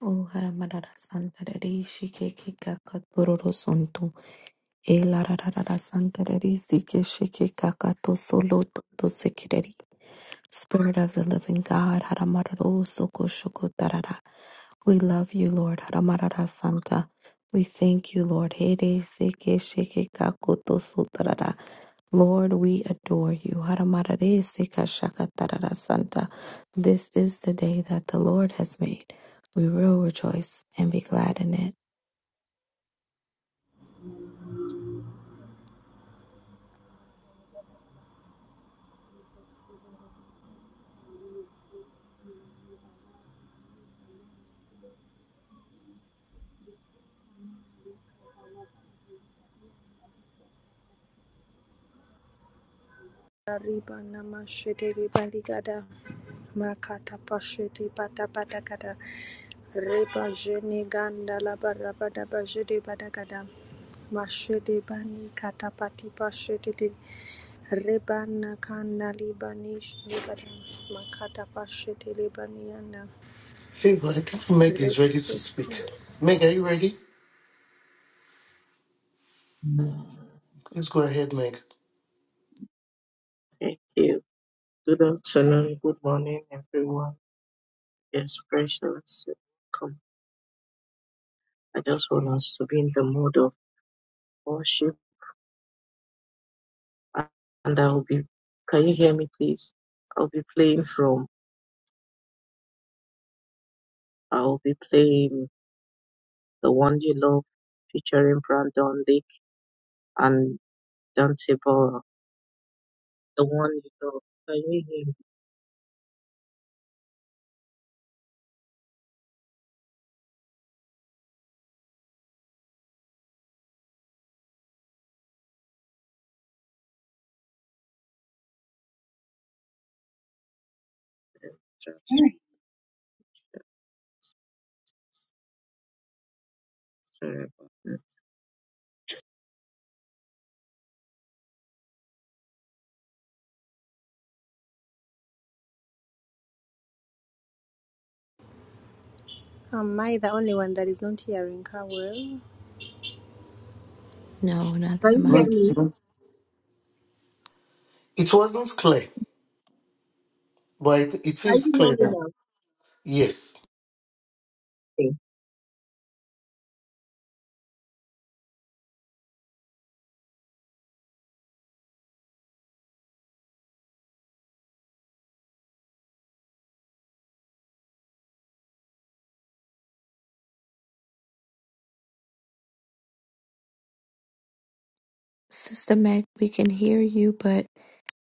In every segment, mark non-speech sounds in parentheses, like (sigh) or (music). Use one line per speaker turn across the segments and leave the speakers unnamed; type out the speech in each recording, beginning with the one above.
O Haramarara Sankarari Shikeki Kakatororo Santo E Lararara Sankarari Sike Shiki Kakato Solo Toto Sekireri Spirit of the Living God Haramararo Soko Shoko Tarara We love you Lord Haramarara Santa We thank you Lord Hede Sike Shiki Kakoto Sotarara Lord, we adore you. Haramarare seka shaka tarara Santa. This is the day that the Lord has made. We will rejoice and be glad in it.
Riba namashete riba makata pashete pata pata kata riba jene ganda la bara bada bajete bada mashete bani kata pati pashete te riba nakanda liba makata pashete liba nianda
Favor, I think Meg is ready to speak. Meg, are you ready?
Thank
Please go ahead, Meg.
you. Good afternoon, good morning, everyone. It's precious. Welcome. I just want us to be in the mode of worship, and I'll be. Can you hear me, please? I'll be playing from. I'll be playing the one you love, featuring Brandon Lee and Dante Bora. The one you love. Can you hear me? Just- Sorry about that.
Am I the only one that is not hearing her well?
No, neither
Can you
am
hear
I.
me?
It wasn't clear, but it, it
Can
is
you
clear
hear
now.
me now?
Yes.
Okay.
Sister Meg, we can hear you, but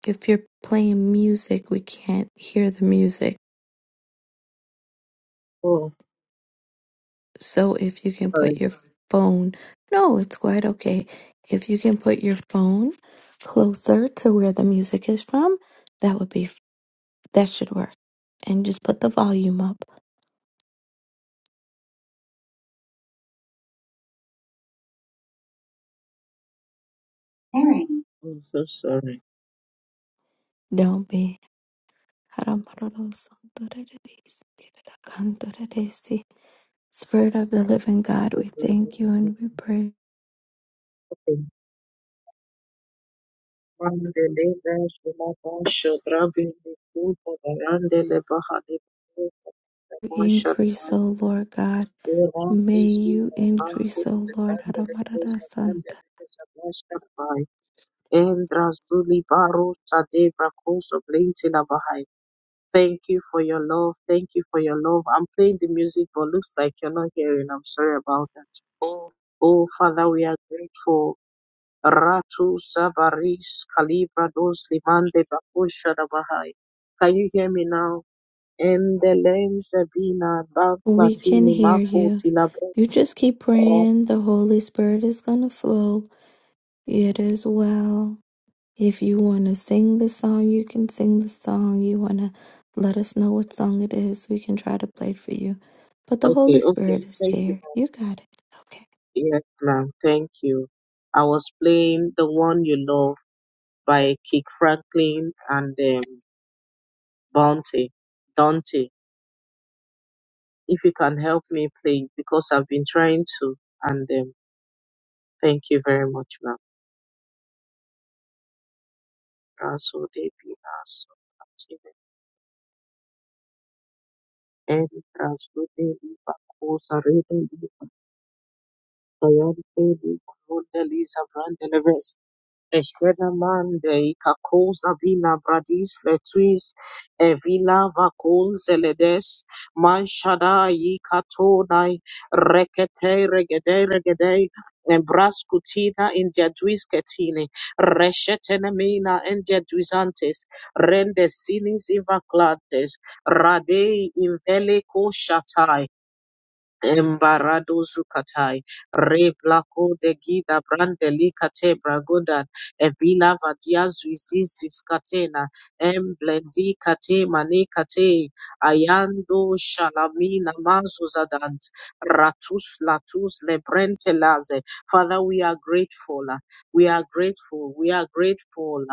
if you're playing music, we can't hear the music.
Oh,
So if you can put
sorry.
your phone, no, it's quite okay. If you can put your phone closer to where the music is from, that would be, that should work. And just put the volume up.
Alright. I'm so sorry.
Don't be. Spirit of the living God, we thank you and we pray
Mandele Basho Labasho Grabini Kuba Barandele Bahali
you
Masha
increase, O Lord God.
Era
May
Uzi
you
Aku
increase, O Lord.
Tandele
Aramarara
Kosa
Santa.
Tandele Kesa Masha Bai Endra Zuli Baru Sade Brakoso Blinti Labahai. Thank you for your love. Thank you for your love. I'm playing the music, but looks like you're not hearing. I'm sorry about that. Oh, Father, we are grateful. Ratu Sabaris Calibra Dos Limande Bakusha Bahai. Can you hear me now? Endelen Sabina
We can
Baklatini
hear
Mako
you.
Tilabo.
You just keep praying. The Holy Spirit is going to flow. It is well. If you want to sing the song, you can sing the song. You want to let us know what song it is, we can try to play it for you. But the Holy
Okay, okay.
Spirit is
Thank you,
here.
ma'am.
You got it. Okay.
Yes, ma'am. Thank you. I was playing The One You Love by Kick Franklin and um, Bounty. Dante. If you can help me play because I've been trying to and um, thank you very much, ma'am. Rasu Devi Rasu Eri Transmite Liva Cosa Rede Liva Diante Liva Nonde Lisa Brande Leves Eschwena Mande Ica Cosa Vina Bradis Fletris Evila Vacol Zeledes Manshadai Katonai Rekete Regede Regede Embrascutina India Duiscetini Reshetenemina India Duisantes Rende Sinis Ivaclates Radei Invele Shatai Embarado Zukatai, Re Blaco de Gida Brandeli Cate Bragodan, Evila Vadia Zuizis Catena, Emblendi Cate Mane Cate, Ayando Shalamina Mazuzadant, Ratus Latus Lebrente Laze. Father, we are grateful, we are grateful, we are grateful.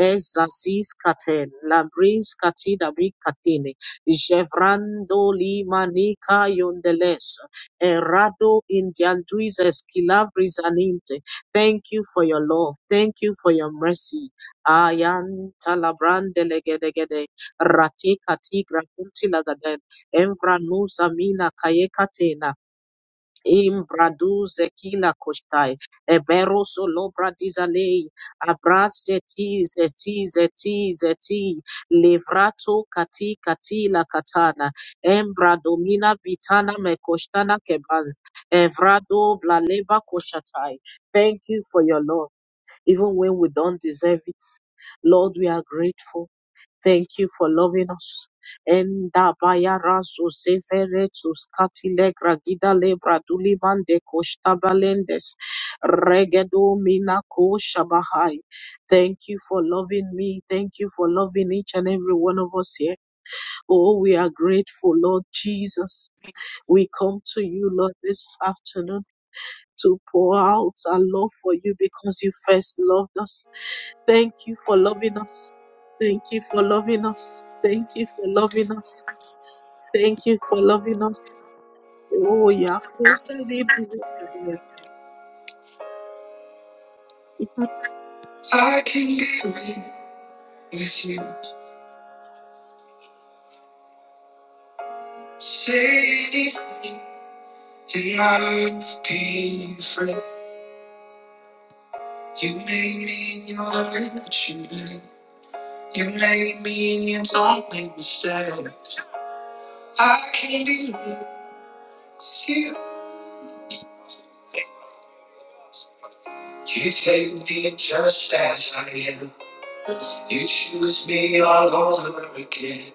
Ezazis Caten, Labris Catida Big Catene. Jevrando limanika yondeles. Errado indianduis esquilavris aninte. Thank you for your love. Thank you for your mercy. Ayan talabrande legedegede. Rate kati grakunti lagaden. Emvra nusa mina kayekatena. Imbradu zekila kostai, eberoso lobra dizalei, abraste ti zeti zeti zeti, levrato kati kati la katana, embradomina vitana mekostana kebaz, evrado blaleva koshatai. Thank you for your love, even when we don't deserve it. Lord, we are grateful. Thank you for loving us. Enda baya razo severetus katilegra gida lebra dulibande koshtabalendes regedo mina koshabahai. Thank you for loving me. Thank you for loving each and every one of us here. Oh, we are grateful, Lord Jesus. We come to you, Lord, this afternoon to pour out our love for you because you first loved us. Thank you for loving us. Thank you for loving us. Thank you for loving us. Thank you for loving us. Oh, yeah. Thank you for your goodness.
I can be with you. Say anything, and I'll be free. You made me and you don't what you made. You made me and you don't make mistakes. I can be with you. You take me just as I am. You choose me all over again.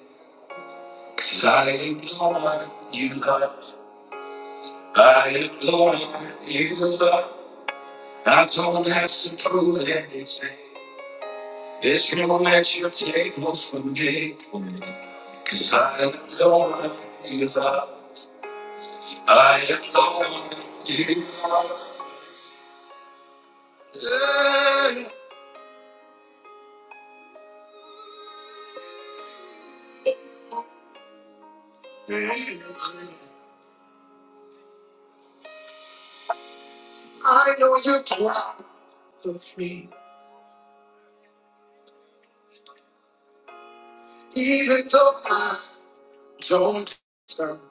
Cause I am the one you love. I am the one you love. I don't have to prove anything. It's gonna match your table for me, cause I am the one you love. I am the one you love. I know you're proud of me, even though I don't deserve.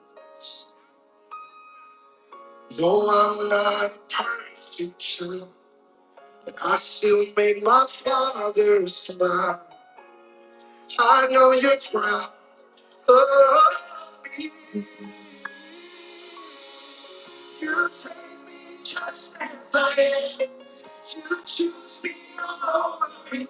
No, I'm not a perfect, sure, but I still make my father smile. I know you're proud of me. You save me just as I am. You choose me alone.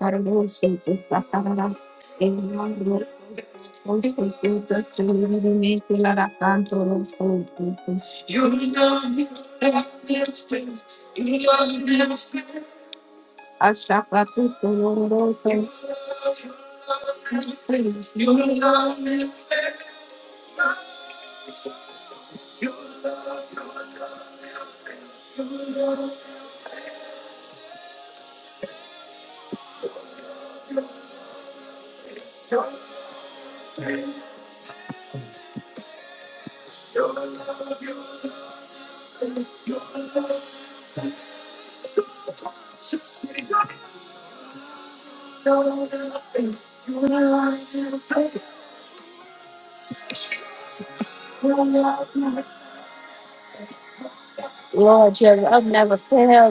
Carlos, Jesus, evidentemente la da canto los cultos. Ashaka tu sororoso. Lord, your love never fails.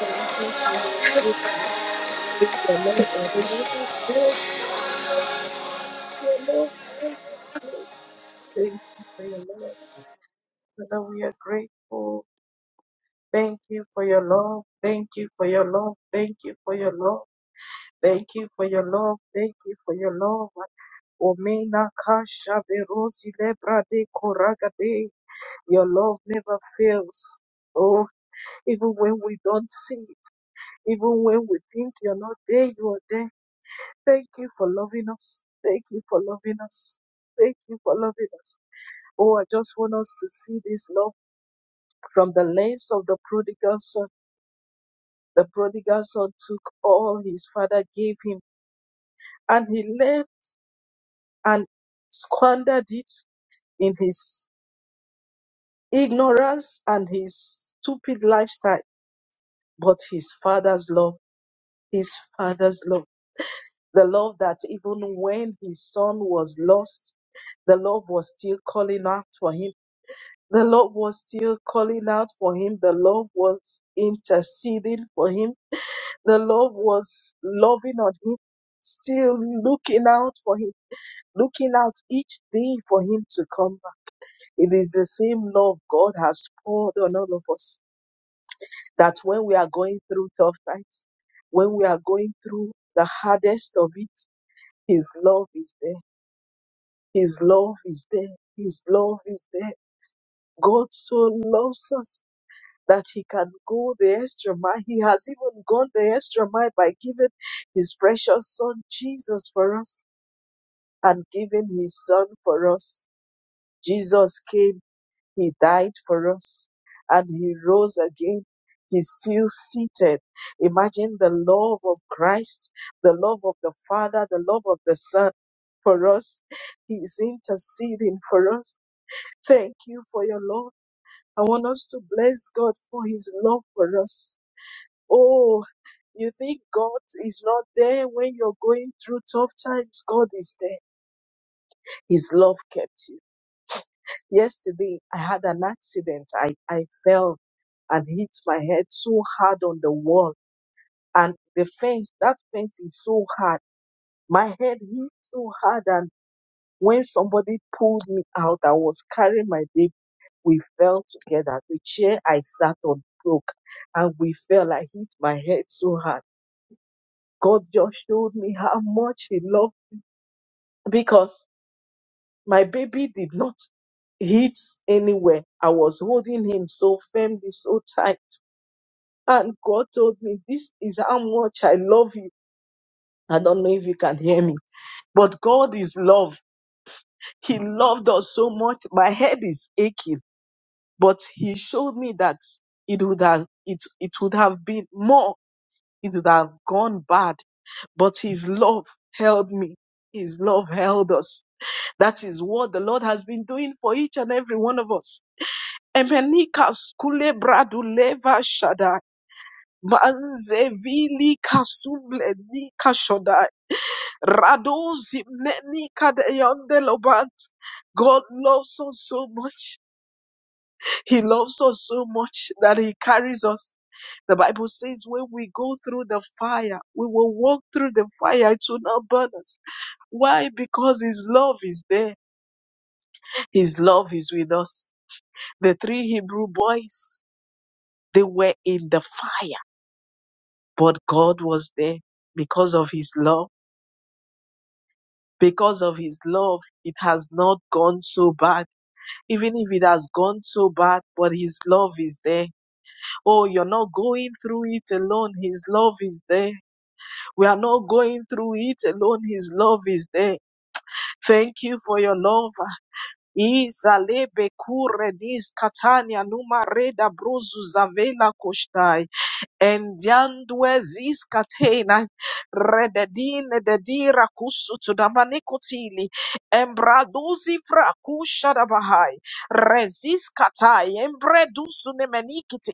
Thank you for your goodness. Your love that covers us. Your love that covers us. Thank you for your love. Father, we are grateful. Thank you for your love. Thank you for your love. Thank you for your love. Thank you for your love. Thank you for your love. Omena kasha verosi lebra de koragade. Your love never fails. Oh, even when we don't see, even when we think you're not there, you are there. Thank you for loving us. Thank you for loving us. Thank you for loving us. Oh, I just want us to see this love from the lens of the prodigal son. The prodigal son took all his father gave him and he left and squandered it in his ignorance and his stupid lifestyle, but his father's love, his father's love, the love that even when his son was lost, the love was still calling out for him. The Lord was still calling out for him. The Lord was interceding for him. The Lord was loving on him, still looking out for him, looking out each day for him to come back. It is the same love God has poured on all of us. that when we are going through tough times, when we are going through the hardest of it, His love is there. His love is there. His love is there. God so loves us that He can go the extra mile. He has even gone the extra mile by giving His precious Son Jesus for us and giving His Son for us. Jesus came. He died for us and he rose again. He's still seated. Imagine the love of Christ, the love of the Father, the love of the Son for us. He is interceding for us. Thank you for your love. I want us to bless God for his love for us. Oh, you think God is not there when you're going through tough times? God is there. His love kept you. Yesterday, I had an accident. I, I fell and hit my head so hard on the wall. And the fence, that fence is so hard. My head hit so hard. And when somebody pulled me out, I was carrying my baby. We fell together. The chair I sat on broke and we fell. I hit my head so hard. God just showed me how much He loved because my baby did not hit anywhere. I was holding him so firmly, so tight And God told me, This is how much I love you. I don't know if you can hear me, but God is love. He loved us so much. My head is aching, but He showed me that it would have, it, it would have been more. It would have gone bad, but His love held me. His love held us. That is what the Lord has been doing for each and every one of us. Emenika skule bradu leva shada. Manzevili kasuble ni kashodai. Radozi mneni kadeyande lobant. God loves us so much. He loves us so much that He carries us. The Bible says when we go through the fire, we will walk through the fire. It will not burn us. Why? Because His love is there. His love is with us. The three Hebrew boys, they were in the fire, but God was there because of His love because of his love, it has not gone so bad. Even if it has gone so bad, but his love is there. Oh, you're not going through it alone. His love is there. We are not going through it alone. His love is there. Thank you for your love. Izalebe kure dis katania numa reda bruzu zavela koshtai. Endiandwe ziskatena rededine dedira kusutu damanikotili embraduzi frakusha dabahai reziskatai embredusu nemenikiti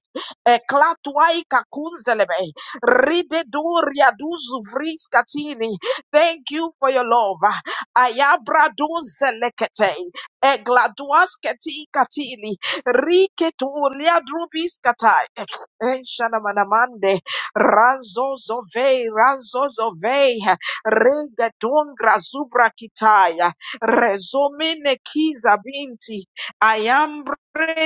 eklatuai kakunzelebe rideduria duzu vriskatini. Thank you for your love. Ayabraduzelekete egladuasketi katili riketulia drubiskatai Enshanamande Ranzo Zove Ranzo Zove Regatungra Zubra Kitaya Rezomine Kiza Binti Ayambre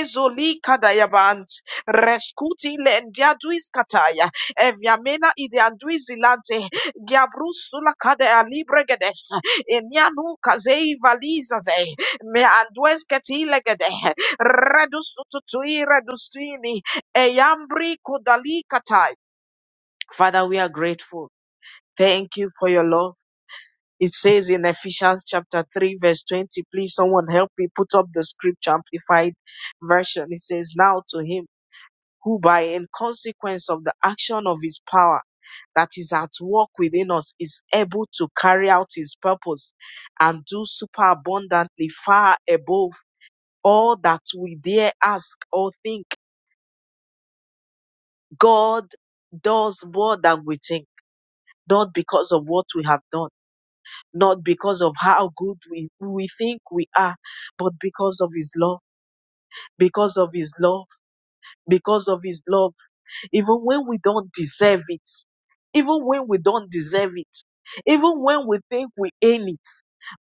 Zolika Dayabant Rescuti Lendiaduis Kataya Eviamena Ideanduizilante Giabrusula Kadea Libregedesh Enianu Kazei Valizaze Meandues Ketilegede Redustutui Redustini Eyambri kodali katai. Father, we are grateful. Thank you for your love. It says in Ephesians chapter 3, verse 20. Please, someone help me put up the scripture amplified version. It says, Now to him who, by in consequence of the action of his power that is at work within us, is able to carry out his purpose and do superabundantly far above all that we dare ask or think. God does more than we think. not because of what we have done, not because of how good we, we think we are, but because of His love, because of His love, because of His love, even when we don't deserve it, even when we don't deserve it, even when we think we earn it,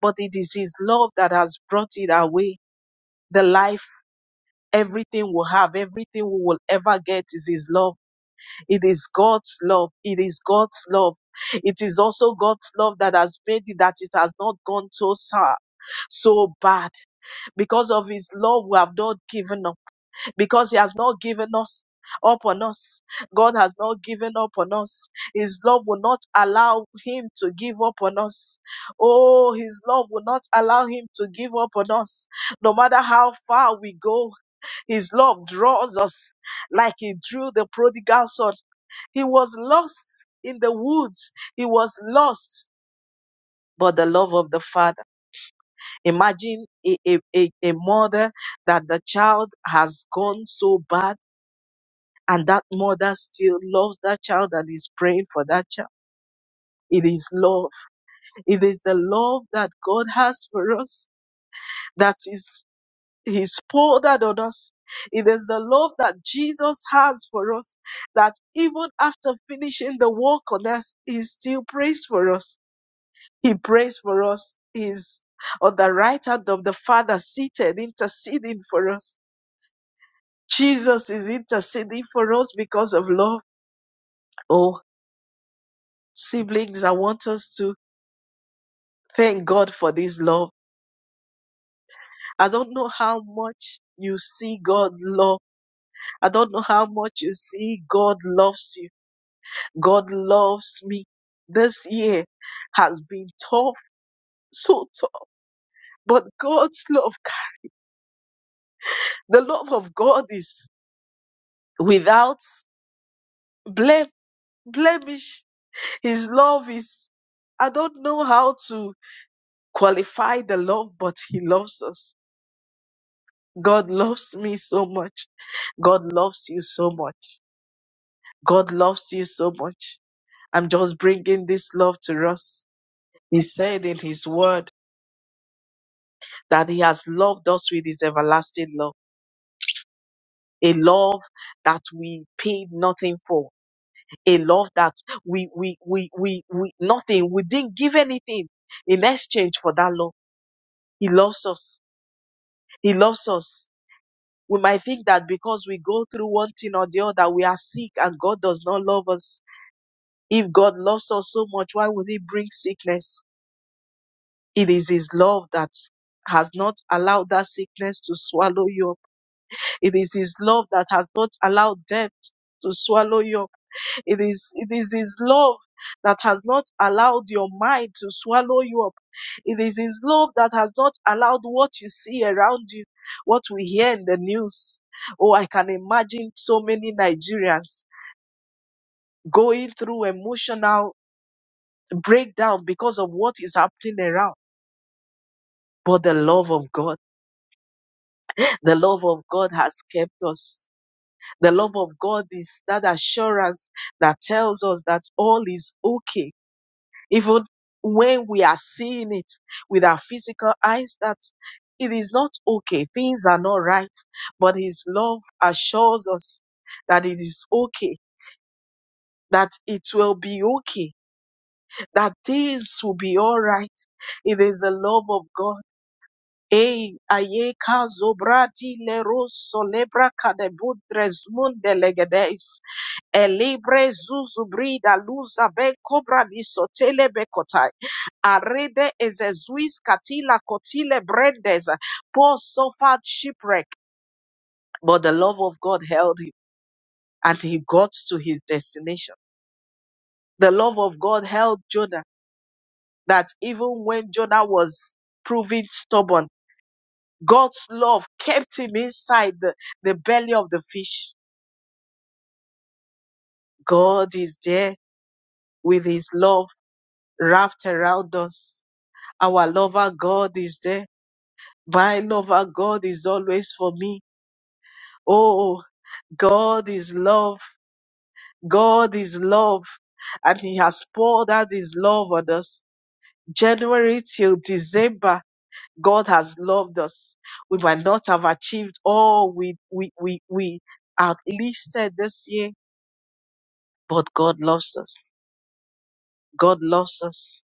but it is His love that has brought it our way. The life, everything we have, everything we will ever get is His love It is God's love. It is God's love. It is also God's love that has made it that it has not gone so sad, so bad. Because of his love, we have not given up. Because he has not given us up on us. God has not given up on us. His love will not allow him to give up on us. Oh, his love will not allow him to give up on us. No matter how far we go, his love draws us like he drew the prodigal son. He was lost in the woods. He was lost, but the love of the father. Imagine a, a, a, a mother that the child has gone so bad, and that mother still loves that child and is praying for that child. It is love. It is the love that God has for us that is He's poured out on us. It is the love that Jesus has for us that even after finishing the work on us, He still prays for us He prays for us. He's on the right hand of the Father, seated, interceding for us. Jesus is interceding for us because of love. Oh, siblings, I want us to thank God for this love. I don't know how much you see God love. I don't know how much you see God loves you. God loves me. This year has been tough, so tough. But God's love, the love of God is without blame blemish. His love is, I don't know how to qualify the love, but He loves us. God loves me so much. God loves you so much. God loves you so much. I'm just bringing this love to us. He said in His word that He has loved us with His everlasting love. A love that we paid nothing for. A love that we, we, we, we, we, nothing. We didn't give anything in exchange for that love. He loves us. He loves us. We might think that because we go through one thing or the other, we are sick and God does not love us. If God loves us so much, why would He bring sickness? It is His love that has not allowed that sickness to swallow you up. It is His love that has not allowed death to swallow you up. It is, it is His love that has not allowed your mind to swallow you up. It is His love that has not allowed what you see around you, what we hear in the news. Oh, I can imagine so many Nigerians going through emotional breakdown because of what is happening around. But the love of God, the love of God has kept us. The love of God is that assurance that tells us that all is okay Even when we are seeing it with our physical eyes, that it is not okay, things are not right, but His love assures us that it is okay, that it will be okay, that things will be all right. It is the love of God. Ei, aye, kazo bradi leros solebra kadebudres munde legedes. Elibre zuzu brida luza be cobra di sotele bekotai. Arede ezezuis katila kotile brendes. Paul suffered shipwreck, but the love of God held him and he got to his destination. The love of God held Jonah that even when Jonah was proving stubborn, God's love kept him inside the, the belly of the fish. God is there with his love wrapped around us Our lover God is there. My lover God is always for me. Oh, God is love. God is love. And He has poured out His love on us. January till December, God has loved us. We might not have achieved all we, we, we, we outlisted this year, but God loves us. God loves us.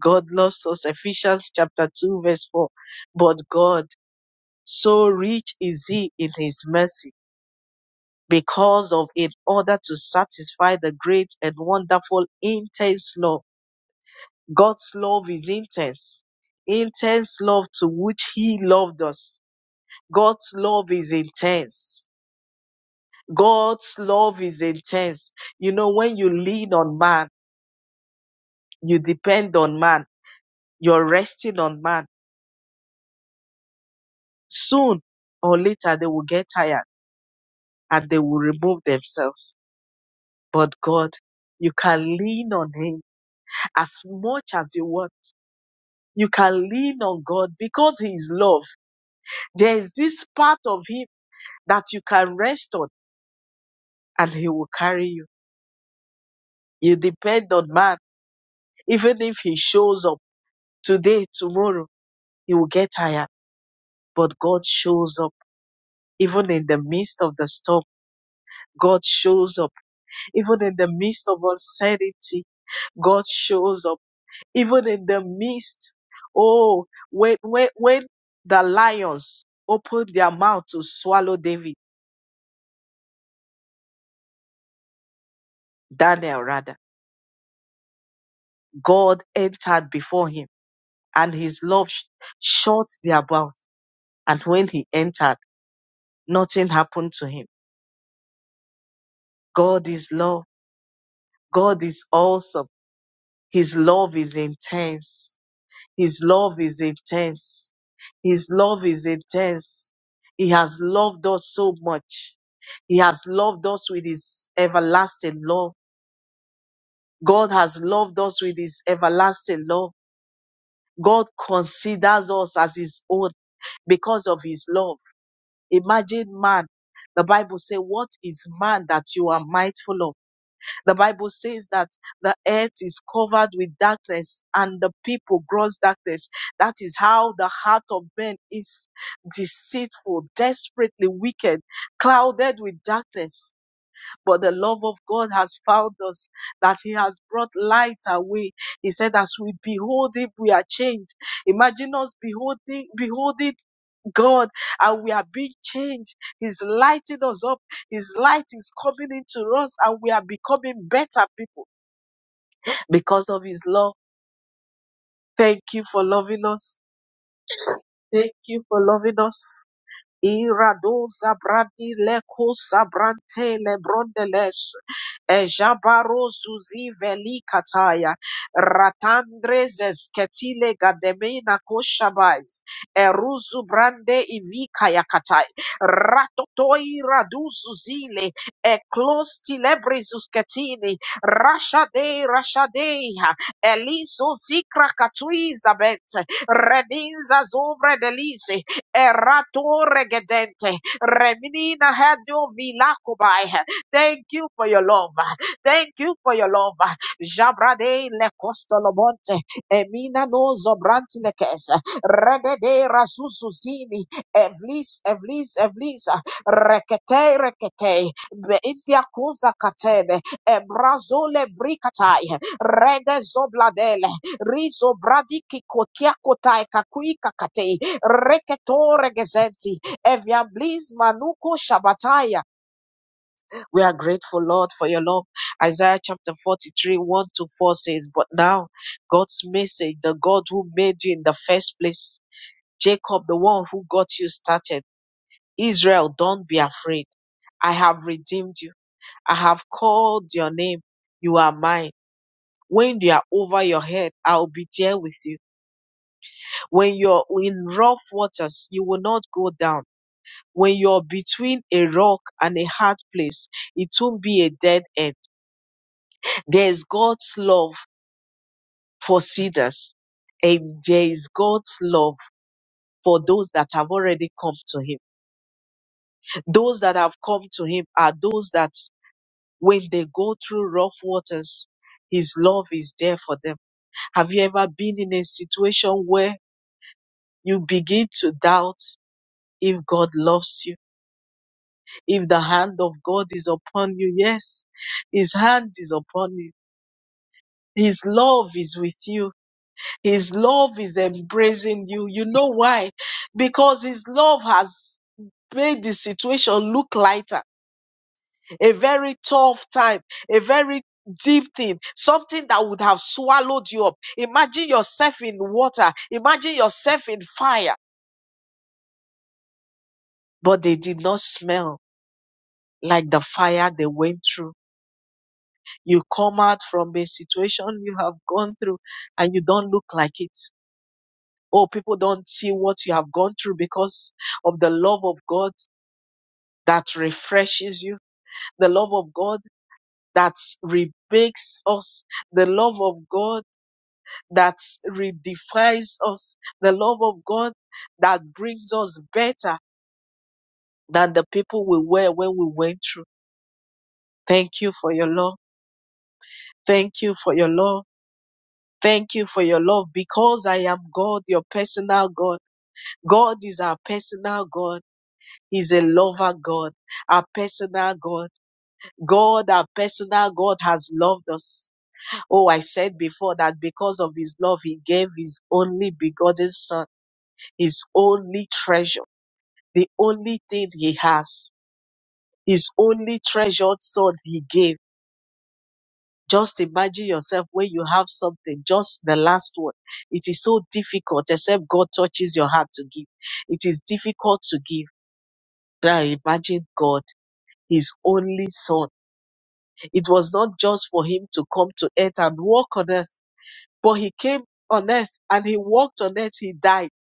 God loves us. Ephesians chapter 2, verse 4. But God So rich is he in his mercy, because of in order to satisfy the great and wonderful intense love. God's love is intense. Intense love to which he loved us. God's love is intense. God's love is intense. You know, when you lean on man, you depend on man, you're resting on man. Soon or later, they will get tired and they will remove themselves. But God, you can lean on him as much as you want. You can lean on God because He is love. There is this part of Him that you can rest on and He will carry you. You depend on man. Even if He shows up today, tomorrow, He will get tired. But God shows up. Even in the midst of the storm, God shows up. Even in the midst of uncertainty, God shows up even in the midst. Oh, when when when the lions opened their mouth to swallow David, Daniel rather, God entered before him, and his love sh- shut their mouth. And when he entered, nothing happened to him. God is love. God is awesome. His love is intense. His love is intense. His love is intense. He has loved us so much. He has loved us with his everlasting love. God has loved us with his everlasting love. God considers us as his own because of his love. Imagine man. The Bible says, what is man that you are mindful of? The Bible says that the earth is covered with darkness and the people gross darkness. That is how the heart of man is deceitful, desperately wicked, clouded with darkness. But the love of God has found us, that He has brought light away. He said, As we behold Him, we are changed. Imagine us beholding, beholding God, and we are being changed. He's lighting us up. His light is coming into us, and we are becoming better people because of His love. Thank you for loving us. Thank you for loving us. Irado Zabrandi Leku Sabrante Lebrondeles Ejabaro Zuzi Veli Kataya Ratandrezes Ketile Gademena Koshabais Eruzu Brande Ivikaya Katai Ratotoi Radu Zuzile Eklos Tilebrizus Ketini Rashade Rashadeha Eliso Zikra Katui Zabet Redinza Zobre Delise Erato regedente. Reminina hadu milakubai. Thank you for your love. Thank you for your love. Jabrade le costolomonte. Emina no zobranti le kesa. Regede rasususini. Evlis, evlis, evlis. Rekete, rekete. Beintia kuza katene. Ebrazole bricatai. Rede zobladele. Rizo bradi kikokia kotai kakui kakatei. Reketore gesenti. Eviamblis manuko shabataya. We are grateful, Lord, for your love. Isaiah chapter 43, 1 to 4 says, But now God's message, the God who made you in the first place, Jacob, the one who got you started, Israel, don't be afraid. I have redeemed you. I have called your name. You are mine. When you are over your head, I will be there with you. When you're in rough waters, you will not go down When you're between a rock and a hard place, it won't be a dead end. There is God's love for cedars, and there is God's love for those that have already come to Him. Those that have come to Him are those that, when they go through rough waters, His love is there for them. Have you ever been in a situation where you begin to doubt if God loves you, if the hand of God is upon you? Yes, His hand is upon you His love is with you. His love is embracing you. You know why? Because His love has made the situation look lighter. A very tough time, a very deep thing, something that would have swallowed you up. Imagine yourself in water. Imagine yourself in fire. But they did not smell like the fire they went through. You come out from a situation you have gone through and you don't look like it Oh, people don't see what you have gone through because of the love of God that refreshes you, the love of God that remakes us, the love of God that redefines us, the love of God that brings us better than the people we were when we went through. Thank you for your love. Thank you for your love. Thank you for your love because I am God, your personal God. God is our personal God. He's a lover God, our personal God. God, our personal God has loved us. Oh, I said before that because of his love, he gave his only begotten son, his only treasure, the only thing he has, his only treasured son he gave. Just imagine yourself when you have something, just the last one. It is so difficult, except God touches your heart to give. It is difficult to give. Now imagine God, his only son. It was not just for him to come to earth and walk on earth, but he came on earth and he walked on earth. He died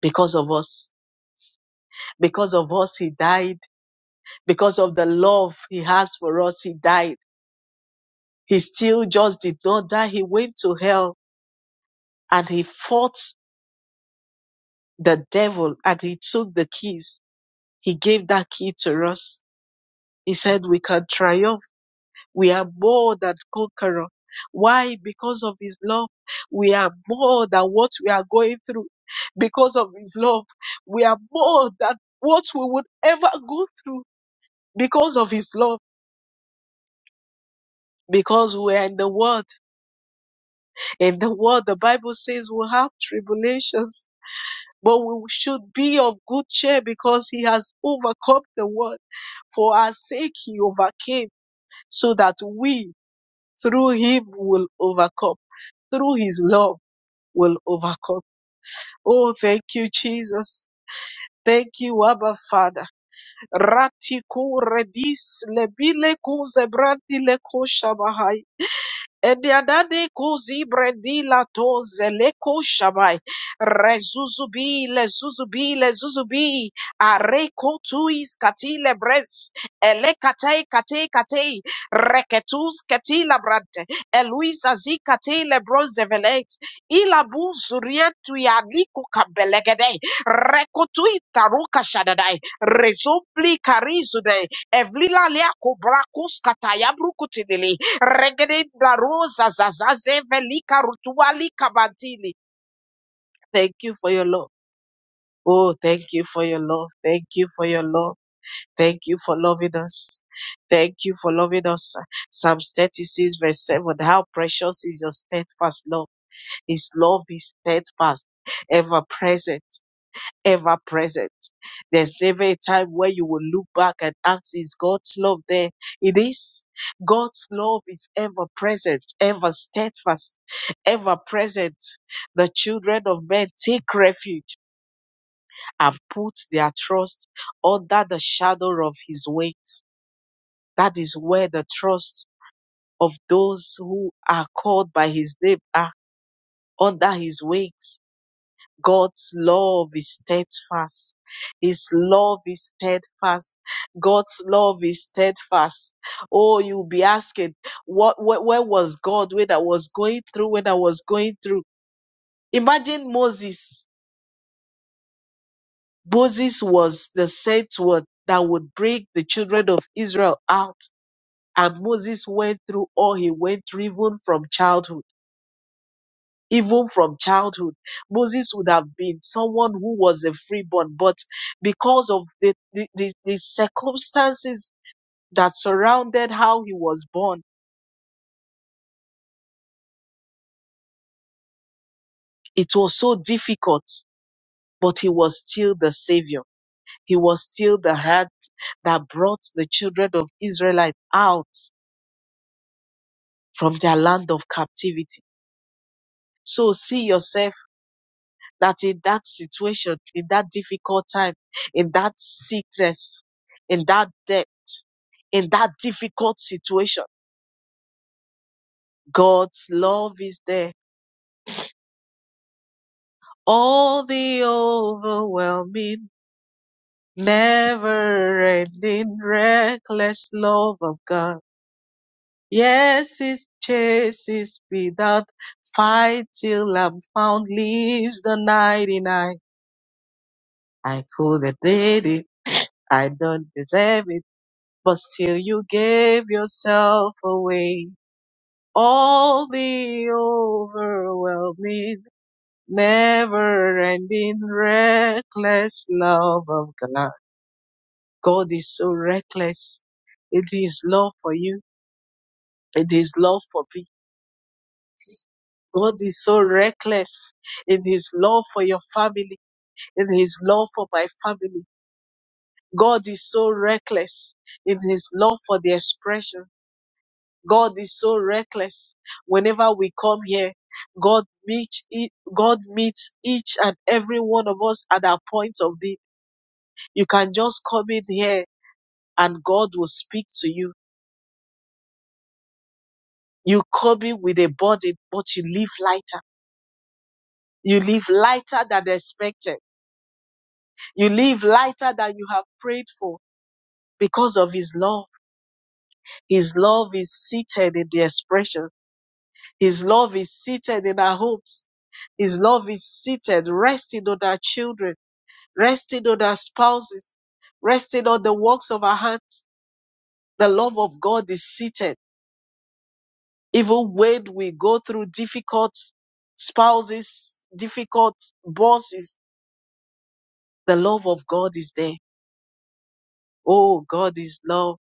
because of us. Because of us, he died. Because of the love he has for us, he died. He still just did not die. He went to hell and he fought the devil and he took the keys. He gave that key to us. He said we can triumph We are more than conqueror. Why? Because of his love. We are more than what we are going through. Because of his love. We are more than what we would ever go through. Because of his love. Because we are in the world. In the world, the Bible says we have tribulations. But we should be of good cheer because he has overcome the world. For our sake, he overcame so that we through him will overcome. Through his love will overcome. Oh, thank you, Jesus. Thank you, Abba Father. Ratiku redis lebile ku zebrandi Ebiadade kuzi bredi la toze leko shabai. Rezuzubi le zuzubi le zuzubi. Areko tuis katile bres. Ele kate kate kate. Reketus katila brante. Eluisa zi katile broze velet. Ila bu zurientu ya liku kabelegede. Rekotui taruka shadadai. Rezopli karizude. Evlila lea kobrakus katayabru kutinili. Regede Barosa Zazaze Velika Rutuali Kabatili. Thank you for your love. Oh, thank you for your love. Thank you for your love. Thank you for loving us. Thank you for loving us. Psalms 36, verse 7. How precious is your steadfast love. His love is steadfast, ever present ever present. There's never a time where you will look back and ask, is God's love there? It is. God's love is ever present, ever steadfast, ever present. The children of men take refuge and put their trust under the shadow of his wings. That is where the trust of those who are called by his name are under his wings. God's love is steadfast. His love is steadfast. God's love is steadfast. Oh, you'll be asking, what, where, where was God when I was going through, when I was going through? Imagine Moses. Moses was the sent one that would bring the children of Israel out. And Moses went through all he went through, even from childhood even from childhood. Moses would have been someone who was a freeborn, but because of the, the, the, the circumstances that surrounded how he was born, it was so difficult, but he was still the savior. He was still the head that brought the children of Israelite out from their land of captivity. So see yourself that in that situation, in that difficult time, in that sickness, in that debt. in that difficult situation. God's love is there. All the overwhelming, never ending, reckless love of God. Yes, it chases me that fight till I'm found, leaves the 99. I could have did it. I don't deserve it, but still you gave yourself away. All the overwhelming Never ending reckless love of God. God is so reckless. It is love for you. It is love for me. God is so reckless. It is love for your family. It is love for my family. God is so reckless. It is love for the expression. God is so reckless. Whenever we come here, God meets, e, God meets each and every one of us at our point of need you can just come in here and God will speak to you. You come in with a burden, but you live lighter. You live lighter than expected. You live lighter than you have prayed for because of His love. His love is seated in the expression. His love is seated in our hopes. His love is seated, resting on our children, resting on our spouses, resting on the works of our hands. The love of God is seated Even when we go through difficult spouses, difficult bosses, the love of God is there. Oh, God is love.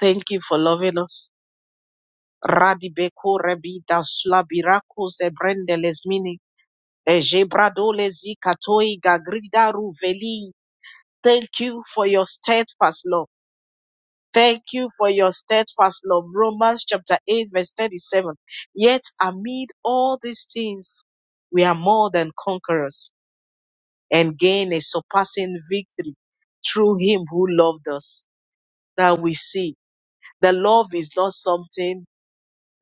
Thank you for loving us. Radibeko rebi dasla birako zebrende lesmini. Ejebrado lezi katoi gagrida ruveli. Thank you for your steadfast love. Thank you for your steadfast love. Romans chapter 8 verse 37. Yet amid all these things, we are more than conquerors and gain a surpassing victory through him who loved us. Now we see the love is not something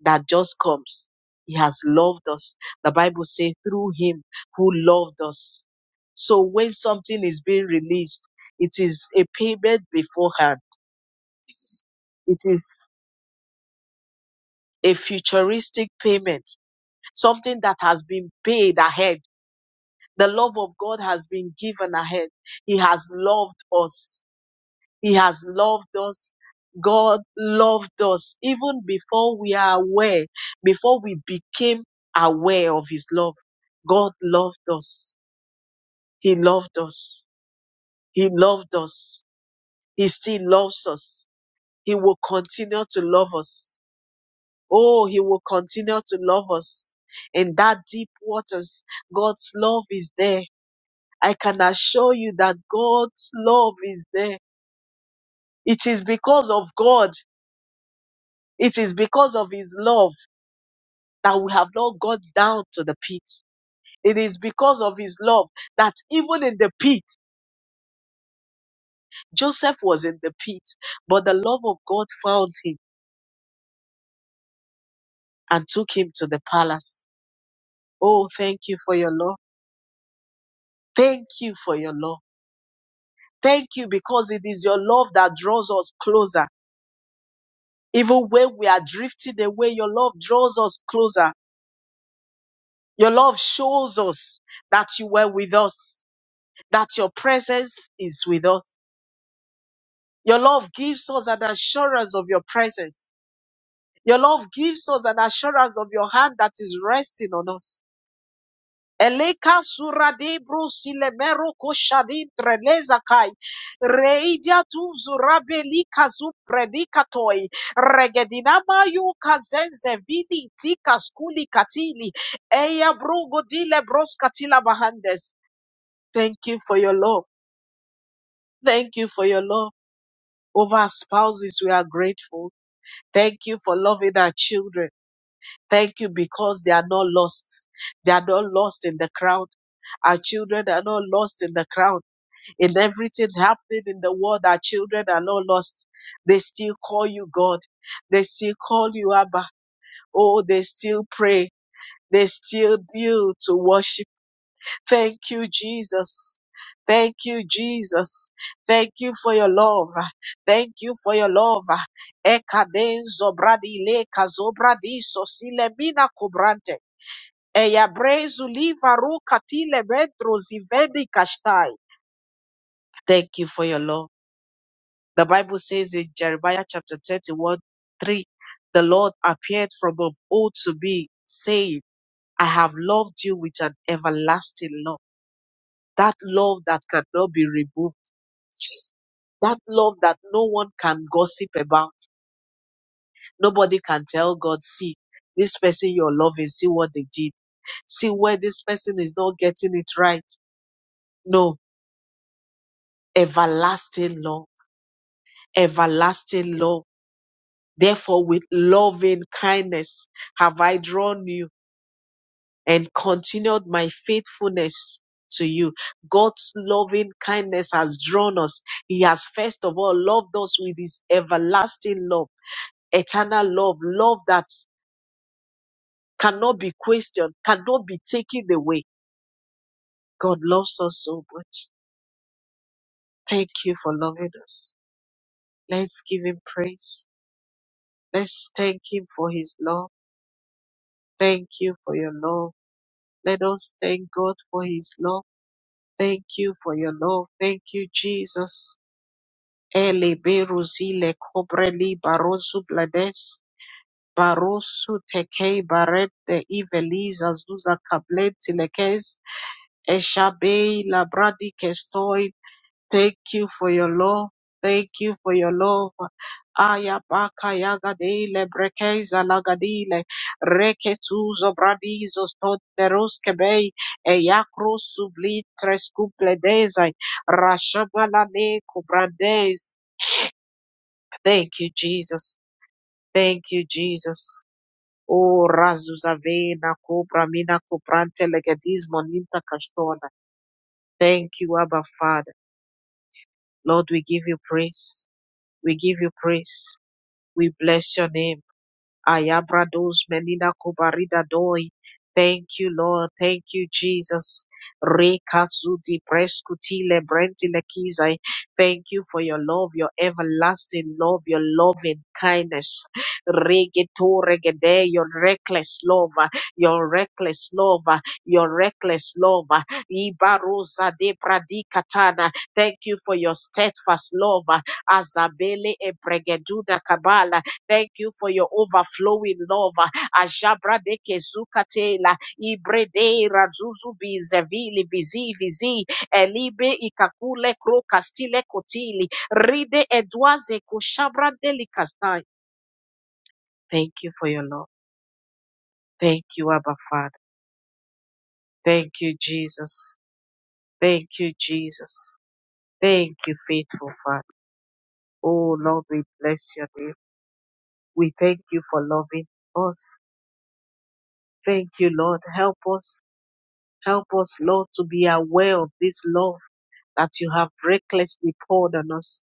that just comes. He has loved us. The Bible says through him who loved us. So when something is being released, it is a payment beforehand. It is a futuristic payment, something that has been paid ahead. The love of God has been given ahead. He has loved us He has loved us. God loved us even before we are aware, before we became aware of His love. God loved us. He loved us. He loved us. He still loves us. He will continue to love us. Oh, He will continue to love us. In that deep waters, God's love is there. I can assure you that God's love is there. It is because of God. It is because of His love. that we have not gone down to the pit. It is because of his love that even in the pit, Joseph was in the pit, but the love of God found him and took him to the palace. Oh, thank you for your love. Thank you for your love. Thank you because it is your love that draws us closer. Even when we are drifting away, your love draws us closer. Your love shows us that you were with us, that your presence is with us. Your love gives us an assurance of your presence. Your love gives us an assurance of your hand that is resting on us. Eleka suradebro silemero koshadin trelezakai. Reidia tu zurabeli kazu predikatoi. Regedinama yu kazenze vili tika skuli katili. Eya brugo dile bros katila bahandes. Thank you for your love. Thank you for your love. Over our spouses, we are grateful. Thank you for loving our children. Thank you because they are not lost. They are not lost in the crowd. Our children are not lost in the crowd. In everything happening in the world, our children are not lost. They still call you God. They still call you Abba. Oh, they still pray. They still do to worship Thank you, Jesus. Thank you, Jesus. Thank you for your love. Thank you for your love. Ekadenzo bradile kazobradiso silemina kubrante. Eyabrezu liva ruka tile bedro zivedi kashtai. Thank you for your love. The Bible says in Jeremiah chapter 31, 3, the Lord appeared from of old to me, saying, I have loved you with an everlasting love. That love that cannot be removed That love that no one can gossip about. Nobody can tell God, see, this person you're loving, see what they did. See where this person is not getting it right. No, everlasting love, everlasting love. Therefore, with loving kindness have I drawn you and continued my faithfulness to you. God's loving kindness has drawn us. He has first of all loved us with his everlasting love eternal love, love that cannot be questioned, cannot be taken away. God loves us so much. Thank you for loving us. Let's give Him praise. Let's thank Him for His love. Thank you for your love. Let us thank God for His love. Thank you for your love. Thank you, Jesus. Ele beruzile kobreli barozu blades. Barosu tekei barete iveliza zuza kableti lekes. Eshabei labradi kestoi Thank you for your love. Thank you for your love. Ayabaka baka yagadele brekeza lagadile reketuzo bradizo stoteroske bei eyakro sublitres kupledezai rashabalane kubrades. Thank you, Jesus. Thank you, Jesus. O razuzavena kubra mina kuprante legedismo ninta kastona. Thank you, Abba Father. Lord, we give you praise. We give you praise. We bless your name. Ayabrados Menina Kubarida Doi. Thank you, Lord. Thank you, Jesus. Rekazuti Preskutile Brentile Kizai. Thank you for your love, your everlasting love, your loving kindness. Regeto regede, your reckless love, your reckless love, your reckless love. Ibarosa de Pradikatana. Thank you for your steadfast love. uh, Azabele ebregeduda kabala. Thank you for your overflowing love. uh, Ajabra de kezukatela. Ibrede razuzu bizevili bizi vizi. Elibe ikakule kro kastile kotili. Ride edwaze kushabra delikastai. Thank you for your love. Thank you, Abba Father. Thank you, Jesus. Thank you, Jesus. Thank you, faithful Father. Oh Lord, we bless your name. We thank you for loving us. Thank you, Lord. Help us. Help us, Lord, to be aware of this love that you have recklessly poured on us.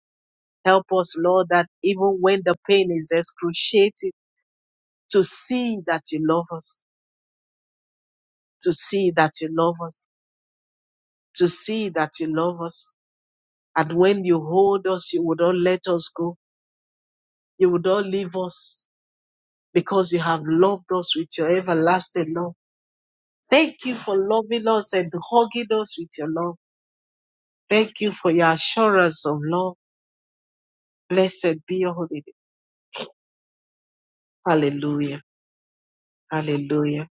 Help us, Lord, that even when the pain is excruciating, to see that you love us, to see that you love us, to see that you love us. And when you hold us, you would not let us go. You would not leave us because you have loved us with your everlasting love. Thank you for loving us and hugging us with your love. Thank you for your assurance of love. Blessed be your holy name. Hallelujah. Hallelujah.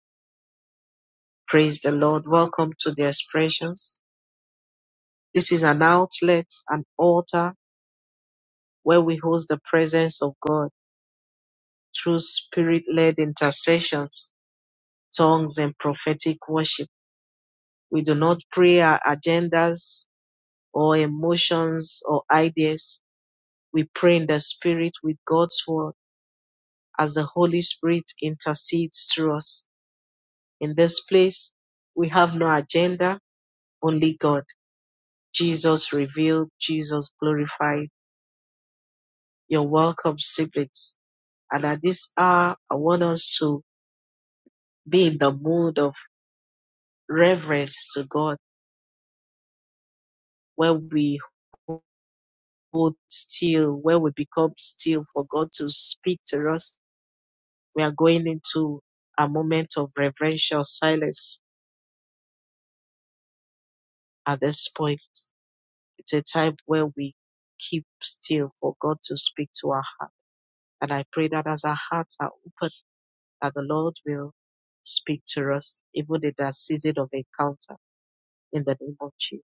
Praise the Lord. Welcome to the expressions. This is an outlet, an altar where we host the presence of God through spirit led intercessions, tongues, and prophetic worship. We do not pray our agendas or emotions or ideas. We pray in the spirit with God's word as the Holy Spirit intercedes through us. In this place, we have no agenda, only God, Jesus revealed, Jesus glorified. You're welcome, siblings. And at this hour, I want us to be in the mood of reverence to God, where we hold still, where we become still for God to speak to us. We are going into a moment of reverential silence at this point. It's a time where we keep still for God to speak to our heart. And I pray that as our hearts are open, that the Lord will speak to us, even in that season of encounter, in the name of Jesus.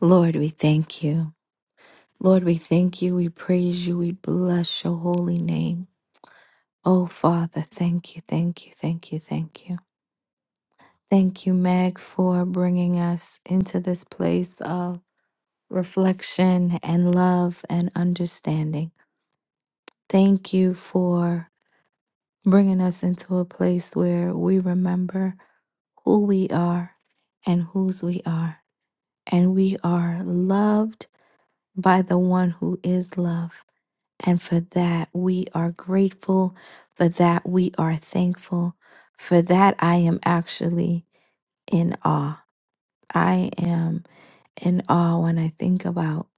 Lord, we thank you. Lord, we thank you. We praise you. We bless your holy name. Oh, Father, thank you, thank you, thank you, thank you. Thank you, Meg, for bringing us into this place of reflection, and love and understanding. Thank you for bringing us into a place where we remember who we are and whose we are. And we are loved by the one who is love. And for that, we are grateful. For that, we are thankful. For that, I am actually in awe. I am in awe when I think about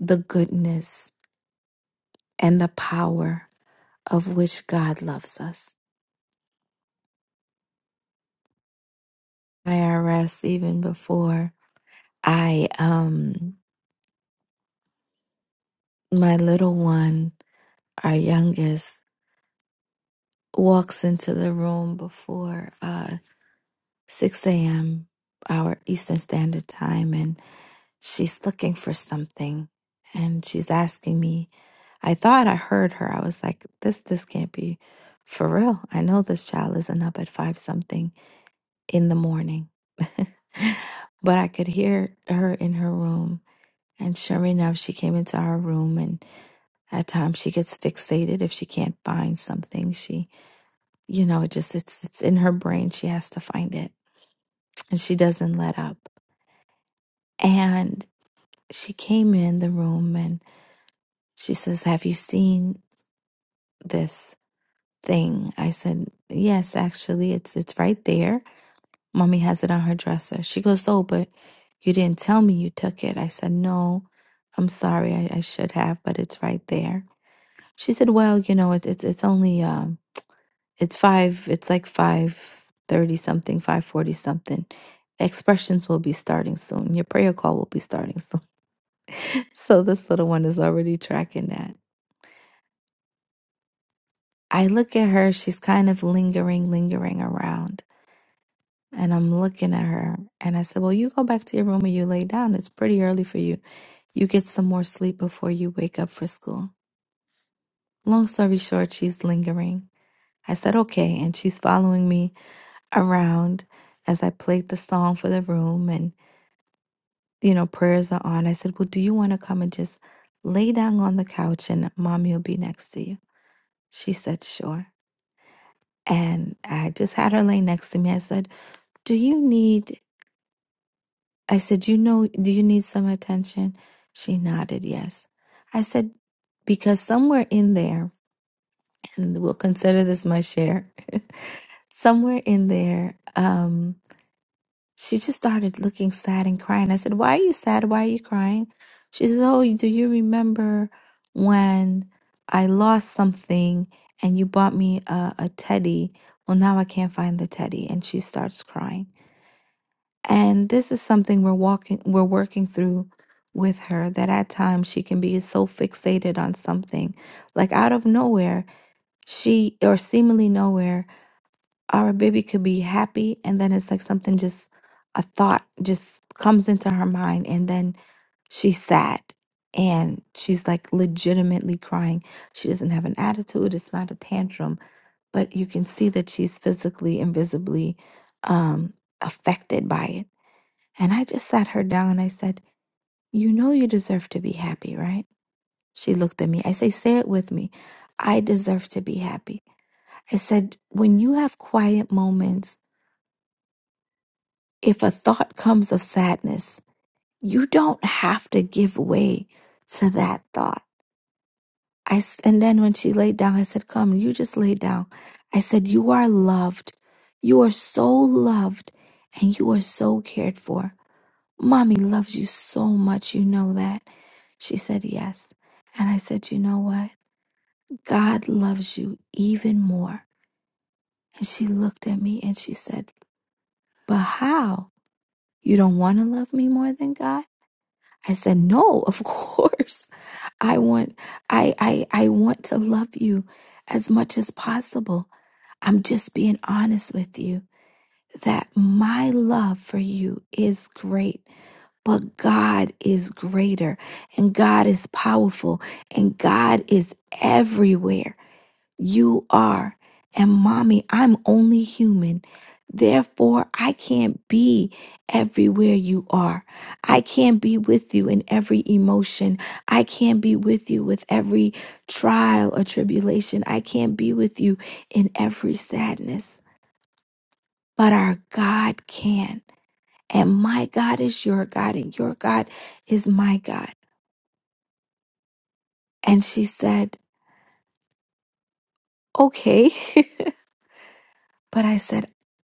the goodness and the power of which God loves us. IRS, even before I, um, my little one, our youngest, walks into the room before uh, 6 a.m. our Eastern Standard Time, and she's looking for something. And she's asking me, I thought I heard her. I was like, this, this can't be for real. I know this child isn't up at five something in the morning. (laughs) but I could hear her in her room And sure enough, she came into our room and at times she gets fixated if she can't find something. She, you know, it just it's it's in her brain. She has to find it. And she doesn't let up. And she came in the room and she says, "Have you seen this thing?" I said, "Yes, actually. It's it's right there. Mommy has it on her dresser." She goes, "Oh, but you didn't tell me you took it." I said, "No. I'm sorry. I, I should have, but it's right there." She said, "Well, you know, it's it's it's only um, it's five. It's like five thirty something, five forty something. Expressions will be starting soon. Your prayer call will be starting soon. (laughs) So this little one is already tracking that. I look at her. She's kind of lingering, lingering around, and I'm looking at her. And I said, "Well, you go back to your room and you lay down. It's pretty early for you. You get some more sleep before you wake up for school." Long story short, she's lingering. I said, "Okay," and she's following me around as I played the song for the room and, you know, prayers are on. I said, Well, do you want to come and just lay down on the couch and mommy will be next to you? She said, Sure. And I just had her lay next to me. I said, Do you need, I said, You know, do you need some attention? She nodded, Yes. I said, Because somewhere in there, and we'll consider this my share, (laughs) somewhere in there, um." She just started looking sad and crying. I said, Why are you sad? Why are you crying? She says, Oh, do you remember when I lost something and you bought me a, a teddy? Well, now I can't find the teddy. And she starts crying. And this is something we're walking, we're working through with her that at times she can be so fixated on something. Like out of nowhere, she, or seemingly nowhere, our baby could be happy, and then it's like something just a thought just comes into her mind, and then she's sad and she's like legitimately crying. She doesn't have an attitude, it's not a tantrum, but you can see that she's physically and visibly um, affected by it. And I just sat her down and I said, You know, you deserve to be happy, right? She looked at me. I say, Say it with me. I deserve to be happy. I said, when you have quiet moments if a thought comes of sadness, you don't have to give way to that thought. I s- and then when she laid down, I said, "Come, you just lay down." I said, "You are loved. You are so loved, and you are so cared for. Mommy loves you so much. You know that." She said, "Yes." And I said, "You know what? God loves you even more." And she looked at me and she said, "But how? You don't want to love me more than God?" I said, "No, of (laughs) course. I want I I I want to love you as much as possible. I'm just being honest with you that my love for you is great, but God is greater and God is powerful and God is everywhere. You are. And mommy, I'm only human. Therefore, I can't be everywhere you are. I can't be with you in every emotion. I can't be with you with every trial or tribulation. I can't be with you in every sadness. But our God can. And my God is your God, and your God is my God. And she said, Okay. (laughs) but I said,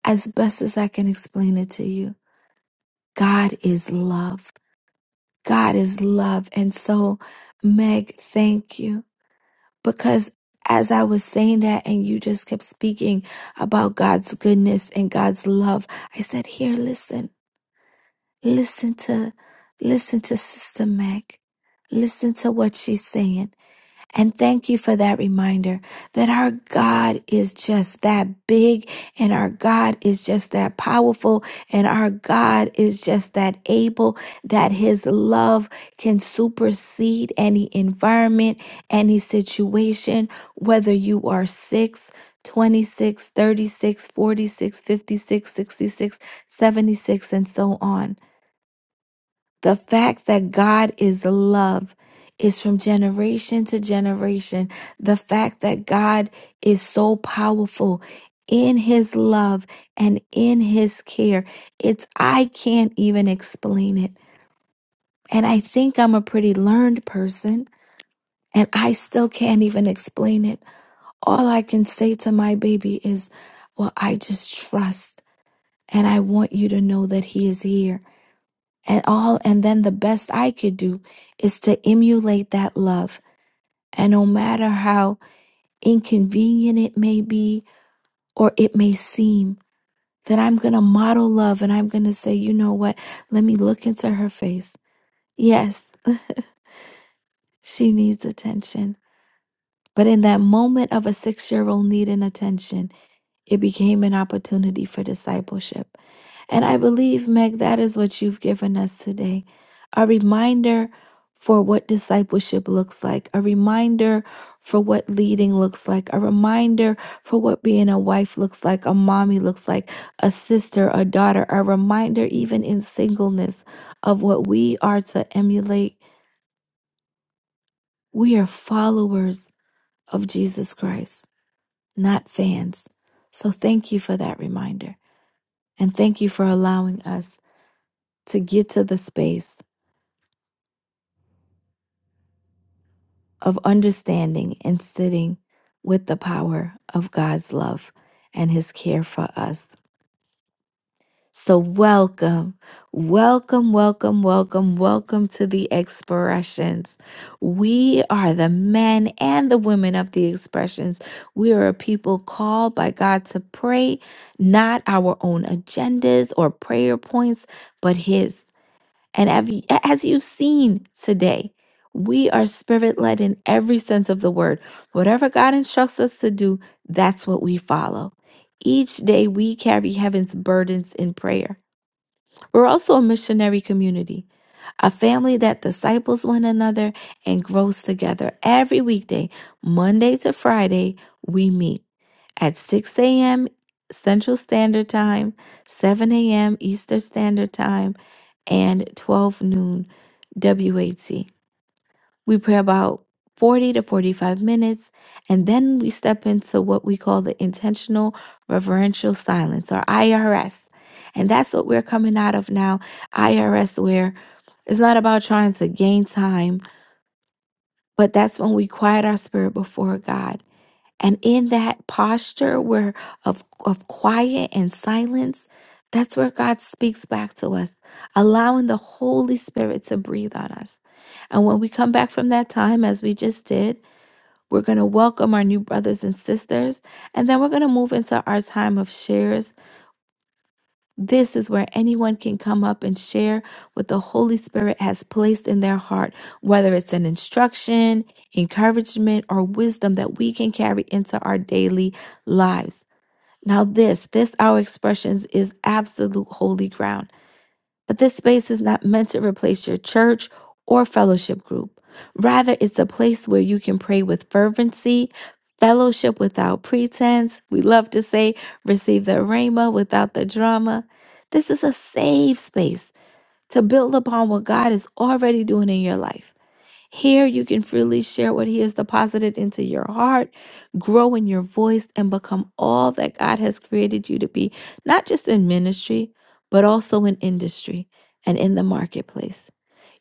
As best as I can explain it to you. God is love. God is love. And so, Meg, thank you. Because as I was saying that, and you just kept speaking about God's goodness and God's love, I said, Here, listen, listen to, listen to Sister Meg. Listen to what she's saying. And thank you for that reminder that our God is just that big and our God is just that powerful and our God is just that able that his love can supersede any environment, any situation, whether you are 6, 26, 36, 46, 56, 66, 76, and so on. The fact that God is love is from generation to generation. The fact that God is so powerful in his love and in his care, it's I can't even explain it. And I think I'm a pretty learned person and I still can't even explain it. All I can say to my baby is, well, I just trust and I want you to know that he is here and all. And then the best I could do is to emulate that love. And no matter how inconvenient it may be or it may seem, that I'm going to model love and I'm going to say, you know what? Let me look into her face. Yes, she needs attention. But in that moment of a six year old needing attention, It became an opportunity for discipleship. And I believe, Meg, that is what you've given us today a reminder for what discipleship looks like, a reminder for what leading looks like, a reminder for what being a wife looks like, a mommy looks like, a sister, a daughter, a reminder, even in singleness, of what we are to emulate. We are followers of Jesus Christ, not fans. So thank you for that reminder. And thank you for allowing us to get to the space of understanding and sitting with the power of God's love and his care for us. So, welcome, welcome, welcome, welcome, welcome to the expressions. We are the men and the women of the expressions. We are a people called by God to pray, not our own agendas or prayer points, but his. And have you, as you've seen today, we are spirit led in every sense of the word. Whatever God instructs us to do, that's what we follow. Each day we carry heaven's burdens in prayer. We're also a missionary community, a family that disciples one another and grows together. Every weekday, Monday to Friday, we meet at 6 a.m. Central Standard Time, 7 a.m. Eastern Standard Time, and 12 noon WAT. We pray about 40 to 45 minutes, and then we step into what we call the intentional reverential silence or IRS. And that's what we're coming out of now IRS, where it's not about trying to gain time, but that's when we quiet our spirit before God and in that posture where of, of quiet and silence, that's where God speaks back to us, allowing the Holy Spirit to breathe on us. And when we come back from that time, as we just did, we're going to welcome our new brothers and sisters. And then we're going to move into our time of shares this is where anyone can come up and share what the Holy Spirit has placed in their heart, whether it's an instruction, encouragement, or wisdom that we can carry into our daily lives. Now, this, this our expressions is absolute holy ground. But this space is not meant to replace your church or fellowship group. Rather, it's a place where you can pray with fervency, fellowship without pretense. We love to say, receive the rhema without the drama. This is a safe space to build upon what God is already doing in your life. Here you can freely share what He has deposited into your heart, grow in your voice, and become all that God has created you to be, not just in ministry, but also in industry and in the marketplace.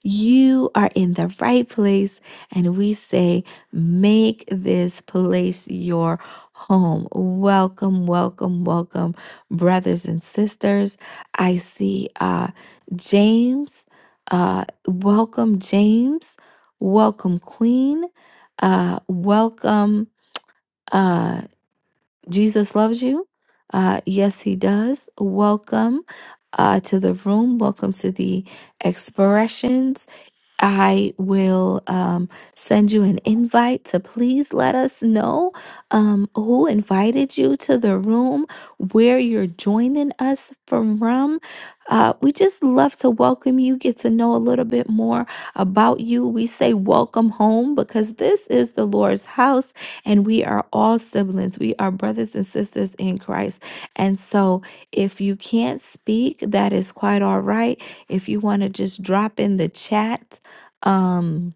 You are in the right place. And we say, make this place your home. Welcome, welcome, welcome, brothers and sisters. I see uh, James. Uh, welcome, James. Welcome, Queen. Uh, welcome, uh, Jesus loves you. Uh, yes, he does. Welcome uh, to the room. Welcome to the expressions. I will um, send you an invite to please let us know um, who invited you to the room, where you're joining us from. Uh, we just love to welcome you, get to know a little bit more about you. We say welcome home because this is the Lord's house and we are all siblings. We are brothers and sisters in Christ. And so if you can't speak, that is quite all right. If you want to just drop in the chat, um,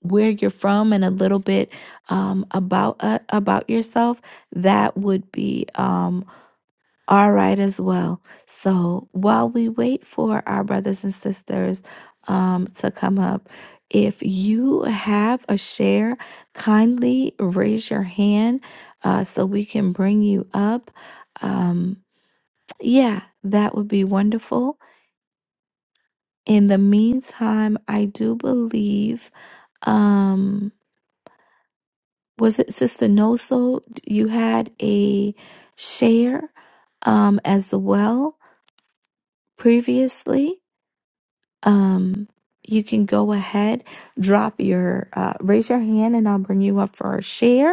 where you're from and a little bit um, about uh, about yourself, that would be um, all right as well. So while we wait for our brothers and sisters um, to come up, if you have a share, kindly raise your hand uh, so we can bring you up. Um, yeah, that would be wonderful. In the meantime, I do believe. Um, was it Sister Noso? You had a share um, as well previously. Um, you can go ahead, drop your, uh, raise your hand, and I'll bring you up for a share.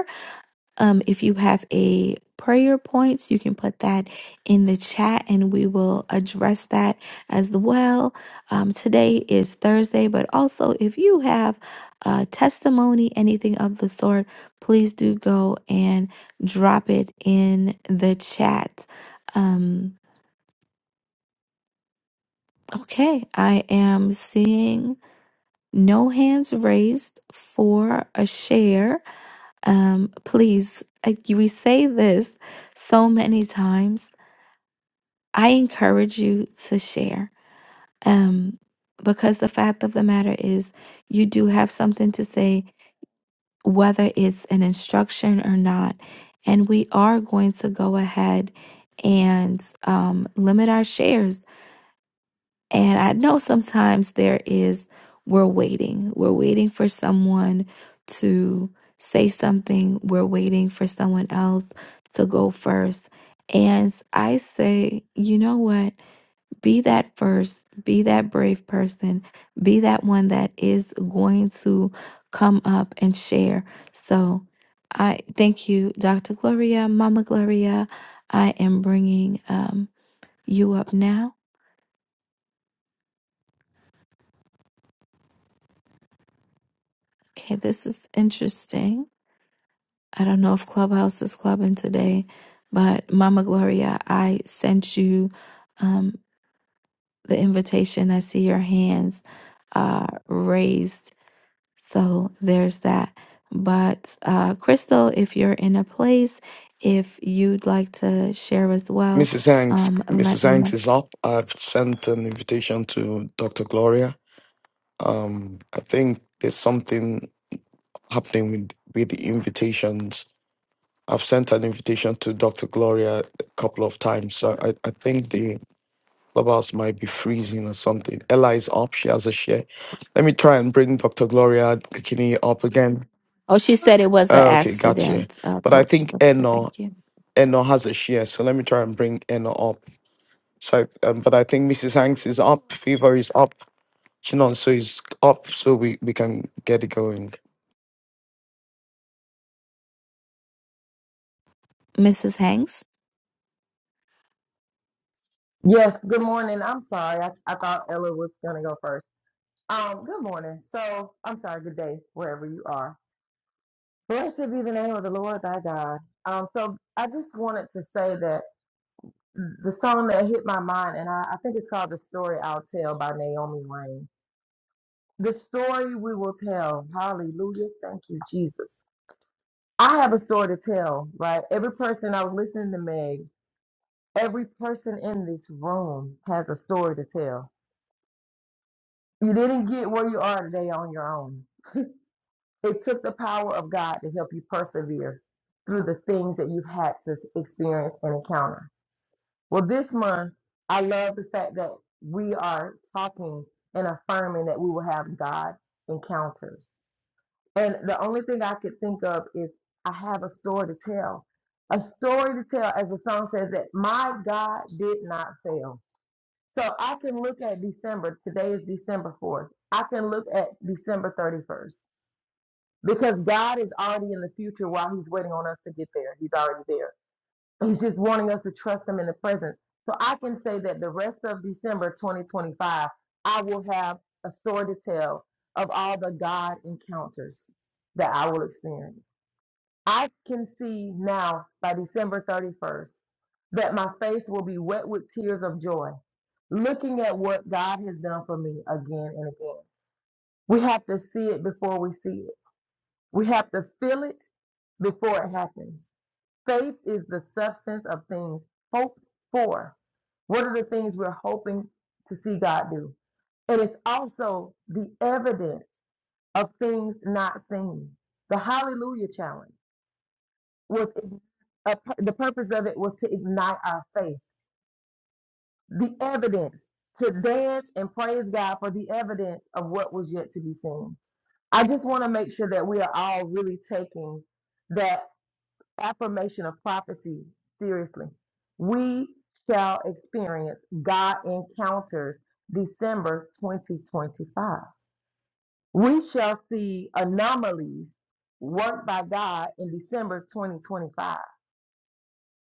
Um, if you have a prayer points, you can put that in the chat and we will address that as well. Um, today is Thursday, but also if you have a testimony, anything of the sort, please do go and drop it in the chat. Um, okay, I am seeing no hands raised for a share. Um, please, I, we say this so many times. I encourage you to share. Um, because the fact of the matter is, you do have something to say, whether it's an instruction or not. And we are going to go ahead and um, limit our shares And I know sometimes there is, we're waiting. We're waiting for someone to say something. We're waiting for someone else to go first. And I say, you know what? Be that first, be that brave person, be that one that is going to come up and share. So I thank you, Dr. Gloria, Mama Gloria. I am bringing um, you up now. Okay, this is interesting. I don't know if Clubhouse is clubbing today, but Mama Gloria, I sent you um, the invitation. I see your hands uh, raised. So there's that. But uh, Crystal, if you're in a place, if you'd like to share as well,
Mrs. Hanks,
um, let
Mrs.
me
Hanks
know.
is up. I've sent an invitation to Dr. Gloria. Um, I think there's something happening with, with the invitations. I've sent an invitation to Dr. Gloria a couple of times. So I, I think the clubhouse might be freezing or something. Ella is up. She has a share. Let me try and bring Dr. Gloria Kikini up again.
Oh, she said it was an
Oh, Okay, gotcha.
accident, uh,
But I
Coach.
think
Okay,
Eno,
Thank you.
Eno has a share. So let me try and bring Eno up. So, I, um, but I think Mrs. Hanks is up, Fever is up, Chinonso is up, so we, we can get it going.
Mrs. Hanks?
Yes, good morning. I'm sorry. I, I thought Ella was going to go first. Um, good morning. So, I'm sorry, good day, wherever you are. Blessed be the name of the Lord thy God. Um, so I just wanted to say that the song that hit my mind, and I, I think it's called The Story I'll Tell by Naomi Rain. The story we will tell. Hallelujah. Thank you, Jesus. I have a story to tell, right? Every person I was listening to Meg, every person in this room has a story to tell You didn't get where you are today on your own. It took the power of God to help you persevere through the things that you've had to experience and encounter. Well, this month, I love the fact that we are talking and affirming that we will have God encounters. And the only thing I could think of is I have a story to tell. A story to tell, as the song says, that my God did not fail. So I can look at December. Today is December 4th. I can look at December 31st because God is already in the future while He's waiting on us to get there. He's already there. He's just wanting us to trust Him in the present. So I can say that the rest of December 2025, I will have a story to tell of all the God encounters that I will experience. I can see now by December 31st that my face will be wet with tears of joy, looking at what God has done for me again and again. We have to see it before we see it, we have to feel it before it happens. Faith is the substance of things hoped for. What are the things we're hoping to see God do? And it's also the evidence of things not seen. The Hallelujah Challenge was a, the purpose of it was to ignite our faith. The evidence to dance and praise God for the evidence of what was yet to be seen. I just want to make sure that we are all really taking that affirmation of prophecy seriously. We shall experience God encounters December 2025. We shall see anomalies worked by God in December 2025.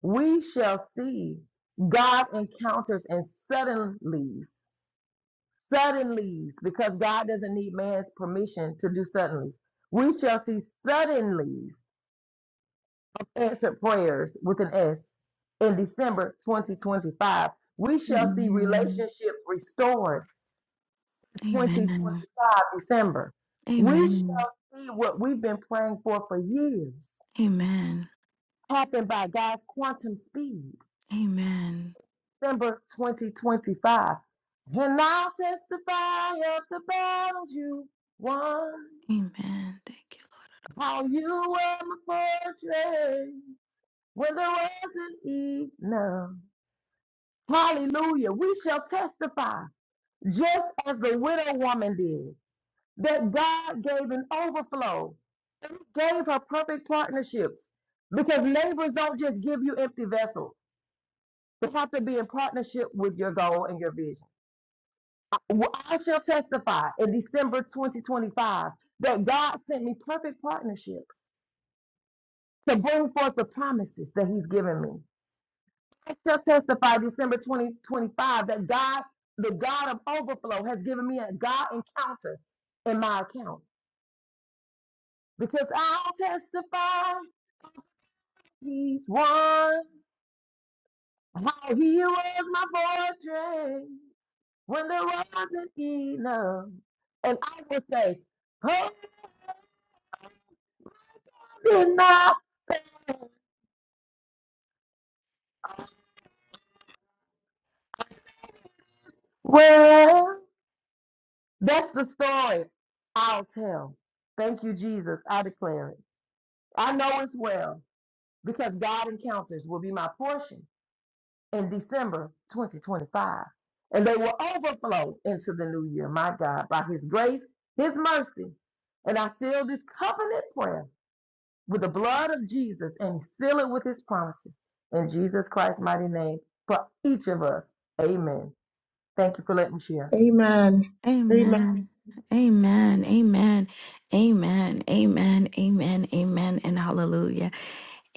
we shall see God encounters and suddenlies, suddenlies, because God doesn't need man's permission to do suddenlies. We shall see suddenlies answered prayers with an S in December 2025. We shall see relationships restored in
Amen.
2025 December. We
Amen.
shall see what we've been praying for for years
Amen.
happen by God's quantum speed.
Amen.
December 2025. And I'll testify of the battles you won,
Amen. Thank you,
how you were my fortress when there wasn't enough. Hallelujah. We shall testify, just as the widow woman did, that God gave an overflow and gave her perfect partnerships because neighbors don't just give you empty vessels. They have to be in partnership with your goal and your vision. Well, I shall testify in December 2025 that God sent me perfect partnerships to bring forth the promises that He's given me. I shall testify December 2025 that God, the God of overflow, has given me a God encounter in my account because I'll testify He's won, how He was my fortress when there wasn't enough. And I will say, Oh, I did not. fail. Well, that's the story I'll tell. Thank you, Jesus. I declare it. I know it's well because God encounters will be my portion in December 2025. And they will overflow into the new year, my God, by His grace, His mercy. And I seal this covenant prayer with the blood of Jesus and seal it with His promises. In Jesus Christ's mighty name, for each of us. Amen. Thank you for letting me share.
Amen.
Lord.
Amen.
Amen. Amen. Amen. Amen. Amen. Amen. Amen. And hallelujah.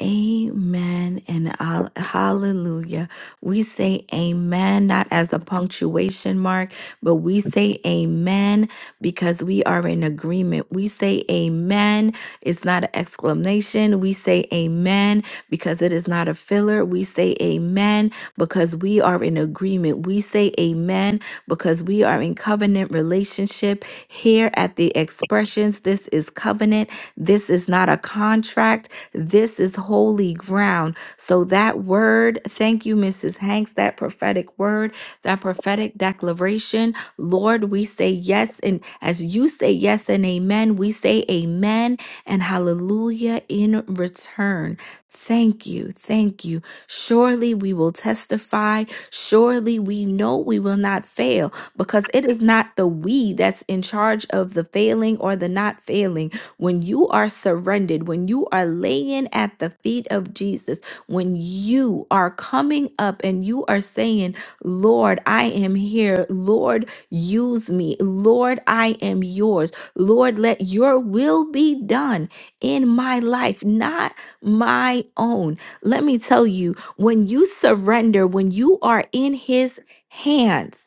Amen and hall- hallelujah. We say amen, not as a punctuation mark, but we say amen because we are in agreement. We say amen. It's not an exclamation. We say amen because it is not a filler. We say amen because we are in agreement. We say amen because we are in covenant relationship here at the expressions. This is covenant. This is not a contract. This is holy ground. So that word, thank you, Mrs. Hanks, that prophetic word, that prophetic declaration, Lord, we say yes. And as you say yes and amen, we say amen and hallelujah in return. Thank you. Thank you. Surely we will testify. Surely we know we will not fail because it is not the we that's in charge of the failing or the not failing when you are surrendered, when you are laying at the feet of Jesus, when you are coming up and you are saying, Lord, I am here. Lord, use me. Lord, I am yours. Lord, let your will be done in my life, not my own. Let me tell you, when you surrender, when you are in his hands,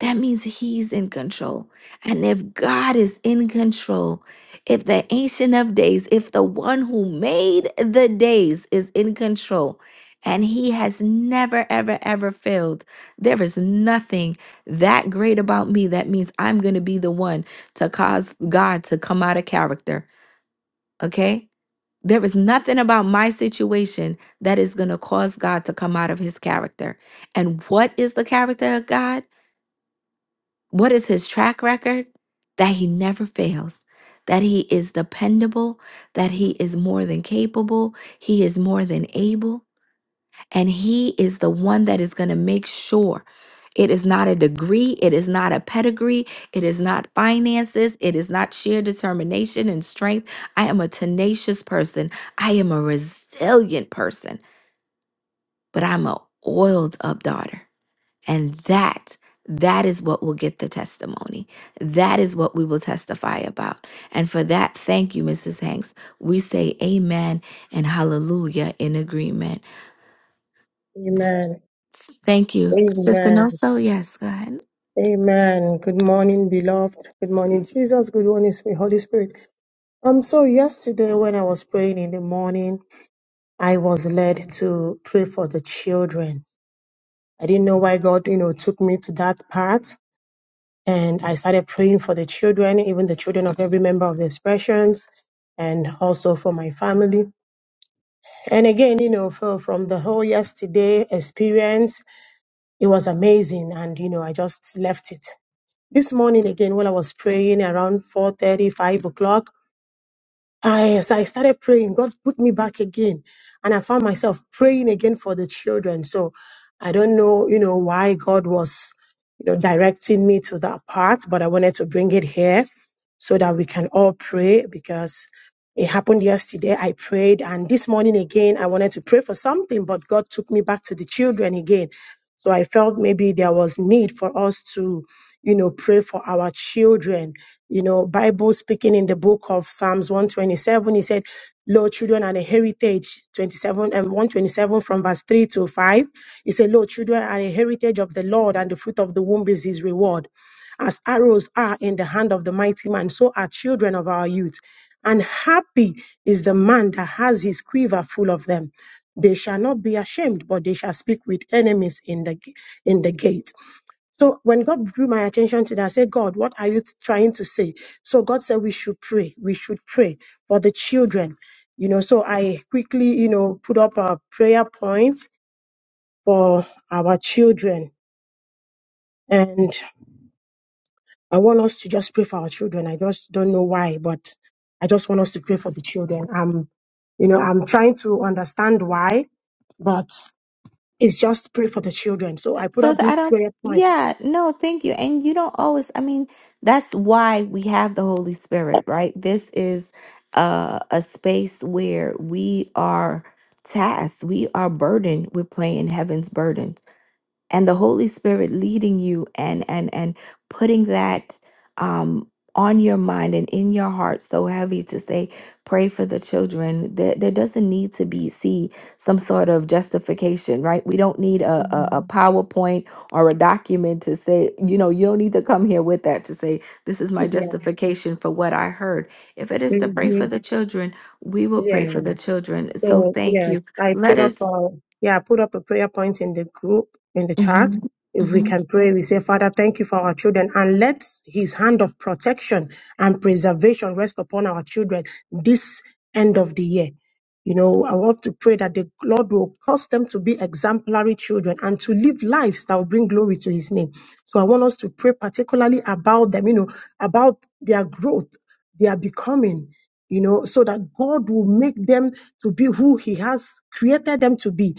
that means he's in control. And if God is in control, if the Ancient of Days, if the one who made the days is in control, and he has never, ever, ever failed, there is nothing that great about me that means I'm going to be the one to cause God to come out of character. Okay? There is nothing about my situation that is going to cause God to come out of his character. And what is the character of God? What is his track record? That he never fails, that he is dependable, that he is more than capable, he is more than able, and he is the one that is going to make sure. It is not a degree. It is not a pedigree. It is not finances. It is not sheer determination and strength. I am a tenacious person. I am a resilient person, but I'm a oiled up daughter. And that, that is what will get the testimony. That is what we will testify about. And for that, thank you, Mrs. Hanks. We say amen and hallelujah in agreement.
Amen.
Thank you, Sister
Amen.
Noso. Yes, go ahead.
Amen. Good morning, beloved. Good morning, Jesus. Good morning, sweet Holy Spirit. Um, so yesterday when I was praying in the morning, I was led to pray for the children. I didn't know why God, you know, took me to that part. And I started praying for the children, even the children of every member of the expressions, and also for my family. And again, you know, for, from the whole yesterday experience, it was amazing and you know i just left it this morning again when i was praying around four thirty, five o'clock I, as I started praying, God put me back again, and I found myself praying again for the children. So I don't know, you know, why God was, you know, directing me to that part, but I wanted to bring it here so that we can all pray because it happened yesterday. I prayed, and this morning again, I wanted to pray for something, but God took me back to the children again. So I felt maybe there was need for us to you know, pray for our children. You know, Bible speaking in the book of Psalms 127, he said, Lo, children are a heritage, 27 and 127 from verse 3 to 5. He said, Lo, children are a heritage of the Lord, and the fruit of the womb is his reward. As arrows are in the hand of the mighty man, so are children of our youth. And happy is the man that has his quiver full of them. They shall not be ashamed, but they shall speak with enemies in the in the gates. So when God drew my attention to that, I said, God, what are you trying to say? So God said, we should pray. We should pray for the children. You know, so I quickly, you know, put up a prayer point for our children. And I want us to just pray for our children. I just don't know why, but I just want us to pray for the children. I'm, you know, I'm trying to understand why, but it's just pray for the children. So I put up
So that
this
I don't,
prayer point.
yeah, no, thank you. And you don't always, I mean, that's why we have the Holy Spirit, right? This is uh, a space where we are tasked, we are burdened with playing heaven's burden and the Holy Spirit leading you and and and putting that um on your mind and in your heart so heavy to say pray for the children there, there doesn't need to be see some sort of justification right we don't need a, a, a
Mhm.
powerpoint or a document to say you know you don't need to come here with that to say this is my
Yeah.
justification for what i heard if it is to pray for
Mhm.
the children we will pray
Yeah.
for the children so
So
thank
yes,
you
I
let
put up
us
a yeah, I put up a prayer point in the group in the chat.
Mhm,
If
mhm.
we can pray, we say, Father, thank you for our children, and let His hand of protection and preservation rest upon our children this end of the year. You know, I want to pray that the Lord will cause them to be exemplary children and to live lives that will bring glory to His name. So I want us to pray particularly about them, you know, about their growth, their becoming, you know, so that God will make them to be who He has created them to be,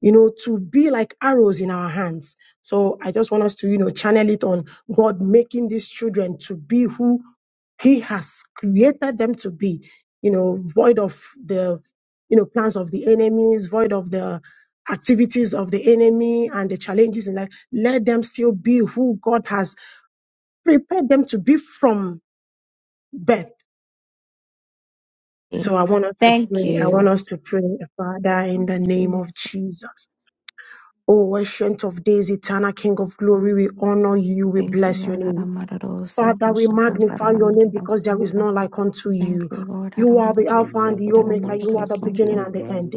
you know, to be like arrows in our hands. So I just want us to, you know, channel it on God making these children to be who He has created them to be, you know, void of the, you know, plans of the enemies, void of the activities of the enemy and the challenges in life. Let them still be who God has prepared them to be from birth So I want us to
Thank
pray. I want
you.
us to pray, Father, in the name of Jesus. Oh, ancient of days, eternal King of glory, we honor you. We bless your name. Father, we magnify your name because there is none like unto you. You are
For
the
our
Alpha and the Omega. You are the beginning and the end.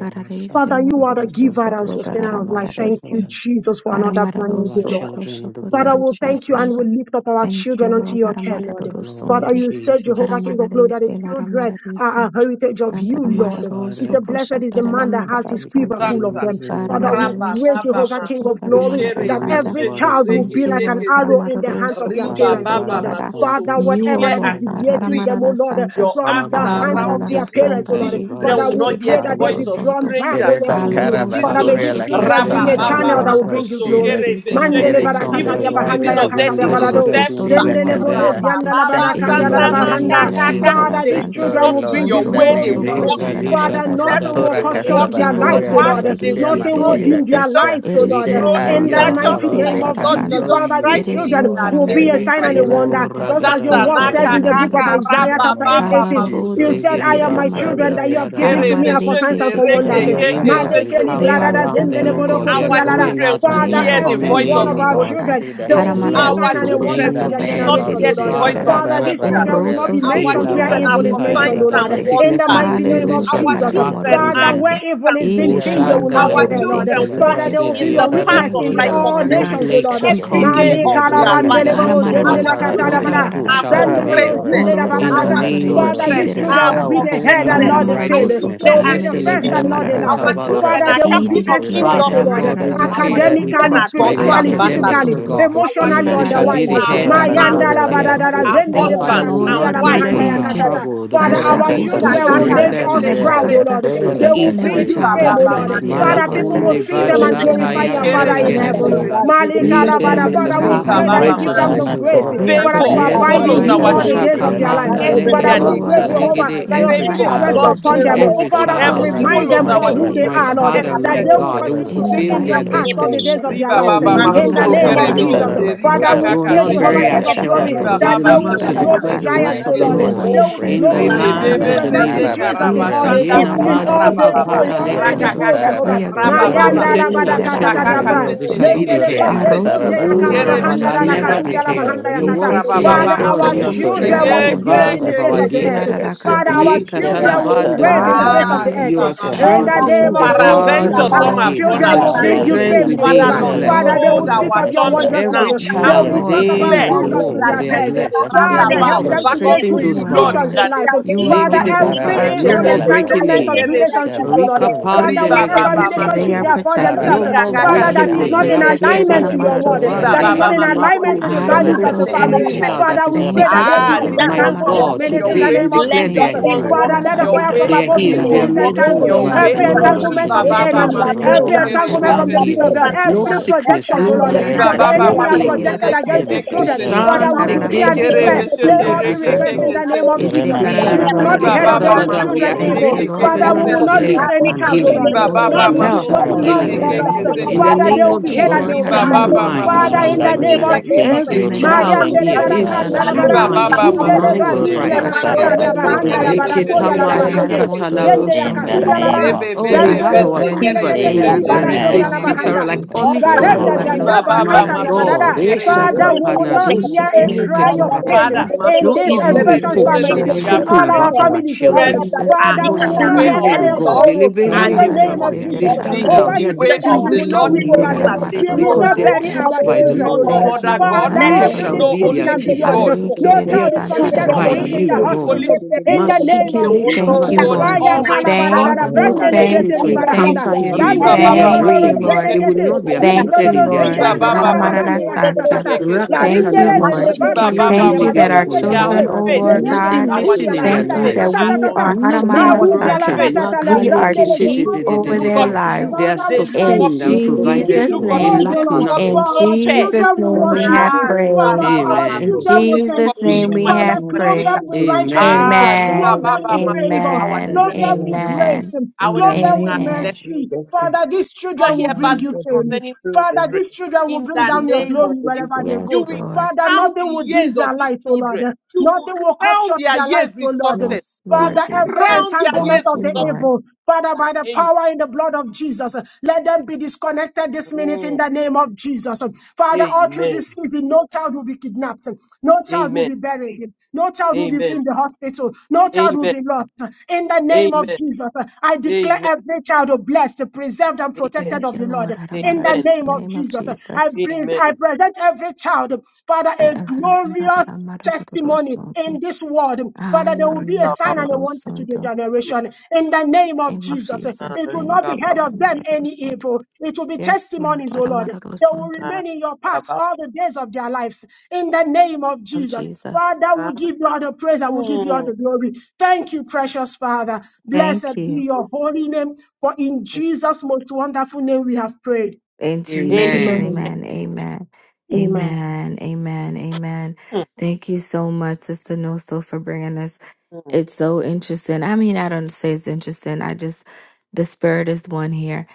Father, you are the giver and sustainer of life. Thank you, Jesus, for another brand new day, Lord.
children, with the blood
Father,
of
we thank you and
Jesus,
we lift up our children unto your care,
the
Lord.
blood of
Father, you said, Jehovah,
Jesus.
King of glory, that the children are a heritage of you, Lord.
Yes,
He
Father,
said, Blessed is the man that
if
has his
we took
quiver
the
full of
room
Zanta.
them.
this very
Father, we
Raba
moment,
pray,
Aramararoso
baba
Jehovah, King
Koshoko
of
masonto
we
glory,
soak
Taramarara
them
kere
that
under the
Santa.
every
blood
beshende
of
child will
reke
Thank
be
you,
like an
keke
Jesus.
Lord.
arrow
zeke.
in the hands of
Aramararoso
their
And
Riba
the
parents, oh
Koshoko
baba
Lord.
battles
Tarara.
can't
masonto.
be
Father,
We
You,
brushed
O
whatever
declare
out
that is
Lord
by
and
God.
that.
deviating
decree.
them, oh
Aramarara
Lord,
Santa.
Your
from
arms
the
Father, the
are
hands
around
of
burn the
Aramarara
their
these
parents,
curtains
ones.
Santa.
oh
of
These
Lord.
the
Rerike
children
Father,
will
battles,
we
not
Sheke
could
hear
pray
the
that they'll
Katororo
be
voice of
drawn
Santo.
back,
strangers,
oh Lord,
Yereba
no
even
to
this
you.
weapon
karaba
Kaloroso
Father,
season.
may
kuria
fashioned
these
la
Koshoko
against
children
them
be
Rabba
kasama
a
shall
Taramarara
baba
channel that
surubu
will
Santa.
prosper.
bring you
masonto
kushida.
glory.
kere
Isi Terara
Mandele
Yere
Every
beshende.
tongue
Even
Kantororo
kesebe
barakatalia
that
this
rises
bahanda
kuria
season
up
Santo.
ya
la
of
against
katalia
dirty
them in
masurubu
barado.
Ashaka
judgment
December.
Tororo
we
kushida
Zendele
Mororo
bodo
kasea.
condemn.
Rabba
zianda
Santo.
la
baba
Thank you,
In
barakadia
the
la
Lord.
zantana
name
Eleleriki
Thank
of
you,
bahanda.
Terara
kakaka.
Father,
Marara
Jesus.
They
these
Jesus.
Take
will
Santa.
children
glory,
walk
will
in
bring
Lord,
your
you
in
Oso
the
way. They
glory,
name
will
Lord.
Tosoko
of
walk in
Libra
Tarara
di
your
Father,
Jesus.
Marara
steps,
shatabada
nothing
Santa.
da
will
they
da
Bora
cut
will
short
badaya.
walk
Thank
kasaba
in
you,
their
your
Lord.
lives,
kuria
O
la
path,
Lord.
they
kasea
will
Haramariki
Nothing
grow
will
in
masida
dim
tererese.
their
wisdom,
kasea.
lives,
It
they
O
will
is
Lord.
They
you,
grow
O
in
are
In
Lord
the
God.
yours,
He
stature
mighty
se
Lord.
la
like
name
They
the
of
Lord
can
Jesus.
rarakanta.
know
Jesus
Father, these
you,
It
Christ
oh
is
in
children
you,
Lord,
the
will
name
be a
of
early
sign
Haramariki
and
in
Christ
a
Jesus.
life.
wonder.
O
rarakanta.
Just
Father,
as
ragada
your
He
Zanta
da
take
word
si
says
glory.
in the book of
kaka
In
teranamaroso.
Isaiah,
the
raba
chapter 8,
name of
eighteen,
baba
you
Kalaroroto
Jesus.
said,
si
I
Thank
am
you,
my children
Father.
kireramarare.
that you
Thank
have given
you,
Kere
to
yadabada.
me are
Lord.
for signs
Haramariki
beshende
and for
Oh,
reke
wonders.
Yerema
your
keke
Sara
angels
shekirarakanta.
zente
Malekeli
Bakura
encamp
They
La
neke
are
bradada
around
keke.
Kasia,
zendele
them, oh
exemplary,
God.
O
boroko
They are
Our
Lord
Shere
God.
torialara.
going
children
out
will
and they
They
Father,
are
are
hear
Kesebetura
the
La
every
coming
voice
one
in,
of
exemplary,
of
oh
O
the
Masuru
our
Lord
God.
Holy
God.
children,
Spirit.
Kusida
there
Is
will
Thank
be a
Kasia.
blessed
Our
sign
in
and
Haramararoso
a
the
wonder
In
children
name
to
the
koshoko
of
will
their
name
not
generation,
of
hear
O
Jesus.
the
Lord.
tararamiriki
voice
Jesus,
of
Father,
terara.
Father,
Sara
Lord
these
strangers.
God.
children will
Bakura
not
La
be
Oroto
Our
soko
mentioned
Kasida
where
children are
evil is
Kasia,
for
Ilabasutaya
signs
mentioned, O
tararamitirereke
Lord.
and
dadaba.
Shere
In
Sickness
the
and
wonders.
mighty name
diseases
Kesemasuru
of
Hallelujah.
shall
Our
be
Jesus.
far
Kusida
children
Kararamaroro
from
Father,
are
Kasia.
where
them.
Santo.
kings
evil
and
is being
queens.
seen, they
Yaraba
will not
Our
be
Ilirarakanta.
turubu
We
there,
Oshandalave
Lord.
thank you
children
kusida
for the
Father,
walk
potolibra
they
kasha,
gift.
will be
in
zeteya
your
the
We
yaraba
path
witness
of
thank
in
dadadada.
the
you,
kuria
O
la
all
Lord
righteousness
No
God.
nations, O
kasida
plague
Lord.
shall
We
kasa,
every
come
thank
day
near
you.
their
of
Malekala
kura
their
dwelling. The
kasa
bandele
life.
bakura
Aramararo
la
Our
zendele
Likobatara,
Soto
no
children
kasida,
katalabala.
evil
Raramarara
are
shall
for
kasara
Santa.
prevail.
bakura la
greatness.
Ororo
In the
kasara
Our
Santo
name
bakura
of
la
Father,
Reriki
children
these
Jesus,
kasa.
children
are
Father,
will be
for
Terarakanta.
the
uphold
head
them
and
greatness.
in
not
Mm.
the tail.
I
Karamararo
They
Soto
righteousness.
declare
will
and
be
Yes,
the
Raramereri
first and
decree
Elebento
not the
Raramarara
our
last.
Kota
Santa.
Rabakura
children
Father,
are
Balakaya.
they will do
captain of
Kasamasura
Iririki
exploits, O
Father
industry.
Lord,
God,
Teraramarara
Rakasida
we
Our
decree
Ramaroro
Kasha
that we
children
Santo.
academically,
are
prosper in
God's
the
spiritually,
Ireke
Aramararo
ambassadors.
you.
academics,
physically,
O
Santo.
Seboturo
God.
Our
emotionally,
Kusira
They
on the
shall
children
be
wise.
Elarareke
Kayutsa
the
are,
head and
Sakanto
Lebarusikha,
are,
never
Mayanda
Roro
Rabakura
the
la
tail.
Santo.
badadada
Lakasira
are
lebarusikha
Oh,
zendele
Thank
Kasa
you,
Father,
brada
lagaya
we
husbands
will
Lord.
kundi
baba
and
not
ala
bring
zibide,
wives
mahanda
forth
ya
for
Haramararese.
of.
katata.
trouble. The
lesuka
Father,
blood of
kata
our
Uraka
Jesus
Rika
kata
children
kaya
Gashakotoso,
will
kaka
Lord,
separate
Samasira
baba
make us
zente
them, O
Araparara
Kasha
zibide,
God,
proud,
kere
O
Santa.
Lord.
Rabakura
from
beshende.
elle
They
the
Each
will
and
baba
bring
every
influence
you
Lakasira
Riba
of
child
desuka
fame,
ya
O
baba
baba
Lord.
darkness.
represented here,
masutu
oh
Father,
zibide,
Ireke
Lord
people
deke
elle
God.
will
Malakunde
see
keke
ba
them
Samasura
and
katoda
Each
zente.
ya
and
baba,
glorify
every
Kusira
your
child
shatayande
Kere
Father in
mandi
represented
beshende
kara
heaven.
ya
here.
legedebosa.
Kasamasura
reke
baba zibide
keke
Each
gede
Lead
zente.
and
gede
them
Malikalabada.
gede
in
every
the
Father,
gede,
we
child,
path
Riba
pray
of
that
e
you
baba
Haramarara
give them the
righteousness,
masutu.
Santa.
O
grace,
God.
Yaramatura
They are
Father, to
Favor
ya
Kusira
protected,
Yes,
baba
oh
abide
it's
in
follows
Lord
you
zibide
our
shakamanda
all
God.
the
gede,
days
children
of
Rasamasira
They
their
are
life.
bade gede
Father,
insulated,
everywhere
we
oh
Kakarabakura
they
pray,
bosa
go
legebanta
Lord God.
ya
Jehovah,
Lakasira
baba,
legede.
that
In
your
the
e
Every
spirit
favor,
mighty
bade
rest
name
child,
gede
of
God's
upon
zika
them.
favor,
Jesus.
ya
every
Mm.
open
Father,
baba
to
heaven
child are
leke
the
ke
Haramarara
remind
follows
them
Santa
all
our
bosa,
who
expressions.
they
children
My
Rereke
are, Lord,
Father,
Karoro
that
my
everywhere
babe
they
they go.
Santo.
will
God, they
saka
will
continue to
In
be
ya
the
fulfill
in
baba
their
your
mighty name
paths all
of
the
destiny.
days of
Jesus.
their
Riba
Oh,
lives.
we
baba
will
Ese
not
In the
masonto
cast
name
Larara
our
kere
of
Canto
Jesus.
beshente
young.
Roro
Father,
rika
Santo.
We
we
will
kaka
pray,
not
zente.
Jehovah,
Ese
bury
King
our
of
Kashaka
glory,
Riba
children. They
Tororo
that
will
baba
they
In
will
Santo
live
be
to
masonto
Rarara
global
declare the
Jesus'
neke
Canta.
giants,
works
O
of
keke
the
mighty
Lord.
name
Lord,
Lord
I
zente.
They
we are
will be
pray.
in the
global
thankful,
citizens citizens
land
Rebebebe
of the
Amen.
Haramararosunto.
representing
zente
living.
Jesus
We
in
are
Ararakure
all
la
they
thankful,
karabashanda
do,
Yena
in
kasida.
all they
masuka
Haramarese
go,
rabababa.
in
pata
all
Ire
where they
Raka
Kararakonto.
legedebu
go,
kaka
matara
sata.
Jehovah.
We are
bakure la
grateful,
rabababa.
Mayanda la
Hireri
concerning
bada
our
kasida.
Rika
katata
Kasa.
children,
kaka
daba.
Lord, they
zente
shall be
Kerarakantororosonto.
neke
the
Lendele
Ure
head.
keke
bede
zente.
matara
Aroto
zonde
Oh,
yakara
bakure
Kere
la
Solarami
bahanda
Rabada,
la
beshente
la
never
kasida.
the
reke
katulia la
Terakanta.
kasa.
keke.
tail.
mahanda
Your
yakata.
word
Ese
says, oh
Rabababa
Father,
God,
Kerakanta
our
you
Yerekesere
masonto
have
Rerisi
neke
korela
children will
strengthened the
be
Rarakonto.
great
kasira
keke
in
bars
the
of
face
our
keke
of the
Ese
keke
bakusira
earth.
gates.
zente
kashe.
Father,
Larakanta
kere
our
Ye
beshente.
Yere
children
Rerisita.
Mande
will be
si
matara
katalabando
great
Lord,
in
pala
the
da ya
face
radaha.
ba
of
Ah,
the
bakusira
Haramiriri
earth.
You
riba
are
kashe
in
baba
In the
masura
masunto.
the
strengthening
name
the
of
Keteramararosonto.
bakusira
Jesus.
bars
You
Paraventure,
of
are
kashe.
our
some
Lord,
have
gates,
gone
and
Children
the
will bring
astray.
you
Haramararasanta.
children
Hallelujah.
fame,
within
Father
Jehovah.
are
You
Lord,
are
Makurela
we
blessed.
Father,
Lord,
they
hold
will
kasira
speak
our
of your
tummies
Haramararasanta.
kashe.
wondrous love.
Every
now
You
They
Glory
are
and
child
we
will
Lord,
talk
rekose
within
about
declare
our
masura
Jesus to
walls,
that
their
they are
there
Haramiririsiterama.
bakusira
parents.
is a
blessed
You
kashe
are
Father,
because
help
roundabout
you are
Lord.
masura
them to
back unto
make
strengthening
good
you,
You
those
bakusira
are
Lord, in
decisions
kashe.
in
Lord.
the
bars.
life.
name of
You are
name
Jesus.
Father,
of
Lord
Legedebo
Makara
over
every
our
sata,
Jesus,
no
evil
more
bakurela
children.
Rekekeke
breaking
entanglement
sente
of
kasira
Hallelujah.
in.
kere
kashe
relationships,
beshende.
oh Lord.
Rika
masura
Father,
pande
Riba
bakusira
whatever
legedu
baba
Thank you.
kashe.
sata
They
relationship
are
they
ya.
masunto.
have found
Ara
protected.
No
themselves,
Rika
more
Father,
kaka
bakurela
They
that
breaking
is
are
sente
not
in.
in
La
kasira
kere
protected.
kiede
kashe
alignment
beshende.
ra
to your
soto
Aramararo
word,
Riba
bakurela
that
bande
Santo.
is not
baba
in
yana
kashe.
masunto.
alignment to
makuta
the
ya. We
Nekekeke
values
pray
Uraka
of
Aramararo
the
for
sente
sama
any
kere
Santo.
family.
sida
child
beshende.
that
Father,
is
we
kasera
pray
Thank
sick.
da
that
you,
they be
Ah,
kore
this
la
Jesus.
My
won't
disentangled this
Aramararo
walk
kasera
God,
in
minute
your
Yakazabakatakata.
in
Santo.
sida
the
today
da
way.
we
name of
kore
declare
la
they
Jesus.
This
Thank
are
you,
one's
Lord
healed.
Father,
kasida.
God.
let
walking
the
your
fire from
way.
Aramarara
They are
above
This
begin
Santa.
healed.
Lebendeketulekete.
They
to
are
one's
Hmm.
made
We
walking
disentangle
Eh,
whole
your
declare
by
Rama
the
that the
way.
every
blood of
tsuru
enemy
bakazayaba.
is
entanglement
Riba
of
Jesus.
the
Eh,
sida
But
defeated, O
baba
ka.
enemy,
Lord
concerning
God.
masonto
every
labandoza.
Rama
every
kere
The
tsuru
entanglement
la
from
child
the
beshende.
enemy
pit
here,
of
is
hell,
kasida
no
Ekatobalakata.
every
defeated.
kasha.
sickness,
projection, oh
no
Lord,
Aramarara
Riba
that
Yereka
the
disease,
baba
Santa
sama
no
enemy
Ekatolekazatayaba.
have
rere
tsuru la
plague.
masonto
kerera
projected
neke
against
kasida
these
konto.
Ikatobelekete.
keke
We
children.
kasera
zente.
da
Ese
Father,
stand
we
kore
karara
decree
la
and
against
konto
Kere
kasama
declare
rere
sickness
Imamisekelekete.
they
and
sida
beshende
all be
siterera
reke
kasha.
Father,
diseases,
reversed
Ele
kanto.
in
keke
Lord.
the name
We
of
zente.
Ese
Jesus.
Yerema
decree,
It
karara
tsara
oh
let's go
will
da
barosiyarayaba.
not
God, eh,
be
mararo
and
Riba
kore
heard
bra-
of
da-
baba
da-
any
sonto.
da,
kasama
we
children
masonto
tsuru la
Thank
evil.
activate
you,
the
neke
Lord.
kasida
keke
Father, we
Abakatakatakayaba.
covenant
Hiriri
will
of
zente.
not
kasha.
lose
health
kerera
any
and
konto.
child, oh
Hmm.
healing.
Lord.
Riba
Abekatobelekete.
baba
None
Osoto
will
Rama
be
Health
tsara
masonto
Boshayaba.
and
broken,
da
shokota
none will
neke
be
healing.
kore
lost.
keke
lereri
In
kasama
zente.
the
Father,
rerese.
they
name
sida
will
of
be
Lebedegazekatakate.
healed
kasha.
Jesus,
and they
Lord,
will be
Riba
sound
happy.
baba
haramararo
Lebedos.
soko
mind.
Father,
masonto
in the
In
reke
name
the
of
shokotara.
Hallelujah.
name
keke
Jesus,
of
Thank
In
you,
Every
zeke.
the
Jesus,
Lord.
name of
child
Thank
Mariandele
I
you,
here
Jesus,
is
Father.
barakanda
libra
harara
la
de
Thank
sound
you,
Riba
bara,
kanto.
mind. They
zipa
baba
have
Father.
the
kata
Indele
pe.
mind
masonto
Oroto
of
Buria
baduria
neke
soka
la
Christ.
Emano
keke
Matara
kataria
shakarari
zente
Bakuria
bahanda
bala
ya
kere
pirarese.
zuke
beshende
Lakasida
la
te
reke
do
bele
Aranara
ke
bahande,
Kashia.
te
keke
this.
te.
motororo
Zende
zente.
ya
In
sonto
the
Le
katuria
Likitamasakatalaboshataya.
la
bedu
name
rarese.
of
Rebe
Oh,
supe
we
God
ke
bebe
te
have
Brandolo
our
given
vente
rocha.
Ashatarari
Jesus.
zondele
kere
ki
quivers
manifest
ketete
full
Le
in
terera
ni
of
the
beshende
bedu
them.
name
kanta
of
reke
They
barakoria
supe
Amen.
la
ke
sit
te
keke
oramararo
Jesus
ha.
bahanda.
around like
Christ.
zente.
sonto.
Er
Thank
olive
you,
Father,
rako
Yarenda
Lord,
se
Lord.
plants.
te
Aramararo
Riba
that
ha.
Zandaba
sonto
My
baba
Er
Katalia
rako
everything
rareki
of
se
masonto
God,
Badada.
te
terera
ha.
God,
kere
Father,
kanta.
Father,
Le
Lord,
we
beshende.
will
peke
that
not
ze ke
we have
te
hear
Jesus
a
te.
name
cry
chosen,
Er
of
le
Lord, God,
de
haramarara
pain
Father,
Eshakapanadosikeliketibataya.
zite
santa.
ke te
in
ke
no
te
this
ke
masonto
te ke
evil
te.
kere
expressions
Jesus
Er
report
name
shall
beshende,
family,
be
reko
we
Father,
in
have
haramarara
supa
spoken
all
let's
trained
our
about
kata
these
santa.
ba.
our
families, O
Father,
Er
children
Lord.
children.
le
I
bedu
ask
Jesus
are
Father,
in
name
we
sika
the
God
will
to
not
way
hear
Concerning
a
haramararo
of
sit
Er
the
them,
cry
le
of
sonto.
bedu
God,
Lord
sorrow
sika
in
and
elebende
Ela
the
they will
name of
rarese
rukabaya,
continue
they
Jesus.
you
and
to
terera
the
be
bring
stand
in
devil
out.
Over
kante.
They
the
are
these
see that
way
children,
they
of
we
are.
the
will
distinguished
not
for
Lord
weep
In
Iririsi
the
over
even
glory
terera
name
as
them.
of
they
We
mararo
will
Jesus,
grow
uh,
because
not
they are
sonto.
old.
bury our
Thank
taught
our
They
you.
Meadow
by the
will
children,
know
O
no
Lord.
Lord.
Thank you,
Batarabaha,
other
Lord.
God.
Father,
They
Great
Meadow
all
will
through
shall
Haramararo
this
Stick,
know
be
tick,
sonto.
season
their
only
tick,
and
the
tick, tick,
beyond,
tick,
God
peace.
tick.
no
in
Ararikirira
They
the
are
child
name
is
of
they will
Jesus,
santara
taught
permitted to
know
by
be
only
ramaroro
in
you,
the
the
sonto.
God.
Holy
hospital.
Spirit.
In the name
They
of
Masikele
will
Jesus.
Thank
know
you,
God, the
Lord.
Fire
kapadadadaha.
Almighty God,
Thank
kalabadadada,
Father,
in
you,
the
cause
name of
thank
them
brandelekete
to
you,
Jesus.
thank
libadahanda,
encounter
you,
you, Lord,
Riba
in their
Baba
thank
landelebododoro
you,
Masunto
dreams.
Lord.
They will
zedekete,
not be
Kerebeshende.
Thank
afflicted
you,
limbrododo
in their
Lord.
zendeya
Riba
dreams.
Baba
Haramarara
kalabradahanda
Masunto
Monday, the day
Santa.
yakatatata,
goes,
Keke Sente.
Thank you,
Rakatana
larindele
Lord.
Monday, go
zendebada
Riba Baba
Thank you that our
Masunto.
masiki
Their
children,
kataliabadokonzelialake,
O
faith,
Lord
nothing
God,
our
missing in
children's
their
thank
lerendelebahudialahanda
you
faith
that
lives,
are
we
on
yakatatatata,
are
you.
Yes,
nothing
Haramarara
Our
yes.
Maruja
children's
la
Santa.
broken.
faith.
the
katata la
We
things
are
brande
that you
le
chief
faith
They
over
and
look
regret
their
zeko
up
Makalekitididididididea.
to
to
back.
you.
pass
lives.
They are
Father,
They
we
look
In
thank
up
sustained
to
and
you.
not for
you.
the
We
They
provided
give you
Jesus'
look
for.
ability
up
They
to
name,
praise, O
They
lack
look
Lord.
up to
For
in
nothing.
no
our
pair.
children
Jesus'
will
name
Father,
we
worship
let
have
you.
Lebanon,
Ah,
God
riba
Father,
prayed.
be
for
baba
help
our
your
In
Amen.
people.
children
masoto.
will
They look
thank
Jesus'
up to
you.
In
you,
the
name we
my, King,
Father,
have
name of
my
clothe
prayed.
them
maker.
with
Jesus,
righteousness.
Ah,
Amen.
Father,
riba
Clothe
Amen.
them
let
baba
with
God be
masoto.
favor.
take
Our
charge
Amen.
children,
of
Clothe
our
them with
life.
Amen.
grace.
In
our
the
Clothe
children
them with
are
name of
Amen.
blessed.
mercy.
Jesus Christ,
Father, these
Do Not
children
hear
will
Father,
bring
bad
let
you
news
God be
fame.
concerning
Father,
children.
children.
with
these children will
In
bring
the
down
You
your
thank
name
us
of
glory
for
evil,
wherever
this.
they
you
Yes,
go.
will
Lord.
Father,
crown the
nothing will dim
years of
their
these
light, O Lord.
children. You will
Nothing will cut
crown
short
their
their
years
light, O
with
Lord.
success.
Yes,
You
Father,
Lord
will
every
crown
Jesus.
their years
entanglement
Thank you,
of
with
the
success.
Lord.
evil, Father,
In
by the
the name.
power in the blood of Jesus, let them be disconnected this minute in
Mm,
the name of Jesus. Father, all through
Amen.
this season, no child will be kidnapped, no child will
Amen.
be buried, no child will be
Amen.
in the hospital, no child will
Amen.
be lost. In the name of
Amen.
Jesus, I declare
Amen.
every child blessed, preserved, and
Amen.
protected
Thank
of
you,
the Lord.
Lord.
In the
Amen.
Haramararasa.
name of
Name of
Jesus, I,
Jesus.
bring,
Amen.
I present every child, Father,
Eh, eh,
a glorious testimonies in
haramararamarararosonte.
this world. Father, there will be a
Riba
Hallelujah.
sign and
baba
a wonder to the
Karorosonto.
baby.
generation in the name of
Name of
Jesus.
Ah,
Jesus.
It will not
riba
Thank
be
you.
baba.
heard of them any
Haramararosonto.
evil. It will be
Yes, Lord.
testimonies, O Lord. They will
Haramararosonto
Ah,
remain in your
riba
paths
baba.
all the days of their lives in the name of
Of
Jesus.
Jesus.
Father,
Ah.
we give you all the praise and we give you all
Mm,
the glory. Thank you, precious Father.
Thank
Blessed
you.
be your
Lord.
holy name, for in
Yes.
Jesus' most wonderful name we have prayed.
In
Amen.
Jesus' name,
Amen.
Amen.
amen. Amen.
Amen.
Amen. Amen. Amen. Thank you so much, Sister Noso, for bringing us.
Mm.
It's so interesting. I mean, I don't say it's interesting. I just, the spirit is one here.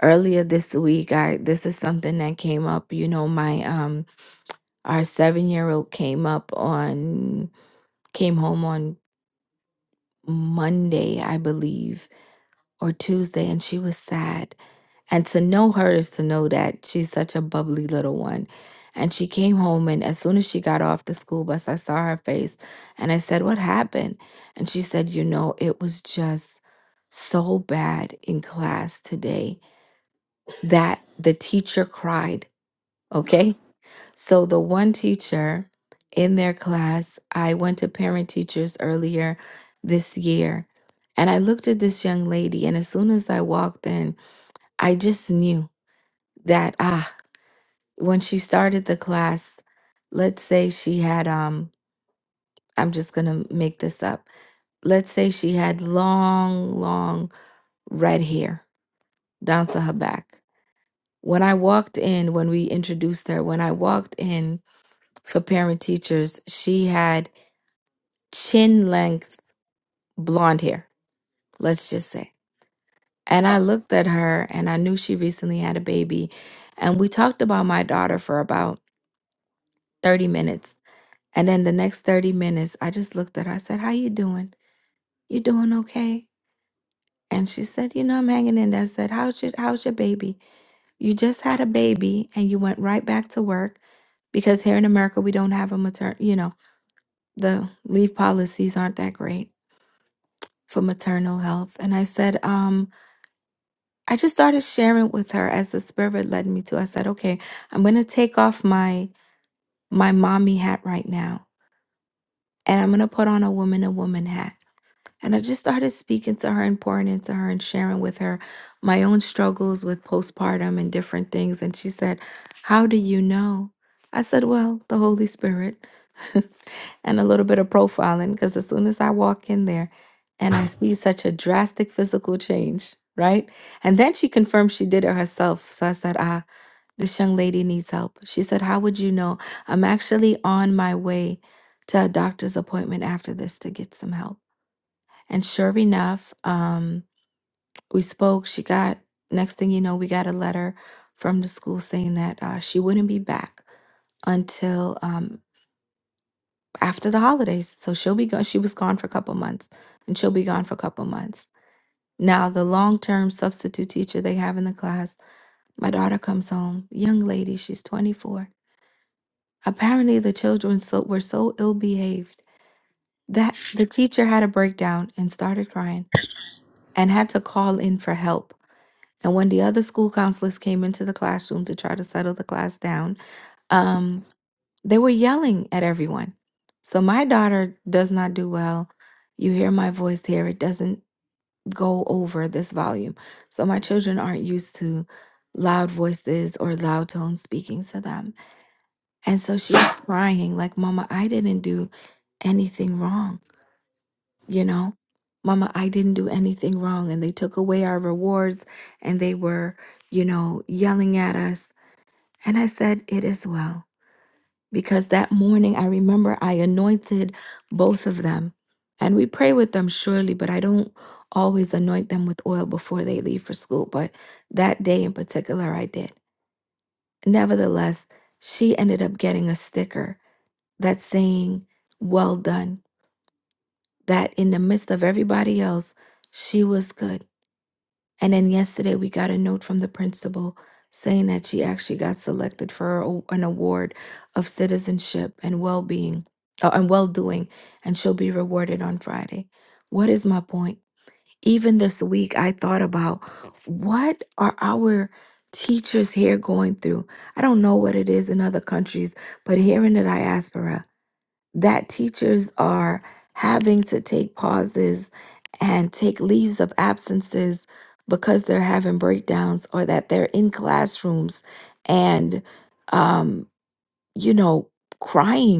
Earlier this week, I this is something that came up. You know, my um, our seven year old came up on came home on Monday, I believe, or Tuesday, and she was sad And to know her is to know that she's such a bubbly little one. And she came home, and as soon as she got off the school bus, I saw her face and I said, What happened? And she said, You know, it was just so bad in class today that the teacher cried. Okay. So the one teacher in their class, I went to parent teachers earlier this year, and I looked at this young lady, and as soon as I walked in, I just knew that, ah, when she started the class, let's say she had um I'm just going to make this up. Let's say she had long long red hair down to her back. When I walked in when we introduced her, when I walked in for parent teachers, she had chin length blonde hair, let's just say. And I looked at her and I knew she recently had a baby and we talked about my daughter for about 30 minutes And then the next 30 minutes, I just looked at her. I said, How you doing? You doing okay? And she said, You know, I'm hanging in there. I said, How's your how's your baby? You just had a baby and you went right back to work because here in America we don't have a maternal you know, the leave policies aren't that great for maternal health. And I said, um, I just started sharing with her as the spirit led me to. I said, Okay, I'm gonna take off my my mommy hat right now and I'm gonna put on a woman a woman hat. And I just started speaking to her and pouring into her and sharing with her my own struggles with postpartum and different things. And she said, How do you know? I said, Well, the Holy Spirit (laughs) and a little bit of profiling. Because as soon as I walk in there and I see such a drastic physical change, right? And then she confirmed she did it herself. So I said, Ah, this young lady needs help. She said, How would you know? I'm actually on my way to a doctor's appointment after this to get some help. And sure enough, um, we spoke. She got, next thing you know, we got a letter from the school saying that uh, she wouldn't be back until um, after the holidays. So she'll be gone. She was gone for a couple months, and she'll be gone for a couple months. Now, the long term substitute teacher they have in the class, my daughter comes home, young lady, she's 24. Apparently, the children so, were so ill behaved that the teacher had a breakdown and started crying and had to call in for help And when the other school counselors came into the classroom to try to settle the class down, um, they were yelling at everyone. So my daughter does not do well. You hear my voice here, it doesn't go over this volume. So my children aren't used to loud voices or loud tones speaking to them. And so she was crying, like, Mama, I didn't do anything wrong you know mama i didn't do anything wrong and they took away our rewards and they were you know yelling at us and i said it is well because that morning i remember i anointed both of them and we pray with them surely but i don't always anoint them with oil before they leave for school but that day in particular i did nevertheless she ended up getting a sticker that's saying well done that in the midst of everybody else she was good And then yesterday, we got a note from the principal saying that she actually got selected for a- an award of citizenship and well being uh, and well doing, and she'll be rewarded on Friday. What is my point? Even this week, I thought about what are our teachers here going through? I don't know what it is in other countries, but here in the diaspora, that teachers are having to take pauses and take leaves of absences because they're having breakdowns or that they're in classrooms and um you know crying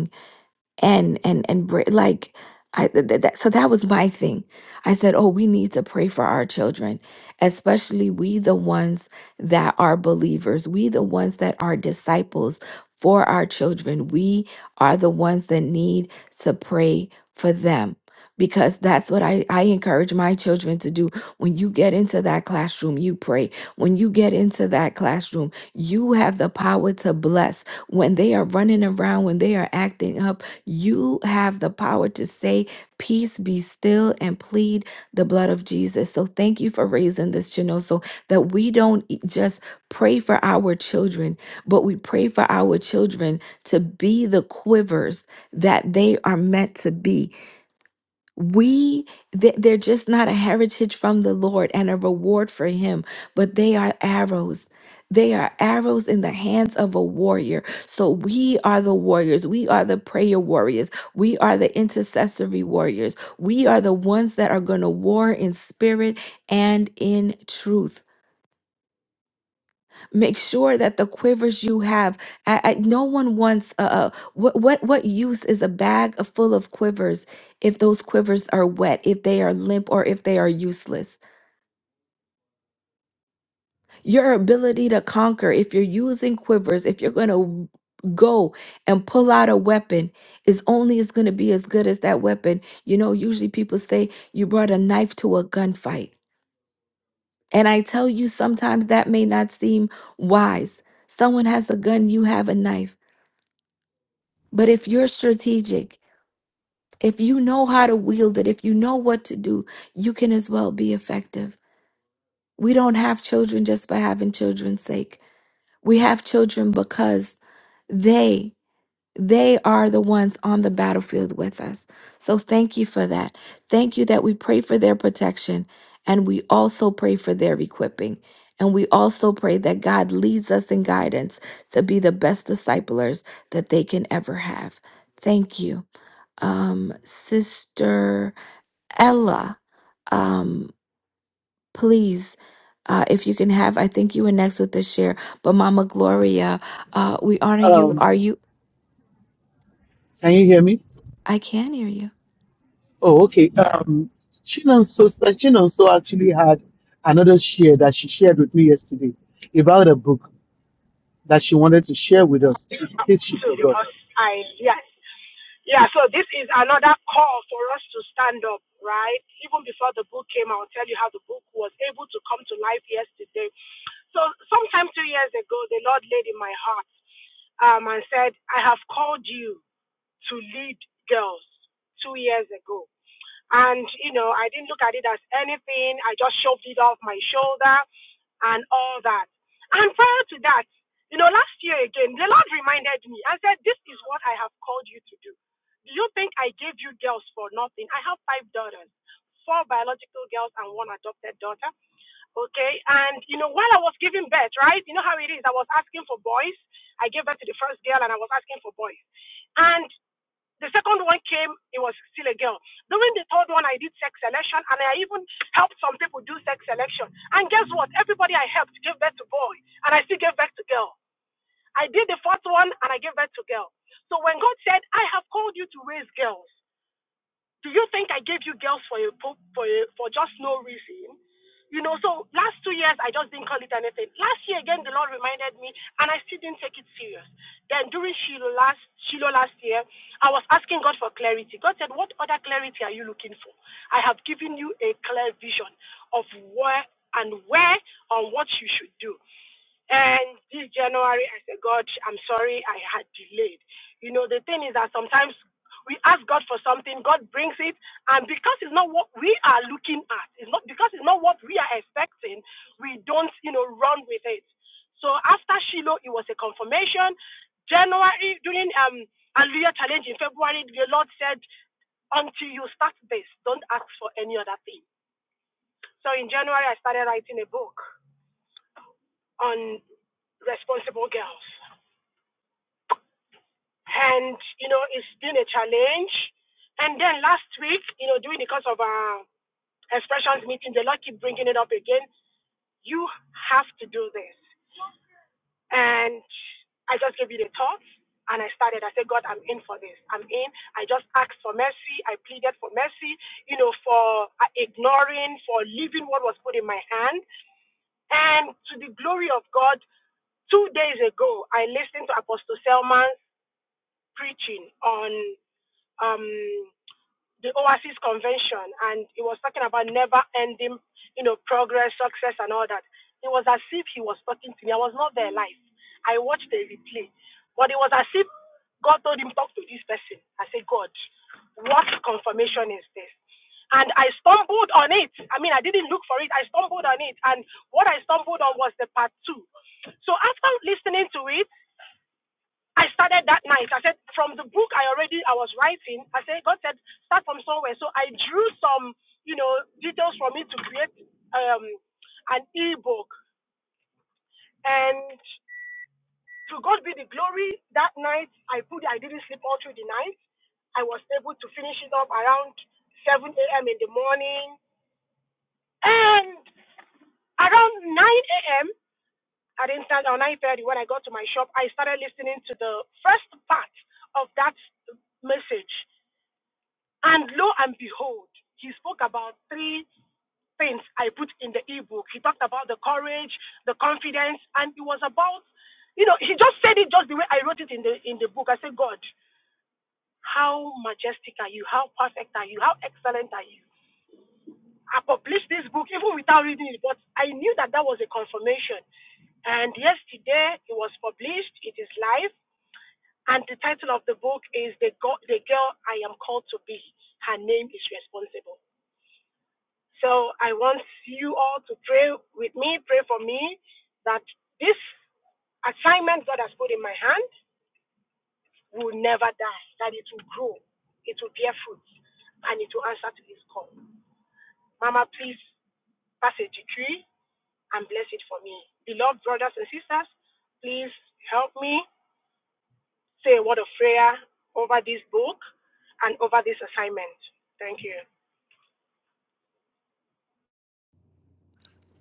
and and and br- like I th- th- that so that was my thing. I said, "Oh, we need to pray for our children, especially we the ones that are believers, we the ones that are disciples for our children. We are the ones that need to pray for them." Because that's what I, I encourage my children to do. When you get into that classroom, you pray. When you get into that classroom, you have the power to bless. When they are running around, when they are acting up, you have the power to say, Peace be still, and plead the blood of Jesus. So thank you for raising this, Janelle, so that we don't e- just pray for our children, but we pray for our children to be the quivers that they are meant to be we they- they're just not a heritage from the lord and a reward for him but they are arrows they are arrows in the hands of a warrior so we are the warriors we are the prayer warriors we are the intercessory warriors we are the ones that are going to war in spirit and in truth Make sure that the quivers you have. I, I, no one wants a, a what what what use is a bag of- full of quivers if those quivers are wet, if they are limp, or if they are useless. Your ability to conquer, if you're using quivers, if you're going to go and pull out a weapon, is only is going to be as good as that weapon. You know, usually people say you brought a knife to a gunfight, and I tell you sometimes that may not seem wise. Someone has a gun, you have a knife But if you're strategic, if you know how to wield it, if you know what to do, you can as well be effective. We don't have children just by having children's sake. We have children because they they are the ones on the battlefield with us. So thank you for that. Thank you that we pray for their protection and we also pray for their equipping. And we also pray that God leads us in guidance to be the best disciplers that they can ever have. Thank you um, Sister Ella. Um, please, uh, if you can have, I think you were next with the share, but Mama Gloria, uh, we honor you.
Um,
Are you?
can you hear me?
I can hear you.
Oh, okay. Um, Chinonso, Sister Chinonso actually had another share that she shared with me yesterday about a book that she wanted to share with us in case she forgot.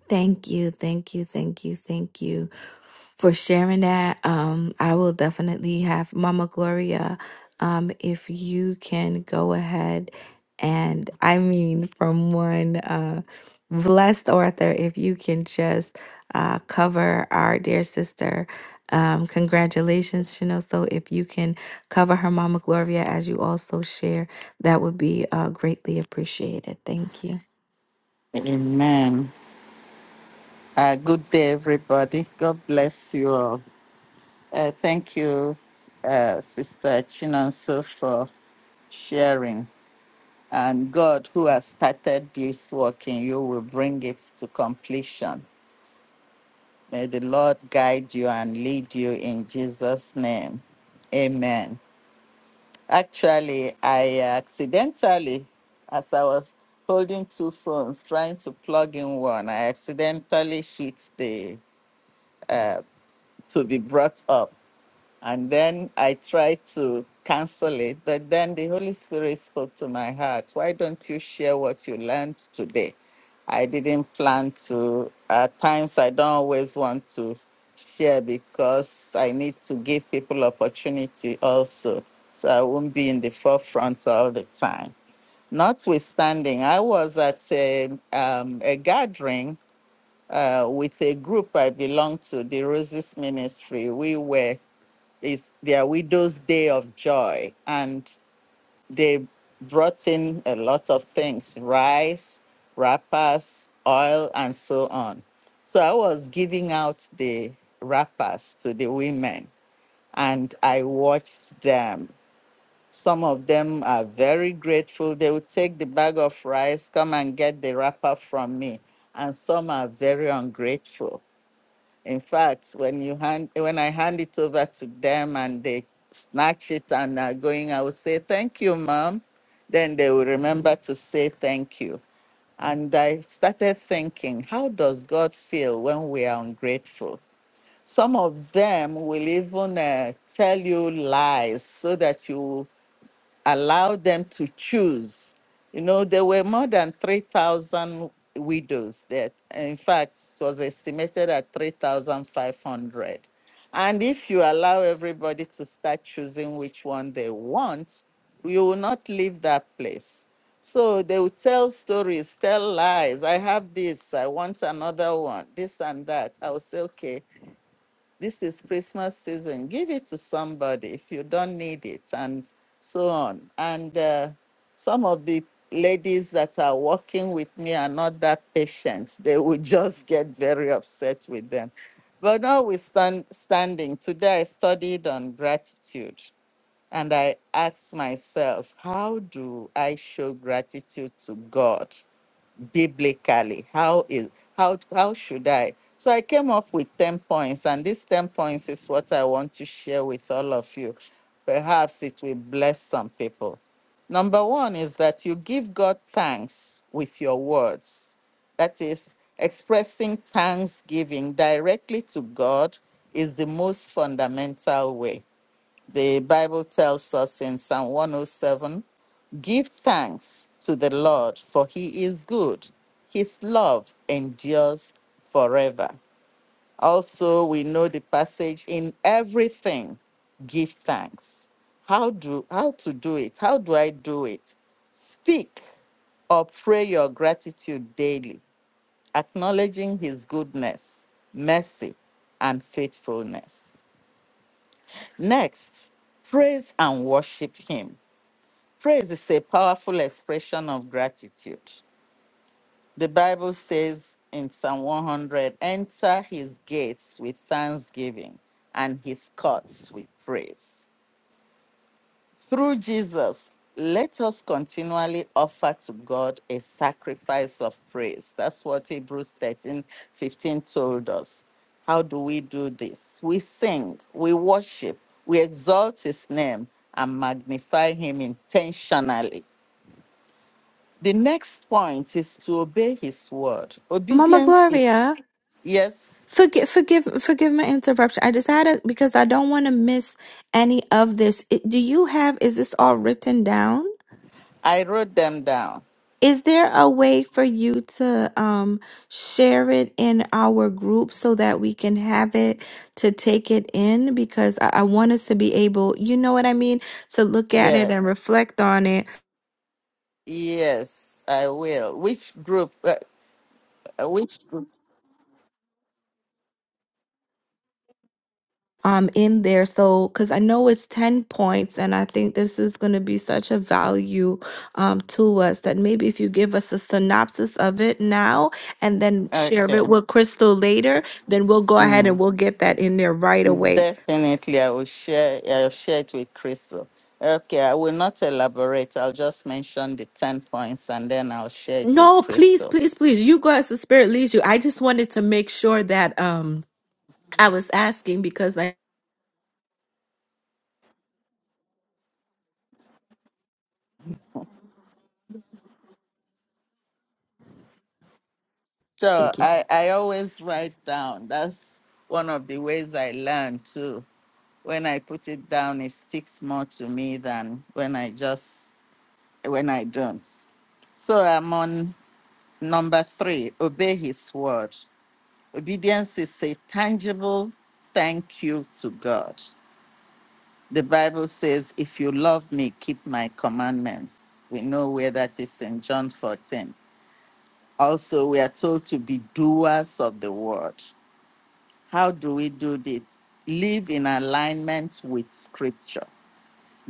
Thank you, thank you, thank you, thank you for sharing that. Um, I will definitely have Mama Gloria. Um, if you can go ahead and I mean from one uh blessed author, if you can just uh cover our dear sister. Um, congratulations, Chanel. So if you can cover her Mama Gloria as you also share, that would be uh greatly appreciated. Thank you.
Amen. Uh, good day, everybody. God bless you all. Uh, thank you, uh, Sister Chinonso, for sharing. And God, who has started this work in you, will bring it to completion May the Lord guide you and lead you in Jesus' name. Amen. Actually, I accidentally, as I was holding two phones, trying to plug in one, I accidentally hit the uh, to be brought up. And then I tried to cancel it, but then the Holy Spirit spoke to my heart. Why don't you share what you learned today? I didn't plan to. At times, I don't always want to share because I need to give people opportunity also. So I won't be in the forefront all the time. Notwithstanding, I was at a, um, a gathering uh, with a group I belong to, the Roses Ministry. We were is their widow's day of joy and they brought in a lot of things rice wrappers oil and so on so i was giving out the wrappers to the women and i watched them some of them are very grateful they would take the bag of rice come and get the wrapper from me and some are very ungrateful in fact, when you hand when I hand it over to them and they snatch it and are going, I will say, Thank you, mom. Then they will remember to say thank you. And I started thinking, how does God feel when we are ungrateful? Some of them will even uh, tell you lies so that you allow them to choose. You know, there were more than 3,000 widows that, in fact, it was estimated at 3,500. And if you allow everybody to start choosing which one they want, you will not leave that place. So they will tell stories, tell lies. I have this, I want another one, this and that. I will say, okay, this is Christmas season. Give it to somebody if you don't need it, and so on. And uh, some of the ladies that are working with me are not that patient. They will just get very upset with them. But notwithstanding, today I studied on gratitude and I asked myself, how do I show gratitude to God? biblically how is how how should i so i came up with 10 points and these 10 points is what i want to share with all of you perhaps it will bless some people number one is that you give god thanks with your words that is expressing thanksgiving directly to god is the most fundamental way the bible tells us in psalm 107 Give thanks to the Lord, for he is good. His love endures forever. Also, we know the passage in everything, give thanks. How do how to do it? How do I do it? Speak or pray your gratitude daily, acknowledging his goodness, mercy, and faithfulness. Next, praise and worship him. Praise is a powerful expression of gratitude. The Bible says in Psalm 100 enter his gates with thanksgiving and his courts with praise. Through Jesus, let us continually offer to God a sacrifice of praise. That's what Hebrews 13:15 told us. How do we do this? We sing, we worship, we exalt his name and magnify him intentionally. The next point is to obey his word.
Mama
Obedience is,
Gloria.
yes,
Forgive, forgive, forgive my interruption. I just had a because I don't want to miss any of this. It, do you have? Is this all written down?
I wrote them down.
Is there a way for you to um share it in our group so that we can have it to take it in? Because I, I want us to be able, you know what I mean, to look at it and
Yes,
reflect on it
yes, I will. Which group? Uh, uh, which group?
um in there so because i know it's 10 points and i think this is going to be such a value um to us that maybe if you give us a synopsis of it now and then share
Okay.
it with crystal later then we'll go ahead
Mm.
and we'll get that in there right away
Definitely, I will share. I'll share it with Crystal. Okay, I will not elaborate. I'll just mention the 10 points and then I'll share it with
no please
Crystal.
please please you go as the spirit leads you i just wanted to make sure that um i was asking because i
So I, I always write down. That's one of the ways I learn too When I put it down, it sticks more to me than when I just when I don't. So I'm on number three, obey his word. Obedience is a tangible thank you to God. The Bible says, if you love me, keep my commandments. We know where that is in John 14. Also, we are told to be doers of the word. How do we do this? Live in alignment with scripture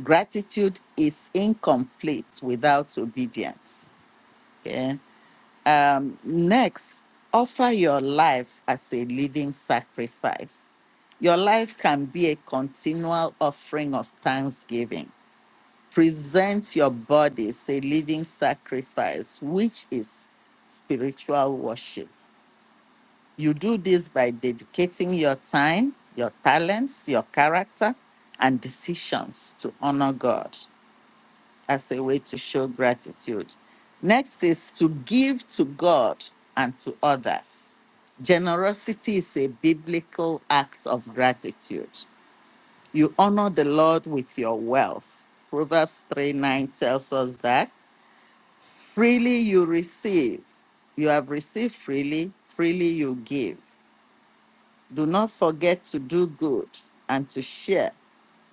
Gratitude is incomplete without obedience. Okay. Um, next, offer your life as a living sacrifice. Your life can be a continual offering of thanksgiving. Present your body as a living sacrifice, which is spiritual worship. You do this by dedicating your time, your talents, your character, and decisions to honor God. as a way to show gratitude. Next is to give to God and to others. Generosity is a biblical act of gratitude. You honor the Lord with your wealth. Proverbs 3 9 tells us that freely you receive, you have received freely, freely you give. Do not forget to do good and to share,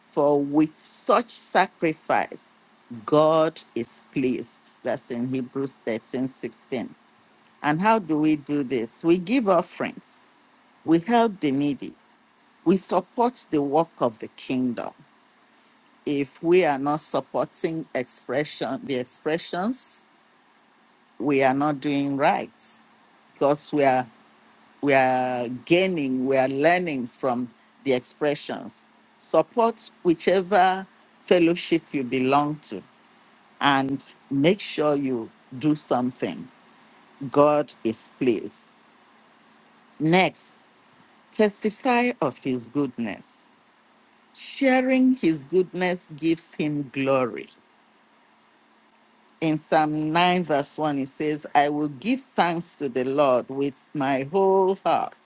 for with such sacrifice, God is pleased. That's in Hebrews 13 16. And how do we do this? We give offerings, we help the needy, we support the work of the kingdom. If we are not supporting expression, the expressions, we are not doing right because we are we are gaining, we are learning from the expressions. Support whichever fellowship you belong to and make sure you do something. God is pleased. Next, testify of his goodness. Sharing his goodness gives him glory. In Psalm 9, verse 1, it says, I will give thanks to the Lord with my whole heart.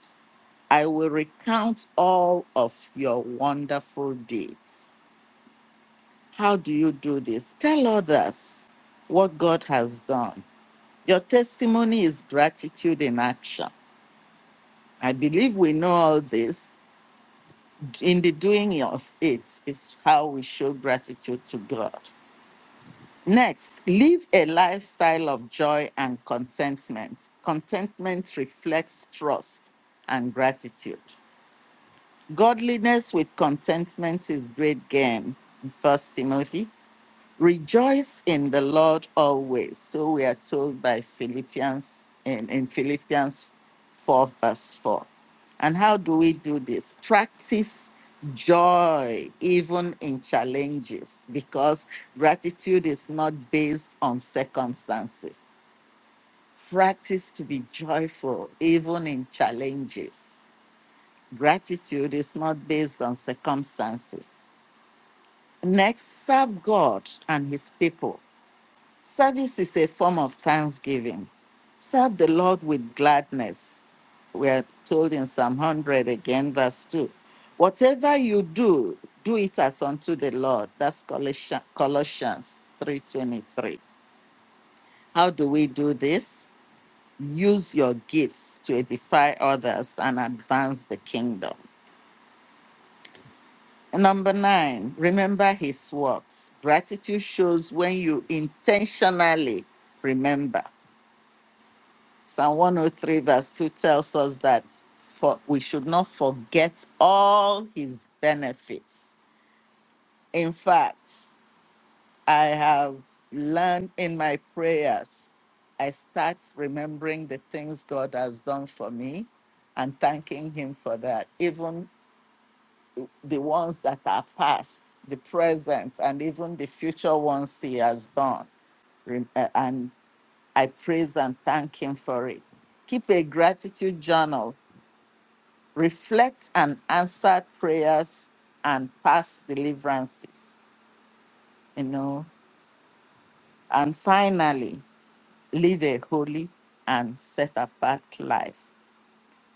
I will recount all of your wonderful deeds. How do you do this? Tell others what God has done. Your testimony is gratitude in action. I believe we know all this. In the doing of it is how we show gratitude to God. Next, live a lifestyle of joy and contentment. Contentment reflects trust and gratitude. Godliness with contentment is great gain. First Timothy Rejoice in the Lord always. So we are told by Philippians in, in Philippians 4, verse 4. And how do we do this? Practice joy even in challenges because gratitude is not based on circumstances. Practice to be joyful even in challenges. Gratitude is not based on circumstances. Next, serve God and his people Service is a form of thanksgiving. Serve the Lord with gladness. We are told in Psalm 100 again, verse 2. Whatever you do, do it as unto the Lord. That's Colossians, 3.23. How do we do this? Use your gifts to edify others and advance the kingdom. Number nine, remember his works. Gratitude shows when you intentionally remember. Psalm 103, verse 2 tells us that for we should not forget all his benefits. In fact, I have learned in my prayers, I start remembering the things God has done for me and thanking him for that, even the ones that are past, the present, and even the future ones he has done. Rem- uh, And I praise and thank him for it. Keep a gratitude journal reflect on answered prayers and past deliverances, you know, and finally, live a holy and set apart life.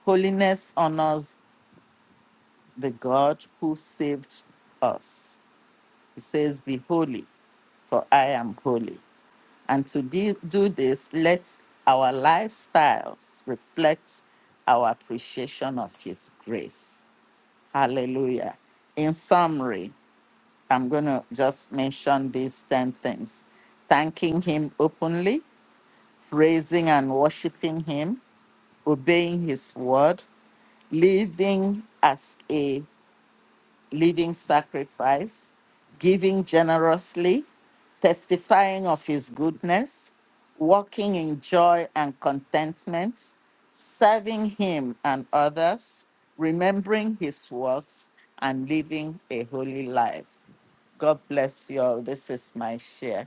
Holiness honors the God who saved us. He says, Be holy, for I am holy. And to de- do this, let our lifestyles reflect our appreciation of His grace. Hallelujah. In summary, I'm going to just mention these 10 things thanking Him openly, praising and worshiping Him, obeying His word, living as a living sacrifice, giving generously, testifying of His goodness, walking in joy and contentment, serving Him and others, remembering His works, and living a holy life. God bless you all. This is my share.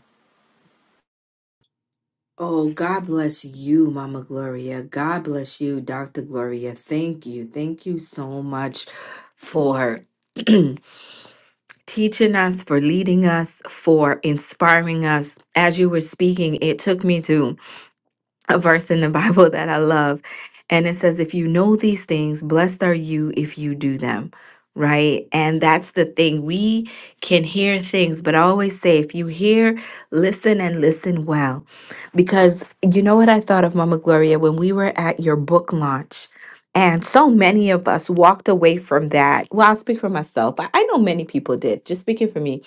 Oh, God bless you, Mama Gloria. God bless you, Dr. Gloria. Thank you. Thank you so much for (clears throat) teaching us, for leading us, for inspiring us. As you were speaking, it took me to a verse in the (laughs) Bible that I love. And it says, If you know these things, blessed are you if you do them. Right. And that's the thing. We can hear things, but I always say, if you hear, listen and listen well. Because you know what I thought of, Mama Gloria, when we were at your book launch, and so many of us walked away from that. Well, I'll speak for myself. I, I know many people did, just speaking for me.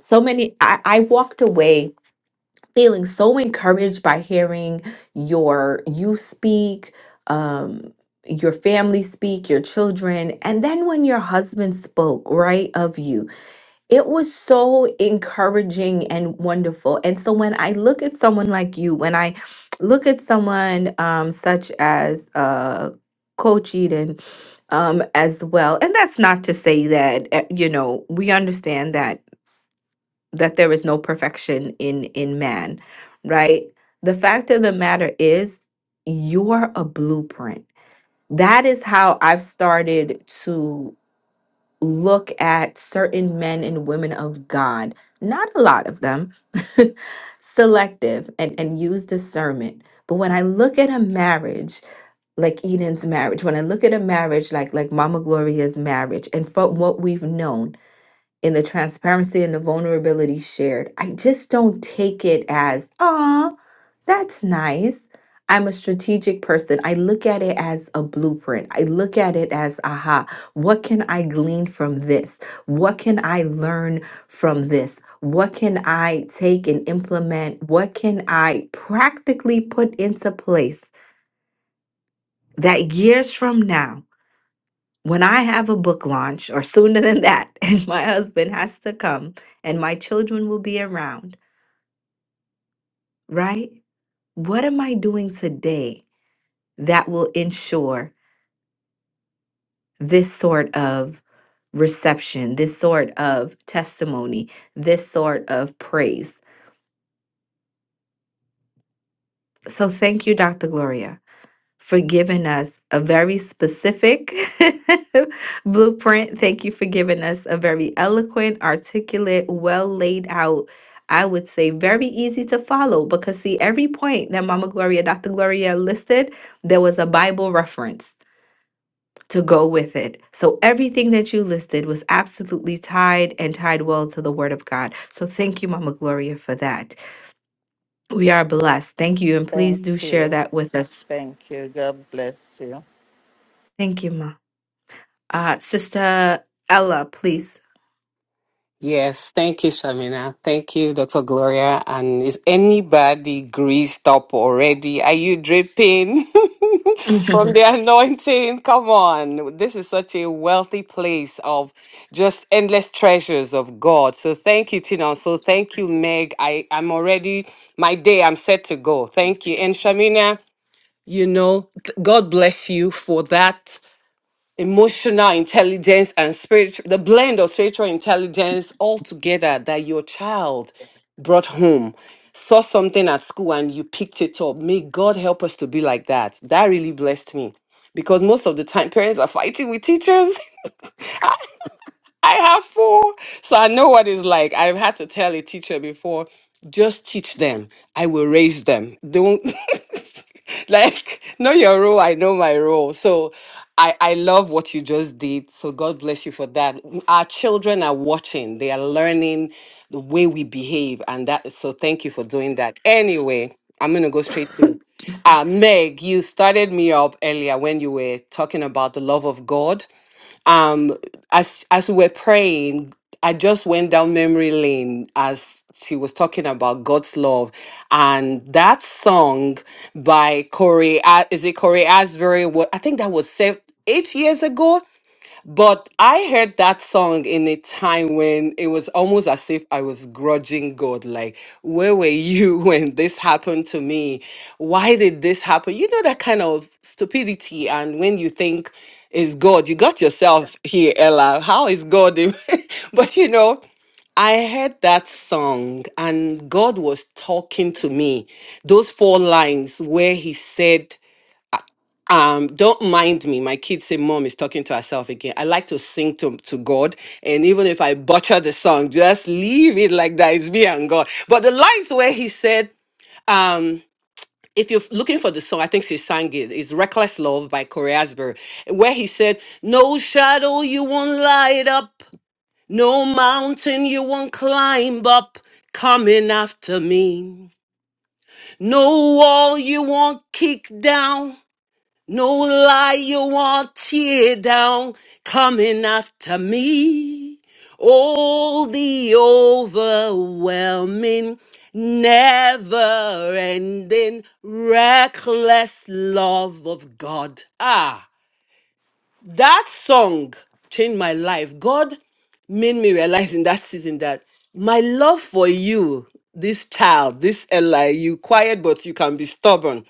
So many, I, I walked away feeling so encouraged by hearing your you speak um your family speak your children and then when your husband spoke right of you it was so encouraging and wonderful and so when i look at someone like you when i look at someone um such as uh coach eden um as well and that's not to say that eh, you know we understand that that there is no perfection in in man right the fact of the matter is you're a blueprint that is how i've started to look at certain men and women of god not a lot of them (laughs) selective and and use discernment but when i look at a marriage like eden's marriage when i look at a marriage like like mama gloria's marriage and from what we've known in the transparency and the vulnerability shared. I just don't take it as, ah, that's nice. I'm a strategic person. I look at it as a blueprint. I look at it as, aha, what can I glean from this? What can I learn from this? What can I take and implement? What can I practically put into place that years from now? when I have a book launch or sooner than that, (laughs) and my husband has to come and my children will be around, right? What am I doing today that will ensure this sort of reception, this sort of testimony, this sort of praise? So thank you, Dr. Gloria. for giving us a very specific (laughs) blueprint. Thank you for giving us a very eloquent, articulate, well laid out, I would say very easy to follow because, see, every point that Mama Gloria, Dr. Gloria listed, there was a Bible reference to go with it. So everything that you listed was absolutely tied and tied well to the Word of God. So thank you, Mama Gloria, for that. We are blessed. Thank you. And please
Thank
do share
you.
that with us.
Thank you. God bless you.
Thank you, Mom. Uh, Sister Ella, please.
Yeah. Dr. Gloria, and is anybody greased up already? Are you dripping
(laughs)
(laughs) from the anointing? Come on. This is such a wealthy place of just endless treasures of God. So thank you, Tina. So thank you, Meg. I, I'm already, my day, I'm set to go. Thank you. And Shamina, you know, th- God bless you for that emotional intelligence and spiritual the blend of spiritual intelligence all together that your child brought home saw something at school and you picked it up may god help us to be like that that really blessed me because most of the time parents are fighting with teachers (laughs) i have four so i know what it's like i've had to tell a teacher before just teach them i will raise them don't (laughs) (laughs) like know your role i know my role so i i love what you just did so god bless you for that our children are watching they are learning the way we behave and that so thank you for doing that anyway i'm gonna go straight to uh meg you started me up earlier when you were talking about the love of god um, as as we were praying, I just went down memory lane as she was talking about God's love, and that song by Corey, A- is it Corey Asbury? What I think that was seven, eight years ago but I heard that song in a time when it was almost as if I was grudging God. Like, where were you (laughs) when this happened to me? Why did this happen? You know, that kind of stupidity. And when you think is God, you got yourself here, Ella. How is God? in-" (laughs) but you know, I heard that song and God was talking to me. Those four lines where He said, um don't mind me my kids say mom is talking to herself again i like to sing to, to god and even if i butcher the song just leave it like that it's me and god but the lines where he said um if you're looking for the song, I think she sang it. It's Reckless Love by Corey Asbury, where he said, No shadow you won't light up, no mountain you won't climb up coming after me. No wall you won't kick down, no lie, you won't tear down coming after me. All the overwhelming, never ending, reckless love of God. Ah, that song changed my life. God made me realize in that season that my love for you, this child, this Ella, you quiet but you can be stubborn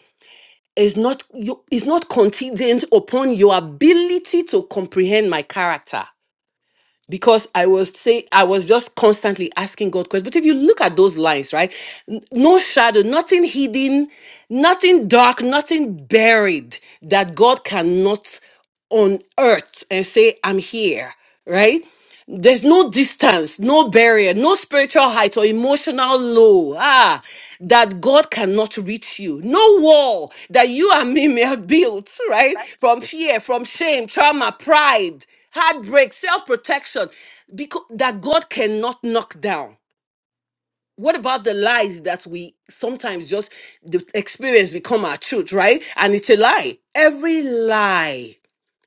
is not you is not contingent upon your ability to comprehend my character because i was say i was just constantly asking god questions but if you look at those lines right N- no shadow nothing hidden nothing dark nothing buried that god cannot unearth and say i'm here right there's no distance, no barrier, no spiritual height or emotional low. Ah, that God cannot reach you. No wall that you and me may have built, right? From fear, from shame, trauma, pride, heartbreak, self protection, because that God cannot knock down. What about the lies that we sometimes just the experience become our truth, right? And it's a lie. Every lie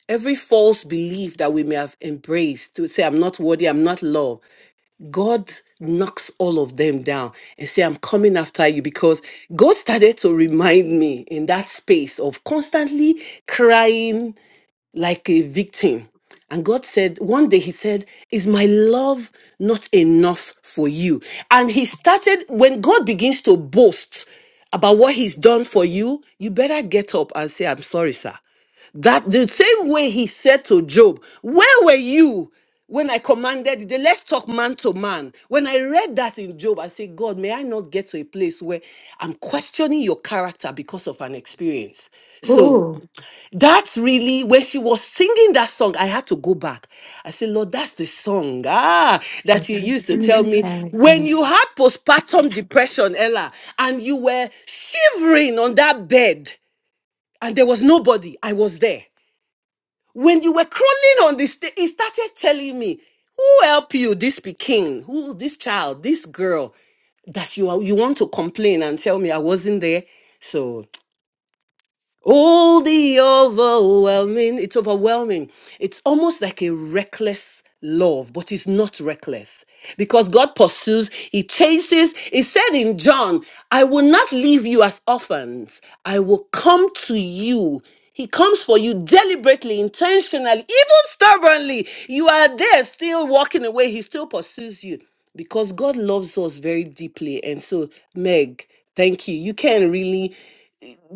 every false belief that we may have embraced to say i'm not worthy i'm not loved God knocks all of them down and say, I'm coming after you because God started to remind me in that space of constantly crying like a victim. And God said, one day He said, Is my love not enough for you? And He started, when God begins to boast about what He's done for you, you better get up and say, I'm sorry, sir. That the same way He said to Job, Where were you when I commanded the let's talk man to man, when I read that in Job, I say, God, may I not get to a place where I'm questioning your character because of an experience. So
Ooh,
that's really when she was singing that song. I had to go back. I said, Lord, that's the song ah, that
that's
you
a
used to tell
similar
me when
character.
you had postpartum depression, Ella, and you were shivering on that bed and there was nobody. I was there. When you were crawling on the stage, he started telling me, Who help you? This Peking, who this child, this girl that you are, you want to complain and tell me I wasn't there. So all the overwhelming, it's overwhelming. It's almost like a reckless love, but it's not reckless because God pursues, He chases. He said in John, I will not leave you as orphans, I will come to you. He comes for you deliberately, intentionally, even stubbornly. You are there still walking away. He still pursues you because God loves us very deeply. And so, Meg, thank you. You can really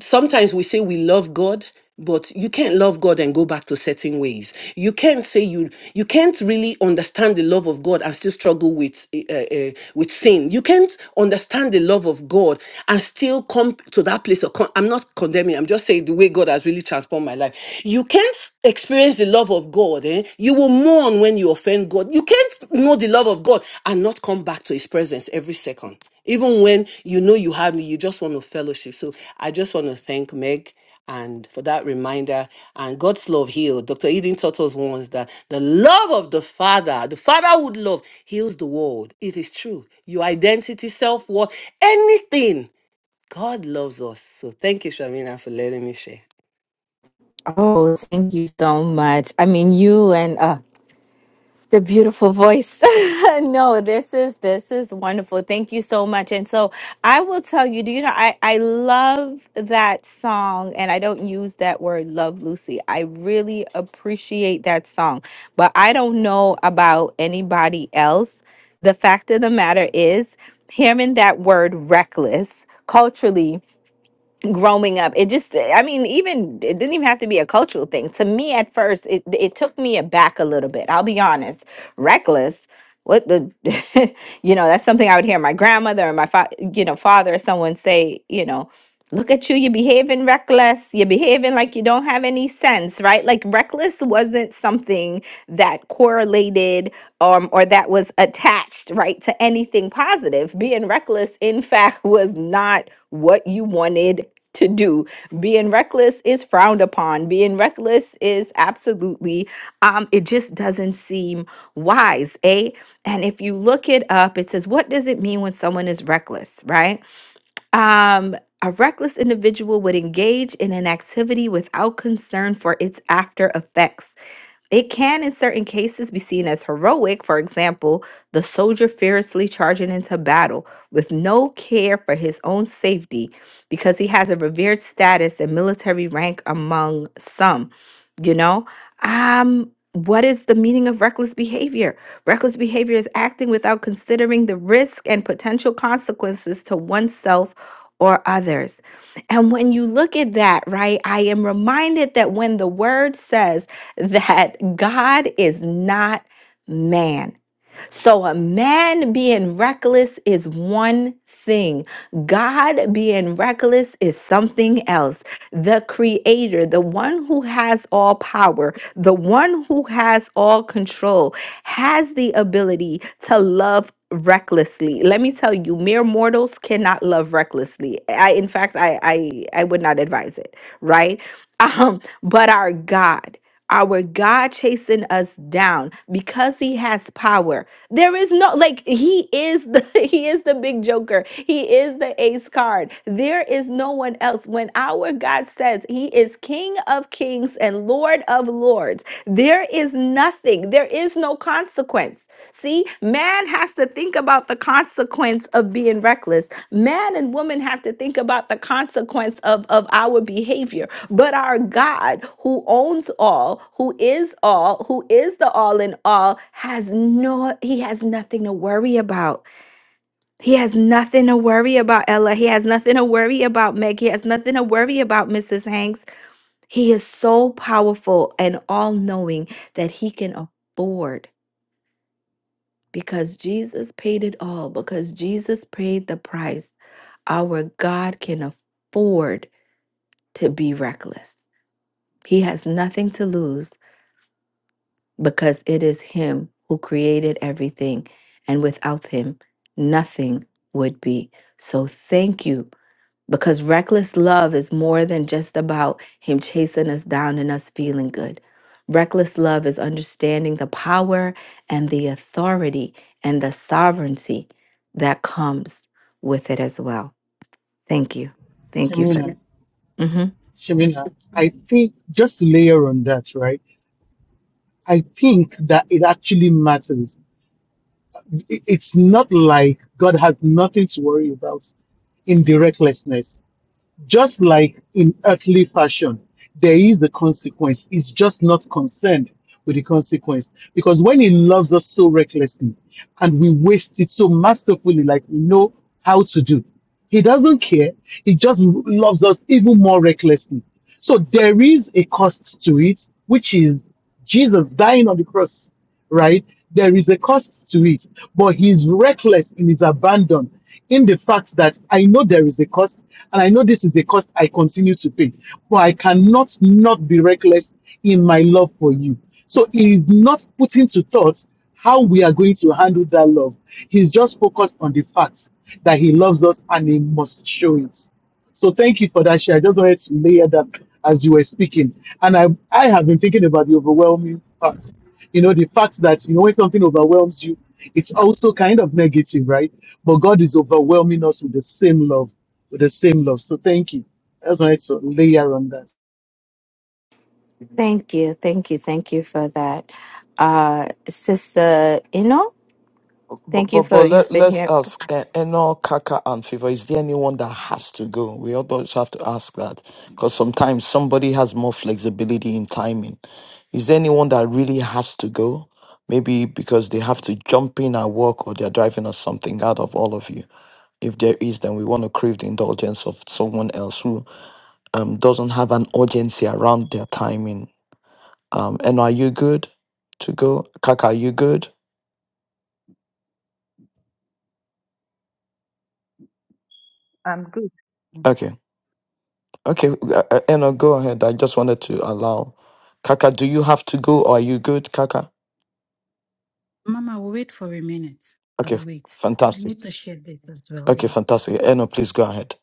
sometimes we say we love God, but you can't love God and go back to certain ways. You can't say you you can't really understand the love of God and still struggle with uh, uh, with sin. You can't understand the love of God and still come to that place of con- I'm not condemning. I'm just saying the way God has really transformed my life. You can't experience the love of God. Eh? You will mourn when you offend God. You can't know the love of God and not come back to His presence every second even when you know you have me you just want to fellowship so i just want to thank meg and for that reminder and god's love healed dr eden taught us once that the love of the father the fatherhood love heals the world it is true your identity self-worth anything god loves us so thank you shamina for letting me share
Oh, thank you so much. I mean, you and uh, the beautiful voice (laughs) no this is this is wonderful thank you so much and so i will tell you do you know i i love that song and i don't use that word love lucy i really appreciate that song but i don't know about anybody else the fact of the matter is hearing that word reckless culturally growing up it just i mean even it didn't even have to be a cultural thing to me at first it it took me aback a little bit i'll be honest reckless what the (laughs) you know that's something i would hear my grandmother or my fa- you know father or someone say you know look at you you're behaving reckless you're behaving like you don't have any sense right like reckless wasn't something that correlated um, or that was attached right to anything positive being reckless in (laughs) fact was not what you wanted to do. Being reckless is frowned upon. Being reckless is absolutely um it just doesn't seem wise, eh? And if you look it up, it says what does it mean when someone is reckless, right? Um a reckless individual would engage in an activity without concern for its after effects it can, in certain cases, be seen as heroic, for example, the soldier fearlessly charging into battle with no care for his own safety because he has a revered status and military rank among some. You know, um, what is the meaning of reckless behavior? Reckless behavior is acting without considering the risk and potential consequences to oneself or others. And when you look at that, right, I am reminded that when the word says, that God is not man. So a man being reckless is one thing, God being reckless is something else. The creator, the one who has all power, the one who has all control, has the ability to love recklessly let me tell you mere mortals cannot love recklessly i in fact i i i would not advise it right (laughs) um but our god our God chasing us down because he has power. There is no like he is the (laughs) he is the big joker. He is the ace card. There is no one else. When our God says he is king of kings and lord of lords, there is nothing. There is no consequence. See, man has to think about the consequence of being reckless. Man and woman have to think about the consequence of of our behavior but our God, who owns all, who is all, who is the all in all, has no, he has nothing to worry about. He has nothing to worry about, Ella. He has nothing to worry about, Meg. He has nothing to worry about, Mrs. Hanks. He is so powerful and all knowing that he can afford because Jesus paid it all, because Jesus paid the price. Our God can afford to be reckless. He has nothing to lose because it is Him who created everything, and without Him, nothing would be. So thank you, because reckless love is more than just about Him chasing us down and us feeling good. Reckless love is understanding the power and the authority and the sovereignty that comes with it as well. Thank you. Thank you for
Shemina,
that. hmm
Shemina, I think just to layer on that, right? I think that it actually matters It- It's not like God has nothing to worry about in the recklessness. Just like in earthly fashion, there is a consequence. He's just not concerned with the consequence. Because when He loves us so recklessly and we waste it so masterfully, like we know how to do, He doesn't care. He just loves us even more recklessly. So there is a cost to it, which is Jesus dying on the cross, right? There is a cost to it, but he's reckless in his abandon, in the fact that I know there is a cost, and I know this is the cost I continue to pay, but I cannot not be reckless in my love for you. So he is not putting to thought how we are going to handle that love. He's just focused on the fact that he loves us and he must show it. So thank you for that share. I just wanted to layer that as you were speaking. And I, I have been thinking about the overwhelming part. You know, the fact that, you know, when something overwhelms you, it's also kind of negative, right? But God is overwhelming us with the same love, with the same love. So thank you. I just wanted to layer on that.
Thank you, thank you, thank you for that, uh, Sister Ino.
But,
Thank
but,
you
but
for
let,
you've been
let's
here.
ask uh, Eno, Kaka, and Favor, is there anyone that has to go? We always have to ask that because sometimes somebody has more flexibility in timing. Is there anyone that really has to go? Maybe because they have to jump in at work or they're driving or something out of all of you. If there is, then we want to crave the indulgence of someone else who. um, doesn't have an urgency around their timing. Um, and are you good to go? Kaka, are you good?
I'm good. Mm,
Okay. Okay. Uh, uh, Eno, go ahead. I just wanted to allow. Kaka, do you have to go or are you good, Kaka?
Mama, will wait for a minute. I'll
Okay.
wait. I
Fantastic.
need to share this as well.
Okay.
Thank
Fantastic. Eno, please go ahead.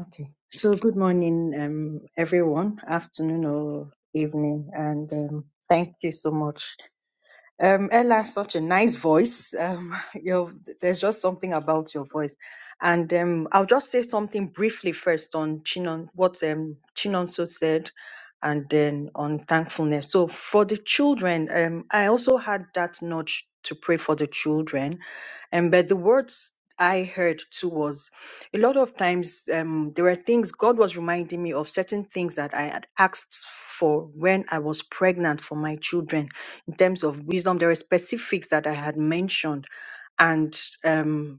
Okay. So, good morning, um, everyone, afternoon or evening, and um, thank you so much Um, Ella has such a nice voice. Um, (laughs) your there's just something about your voice. And um, I'll just say something briefly first on Chinon, what um, Chinonso said, and then on thankfulness. So for the children, um, I also had that nudge to pray for the children and but the words I heard too was a lot of times um, there were things God was reminding me of certain things that I had asked for when I was pregnant for my children in terms of wisdom. There were specifics that I had mentioned, and um,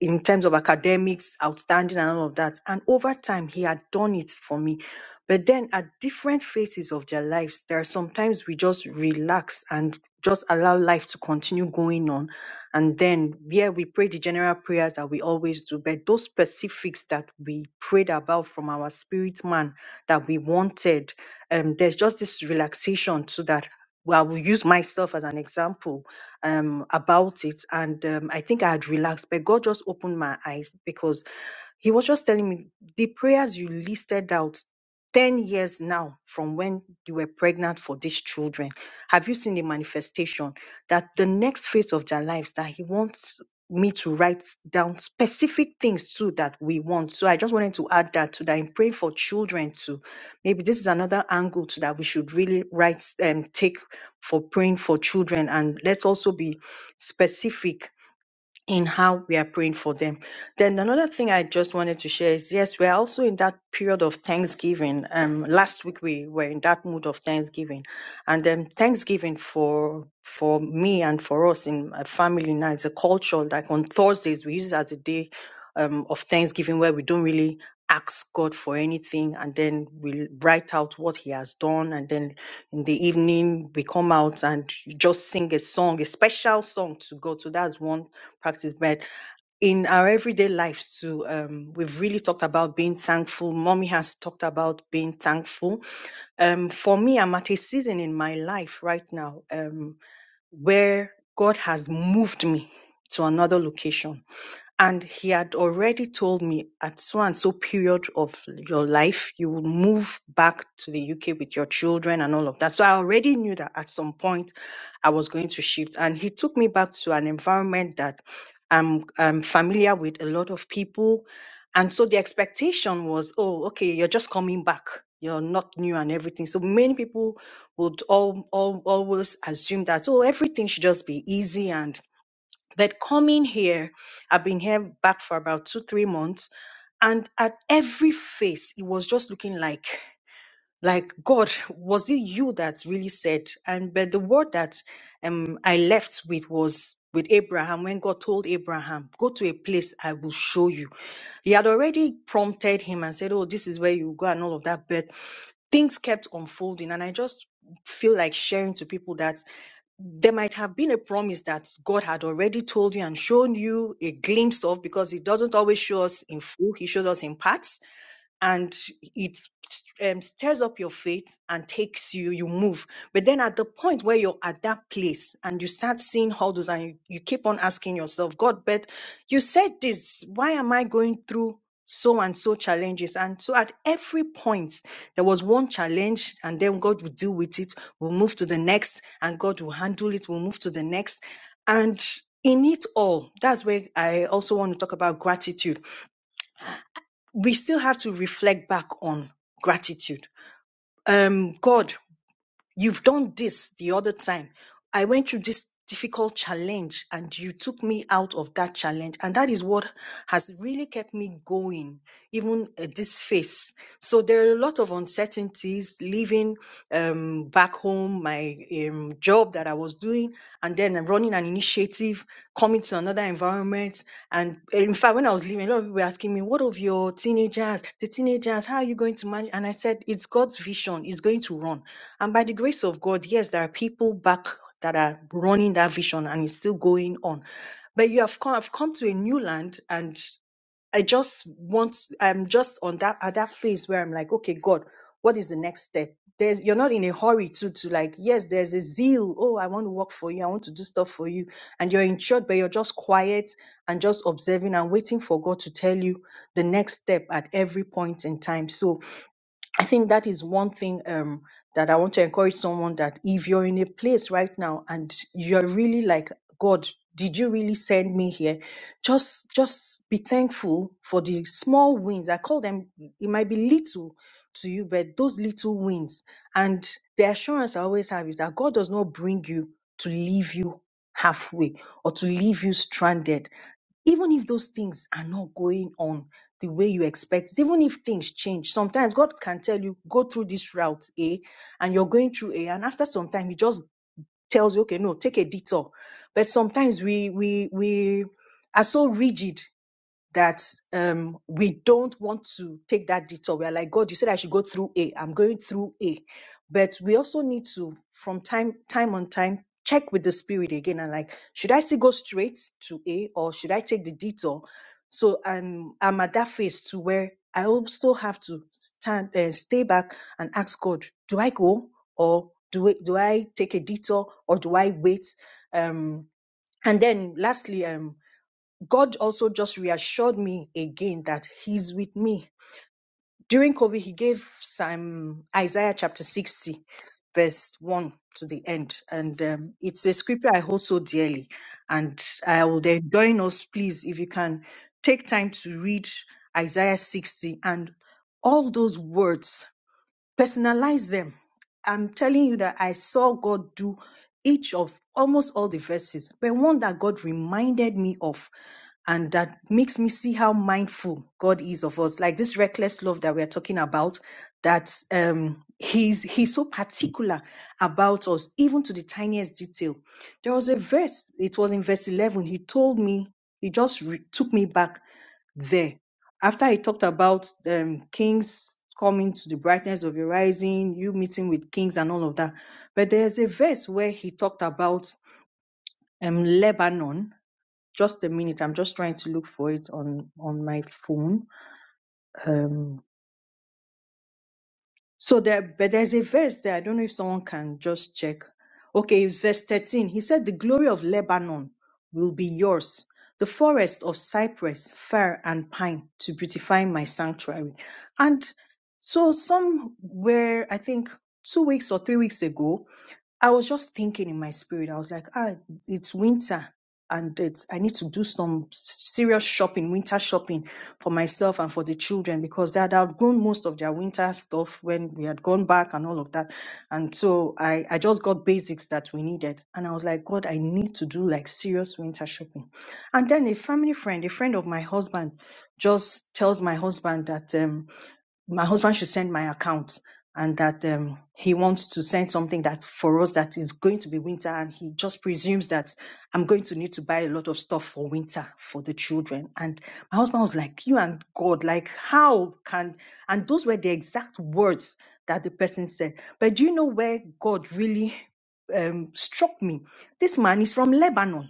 in terms of academics, outstanding and all of that. And over time, he had done it for me. But then at different phases of their lives, there are sometimes we just relax and just allow life to continue going on. And then, yeah, we pray the general prayers that we always do, but those specifics that we prayed about from our spirit man that we wanted, um, there's just this relaxation to that. Well, I will use myself as an example um, about it. And um, I think I had relaxed, but God just opened my eyes because he was just telling me the prayers you listed out 10 years now from when you were pregnant for these children. Have you seen the manifestation that the next phase of their lives that he wants me to write down specific things too that we want. So I just wanted to add that to that. In praying for children too. Maybe this is another angle to that we should really write and take for praying for children. And let's also be specific in how we are praying for them. Then another thing I just wanted to share is yes, we are also in that period of Thanksgiving. Um, last week we were in that mood of Thanksgiving, and then Thanksgiving for for me and for us in my family now is a culture. Like on Thursdays, we use it as a day um, of Thanksgiving where we don't really ask God for anything, and then we write out what He has done, and then in the evening we come out and just sing a song, a special song to God. So that's one practice, but in our everyday lives too, um, we've really talked about being thankful. Mommy has talked about being thankful. Um, for me, I'm at a season in my life right now um, where God has moved me to another location and he had already told me at so and so period of your life, you will move back to the UK with your children and all of that. So I already knew that at some point I was going to shift. And he took me back to an environment that I'm, I'm familiar with a lot of people. And so the expectation was, oh, okay, you're just coming back. You're not new and everything. So many people would all, all, always assume that, oh, everything should just be easy and but coming here, I've been here back for about two, three months, and at every face, it was just looking like, like God, was it you that really said? And but the word that um I left with was with Abraham when God told Abraham, go to a place I will show you. He had already prompted him and said, oh, this is where you go and all of that, but things kept unfolding, and I just feel like sharing to people that there might have been a promise that God had already told you and shown you a glimpse of because He doesn't always show us in full, He shows us in parts and it um, stirs up your faith and takes you, you move. But then at the point where you're at that place and you start seeing all those and you, you keep on asking yourself, God, but you said this, why am I going through so and so challenges? And so at every point, there was one challenge and then God will deal with it. We'll move to the next and God will handle it. We'll move to the next. And in it all, that's where I also want to talk about gratitude we still have to reflect back on gratitude. Um, God, you've done this the other time. I went through this difficult challenge and you took me out of that challenge. And that is what has really kept me going, even at this phase. So there are a lot of uncertainties living um, back home, my um, job that I was doing, and then I'm running an initiative, coming to another environment. And in fact, when I was leaving, a lot of people were asking me, What of your teenagers? The teenagers, how are you going to manage? And I said, It's God's vision, it's going to run. And by the grace of God, yes, there are people back that are running that vision and it's still going on but you have come, have come to a new land and I just want, I'm just on that, at that phase where I'm like, okay, God, what is the next step? There's, you're not in a hurry to, to like, yes, there's a zeal. Oh, I want to work for you. I want to do stuff for you. And you're in church, but you're just quiet and just observing and waiting for God to tell you the next step at every point in time. So I think that is one thing um, that I want to encourage someone that if you're in a place right now and you're really like, God, did you really send me here? Just just be thankful for the small wins. I call them it might be little to you, but those little wins. And the assurance I always have is that God does not bring you to leave you halfway or to leave you stranded even if those things are not going on the way you expect, even if things change, sometimes God can tell you, go through this route A, and you're going through A, and after some time, He just tells you, okay, no, take a detour. But sometimes we we we are so rigid that um, we don't want to take that detour. We're like, God, you said I should go through A. I'm going through A. But we also need to, from time time on time, check with the spirit again and like, should I still go straight to A or should I take the detour? So I'm I'm at that phase to where I also have to stand uh, stay back and ask God, do I go or do I, do I take a detour or do I wait? Um, and then lastly, um, God also just reassured me again that He's with me. During COVID, He gave some Isaiah chapter 60, verse 1 to the end. And um, it's a scripture I hold so dearly. And I would join us, please, if you can take time to read Isaiah 60 and all those words personalize them. I'm telling you that I saw God do each of almost all the verses, but one that God reminded me of and that makes me see how mindful God is of us. Like this reckless love that we're talking about, that um he's he's so particular about us, even to the tiniest detail. There was a verse, it was in verse 11. He told me, he just re- took me back there after he talked about um, kings coming to the brightness of your rising you meeting with kings and all of that but there's a verse where he talked about um, lebanon just a minute i'm just trying to look for it on on my phone Um, So there, but there's a verse there. I don't know if someone can just check. Okay, it's verse 13. He said, The glory of Lebanon will be yours, the forest of cypress, fir, and pine to beautify my sanctuary. And so some were, I think, two weeks or three weeks ago, I was just thinking in my spirit, I was like, ah, it's winter and it's, I need to do some serious shopping, winter shopping for myself and for the children because they had outgrown most of their winter stuff when we had gone back and all of that. And so I, I just got basics that we needed. And I was like, God, I need to do like serious winter shopping. And then a family friend, a friend of my husband, just tells my husband that. um, my husband should send my account and that um, he wants to send something that for us that is going to be winter and he just presumes that i'm going to need to buy a lot of stuff for winter for the children and my husband was like you and god like how can and those were the exact words that the person said but do you know where god really um, struck me this man is from lebanon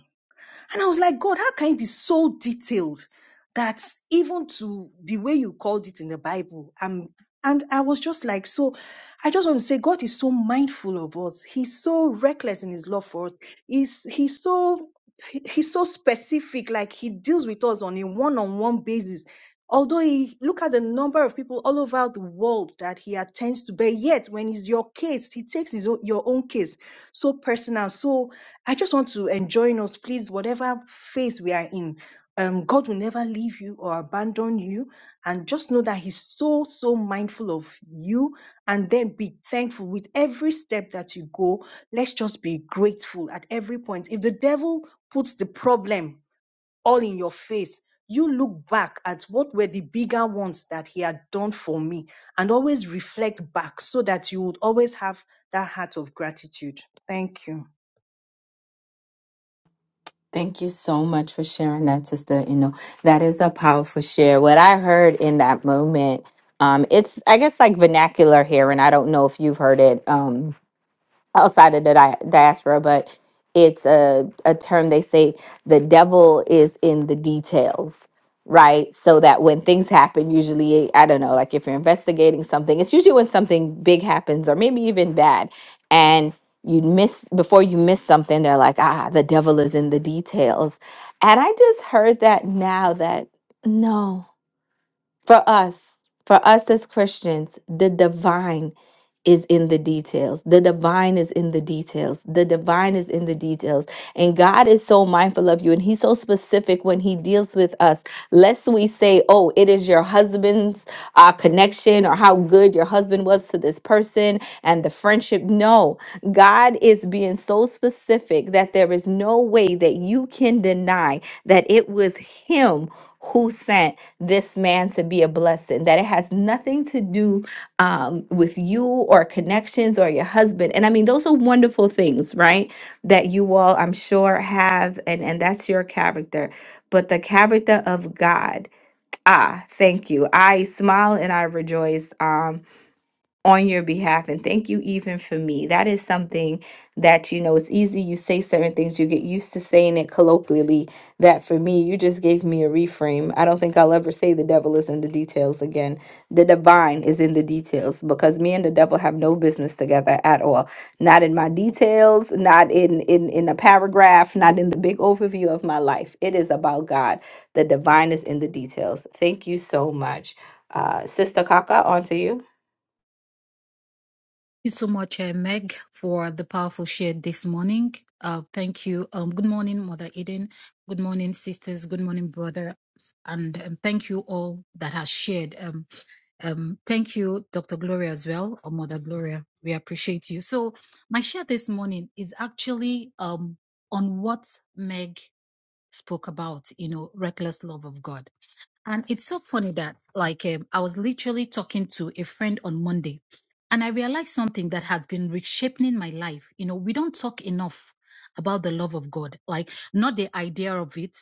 and I was like, God, how can you be so detailed that even to the way you called it in the Bible? Um, and I was just like, so I just want to say, God is so mindful of us. He's so reckless in his love for us. He's, he's so he- he's so specific like he deals with us on a one-on-one basis although he look at the number of people all over the world that he attends to but yet when it's your case he takes his own, your own case so personal so I just want to enjoin us, please, whatever phase we are in. Um, God will never leave you or abandon you. And just know that He's so, so mindful of you. And then be thankful with every step that you go. Let's just be grateful at every point. If the devil puts the problem all in your face, you look back at what were the bigger ones that He had done for me and always reflect back so that you would always have that heart of gratitude. Thank you.
Thank you so much for sharing that, sister. You know, that is a powerful share. What I heard in that moment, um, it's I guess like vernacular here, and I don't know if you've heard it. Um, outside of the di- diaspora, but it's a, a term they say the devil is in the details, right? So that when things happen, usually, I don't know, like if you're investigating something, it's usually when something big happens or maybe even bad. And you miss, before you miss something, they're like, ah, the devil is in the details. And I just heard that now that no, for us, for us as Christians, the divine is in the details. The divine is in the details. The divine is in the details. And God is so mindful of you and He's so specific when He deals with us, lest we say, oh, it is your husband's uh, connection or how good your husband was to this person and the friendship. No, God is being so specific that there is no way that you can deny that it was Him. Who sent this man to be a blessing? That it has nothing to do um, with you or connections or your husband. And I mean, those are wonderful things, right? That you all, I'm sure, have, and, and that's your character. But the character of God, ah, thank you. I smile and I rejoice. Um, on your behalf and thank you even for me that is something that you know it's easy you say certain things you get used to saying it colloquially that for me you just gave me a reframe i don't think i'll ever say the devil is in the details again the divine is in the details because me and the devil have no business together at all not in my details not in in in a paragraph not in the big overview of my life it is about god the divine is in the details thank you so much uh sister kaka on to you
you so much, uh, Meg, for the powerful share this morning. Uh, thank you. Um, good morning, Mother Eden. Good morning, sisters. Good morning, brothers. And um, thank you all that has shared. Um, um, thank you, Dr. Gloria, as well, or Mother Gloria. We appreciate you. So, my share this morning is actually um, on what Meg spoke about, you know, reckless love of God And it's so funny that, like, um, I was literally talking to a friend on Monday, and I realized something that has been reshaping my life. You know, we don't talk enough about the love of God, like, not the idea of it,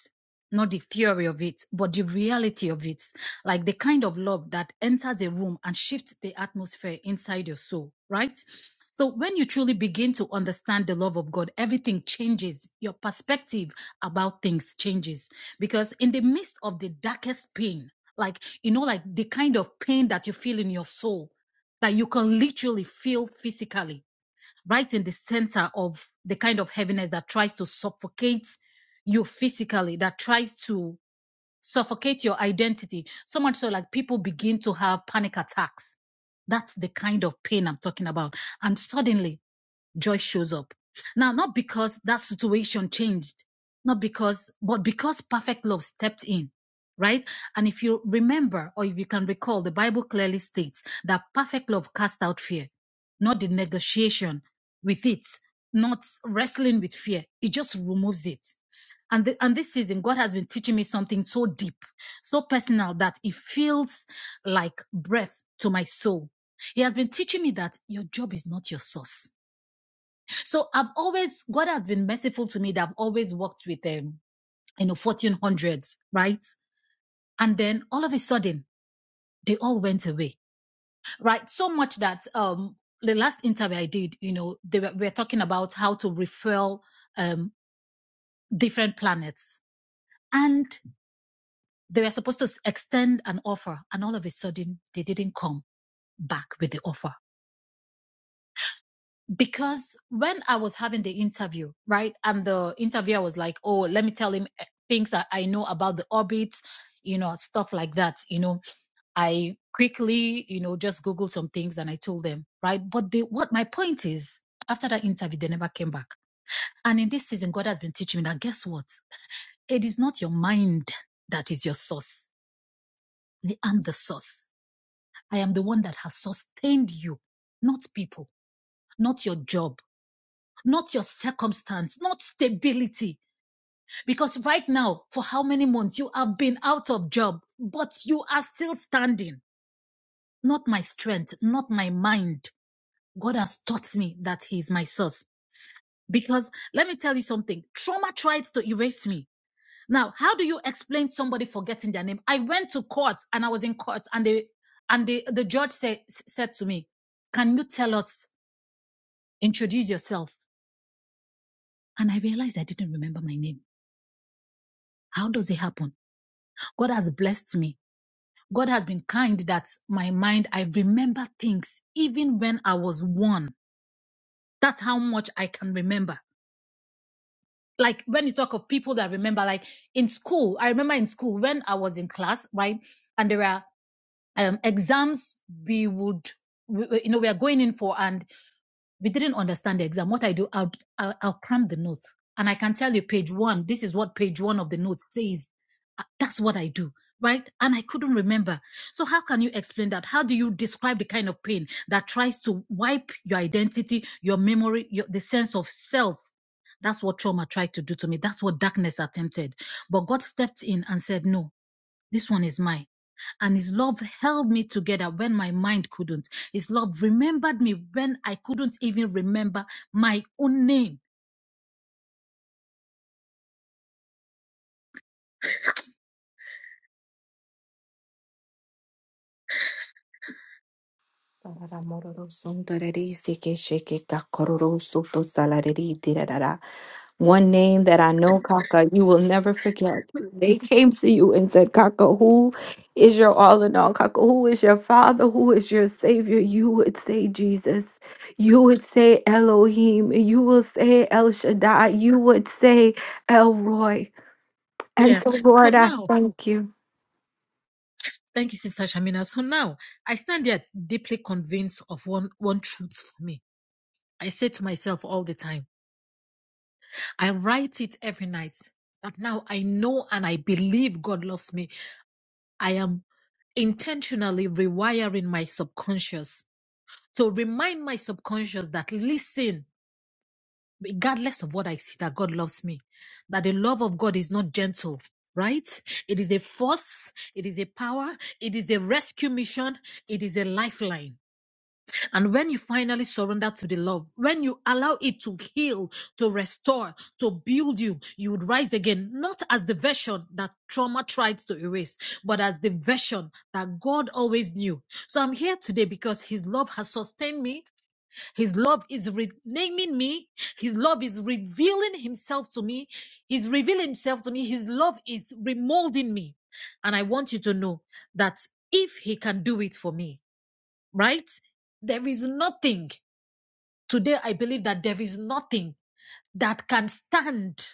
not the theory of it, but the reality of it, like the kind of love that enters a room and shifts the atmosphere inside your soul, right? So, when you truly begin to understand the love of God, everything changes. Your perspective about things changes because in the midst of the darkest pain like you know like the kind of pain that you feel in your soul that you can literally feel physically right in the center of the kind of heaviness that tries to suffocate you physically that tries to suffocate your identity so much so like people begin to have panic attacks that's the kind of pain i'm talking about and suddenly joy shows up. Now, not because that situation changed, not because, but because perfect love stepped in, right? And if you remember or if you can recall, the Bible clearly states that perfect love cast out fear, not the negotiation with it, not wrestling with fear. It just removes it. And, the, and this season, God has been teaching me something so deep, so personal that it feels like breath to my soul. He has been teaching me that your job is not your source so I've always, God has been merciful to me that I've always worked with um, you know, 1400s, right? And then all of a sudden, they all went away, right? So much that um, the last interview I did, you know, they were, we were talking about how to refill um, different planets. And they were supposed to extend an offer, and all of a sudden, they didn't come back with the offer because when I was having the interview, right, and the interviewer was like, "Oh, let me tell him eh, things that I know about the orbit, you know, stuff like that." You know, I quickly, you know, just googled some things and I told them, right. But they, what my point is, after that interview, they never came back. And in this season, God has been teaching me that guess what? It is not your mind that is your source. I am the source. I am the one that has sustained you, not people, not your job not your circumstance, not stability. Because right now, for how many months you have been out of job, but you are still standing. Not my strength, not my mind. God has taught me that He is my source. Because let me tell you something, trauma tried to erase me. Now, how do you explain somebody forgetting their name? I went to court and I was in court and they and the, the judge said said to me, Can you tell us, introduce yourself? And I realized I didn't remember my name. How does it happen? God has blessed me. God has been kind that my mind, I remember things even when I was one. That's how much I can remember. Like when you talk of people that remember, like in school, I remember in school when I was in class, right? And there are um, exams we would, we, you know, we are going in for, and. we didn't understand the exam. What I do, I'll, I'll, I'll cram the notes. And I can tell you, page one, this is what page one of the note says. Uh, That's what I do, right? And I couldn't remember. So, how can you explain that? How do you describe the kind of pain that tries to wipe your identity, your memory, your, the sense of self? That's what trauma tried to do to me. That's what darkness attempted. But God stepped in and said, No, this one is mine and his love held me together when my mind couldn't. His love remembered me when I couldn't even remember my own name.
Tarara mororo sundarari seke sheke kakororo soto salarari dirarara. One name that I know, Kaka, you will never forget. They came to you and said, Kaka, who is your all in all? Kaka, who is your father? Who is your savior? You would say Jesus. You would say Elohim. You will say El Shaddai. You would say El Roy. And
Yeah.
so,
So
Lord, I
now,
thank you.
thank you, Sister Shamina. So now I stand there deeply convinced of one, one truth for me. I say to myself all the time, I write it every night that now I know and I believe God loves me. I am intentionally rewiring my subconscious to remind my subconscious that listen regardless of what I see, that God loves me. That the love of God is not gentle, right? It is a force, it is a power, it is a rescue mission, it is a lifeline. And when you finally surrender to the love, when you allow it to heal, to restore, to build you, you would rise again, not as the version that trauma tried to erase, but as the version that God always knew. So I'm here today because His love has sustained me his love is renaming me. His love is revealing himself to me. He's revealing himself to me. His love is remolding me. And I want you to know that if he can do it for me, right? There is nothing. Today, I believe that there is nothing that can stand.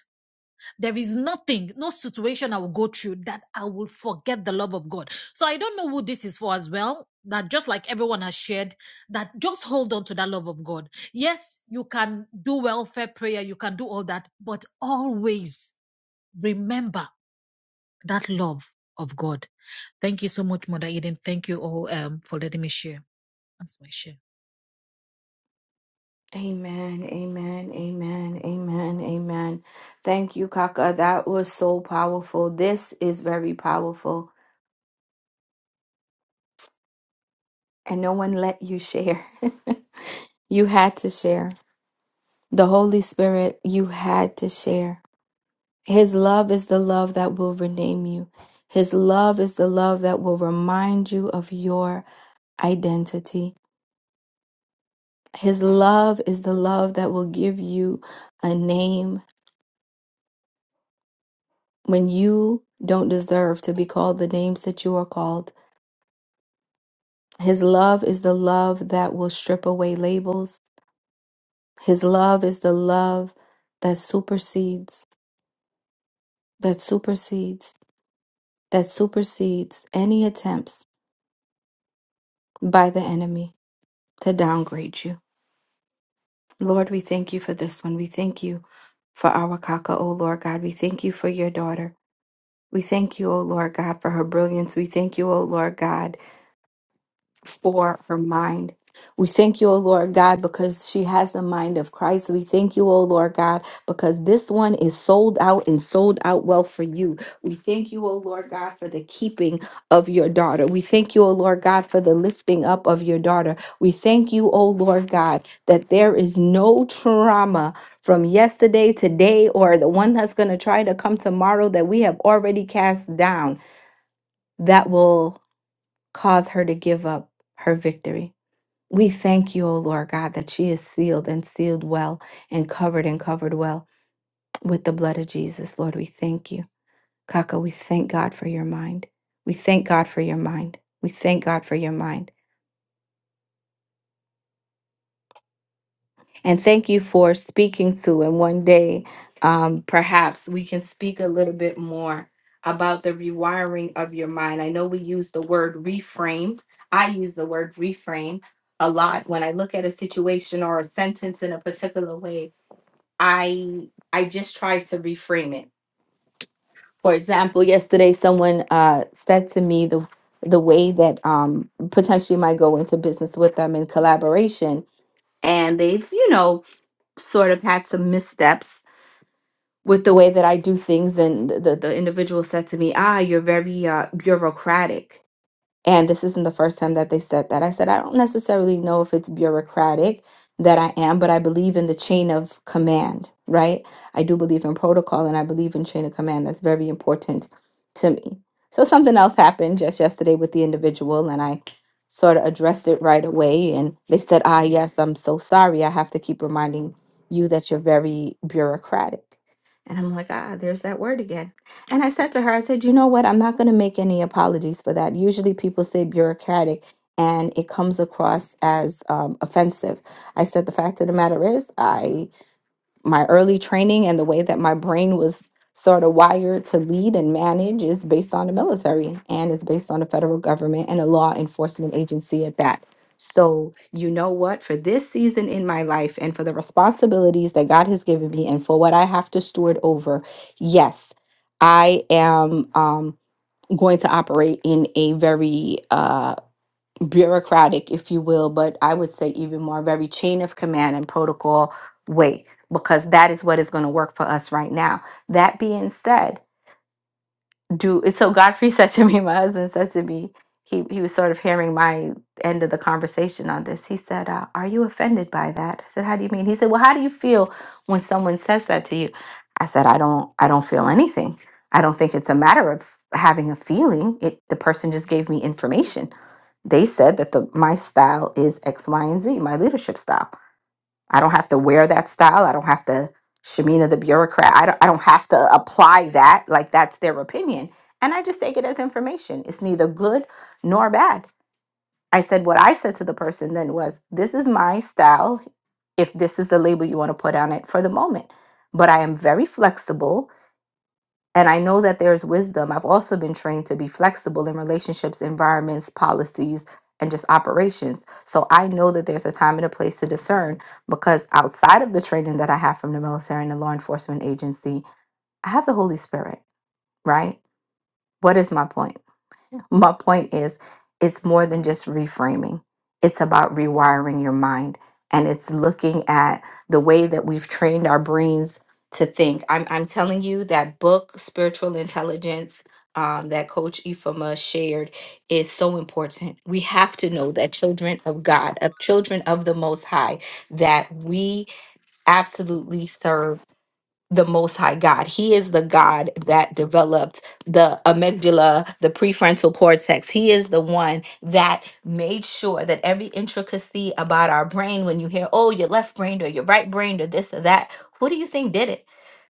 There is nothing, no situation I will go through that I will forget the love of God. So I don't know who this is for as well. That just like everyone has shared, that just hold on to that love of God. Yes, you can do welfare prayer, you can do all that, but always remember that love of God. Thank you so much, Mother Eden. Thank you all um, for letting me share. That's my share.
Amen, amen, amen, amen, amen. Thank you, Kaka. That was so powerful. This is very powerful. And no one let you share. (laughs) you had to share. The Holy Spirit, you had to share. His love is the love that will rename you. His love is the love that will remind you of your identity. His love is the love that will give you a name when you don't deserve to be called the names that you are called. His love is the love that will strip away labels. His love is the love that supersedes, that supersedes, that supersedes any attempts by the enemy to downgrade you. Lord, we thank you for this one. We thank you for our Kaka, O Lord God. We thank you for your daughter. We thank you, O Lord God, for her brilliance. We thank you, O Lord God for her mind. We thank you, O Lord God, because she has the mind of Christ. We thank you, O Lord God, because this one is sold out and sold out well for you. We thank you, O Lord God, for the keeping of your daughter. We thank you, O Lord God, for the lifting up of your daughter. We thank you, O Lord God, that there is no trauma from yesterday, today, or the one that's going to try to come tomorrow that we have already cast down that will cause her to give up her victory. We thank you, O Lord God, that she is sealed and sealed well and covered and covered well with the blood of Jesus. Lord, we thank you. Kaka, we thank God for your mind. We thank God for your mind. We thank God for your mind. And thank you for speaking to. And one day, um, perhaps we can speak a little bit more about the rewiring of your mind. I know we use the word reframe. I use the word reframe a lot when I look at a situation or a sentence in a particular way. I I just try to reframe it. For example, yesterday someone uh, said to me the the way that um, potentially might go into business with them in collaboration, and they've you know sort of had some missteps with the way that I do things. And the the, the individual said to me, "Ah, you're very uh, bureaucratic." And this isn't the first time that they said that. I said, I don't necessarily know if it's bureaucratic that I am, but I believe in the chain of command, right? I do believe in protocol and I believe in chain of command. That's very important to me. So something else happened just yesterday with the individual and I sort of addressed it right away and they said, "Ah, yes, I'm so sorry. I have to keep reminding you that you're very bureaucratic." And I'm like, "Ah, there's that word again." And I said to her, I said, you know what? I'm not going to make any apologies for that. Usually people say bureaucratic and it comes across as um, offensive. I said, the fact of the matter is, I my early training and the way that my brain was sort of wired to lead and manage is based on the military and it's based on the federal government and a law enforcement agency at that. So, you know what? For this season in my life and for the responsibilities that God has given me and for what I have to steward over, yes, I am um, going to operate in a very uh, bureaucratic, if you will, but I would say even more very chain of command and protocol way, because that is what is going to work for us right now. That being said, do so Godfrey (laughs) said to me, my husband said to me, he he was sort of hearing my end of the conversation on this. He said, uh, "Are you offended by that?" I said, "How do you mean?" He said, "Well, how do you feel when someone says that to you?" I said, "I don't I don't feel anything. I don't think it's a matter of having a feeling. It the person just gave me information. They said that the my style is X, Y, and Z, my leadership style. I don't have to wear that style. I don't have to Shamina the bureaucrat. I don't I don't have to apply that. Like that's their opinion. And I just take it as information. It's neither good nor bad. I said what I said to the person then was, this is my style if this is the label you want to put on it for the moment. But I am very flexible and I know that there's wisdom. I've also been trained to be flexible in relationships, environments, policies, and just operations. So I know that there's a time and a place to discern because outside of the training that I have from the military and the law enforcement agency, I have the Holy Spirit, right? What is my point? my point is it's more than just reframing it's about rewiring your mind and it's looking at the way that we've trained our brains to think i'm, I'm telling you that book spiritual intelligence um, that coach ifama shared is so important we have to know that children of god of children of the most high that we absolutely serve the Most High God. He is the God that developed the amygdala, the prefrontal cortex. He is the one that made sure that every intricacy about our brain, when you hear, oh, your left brain or your right brain or this or that, who do you think did it?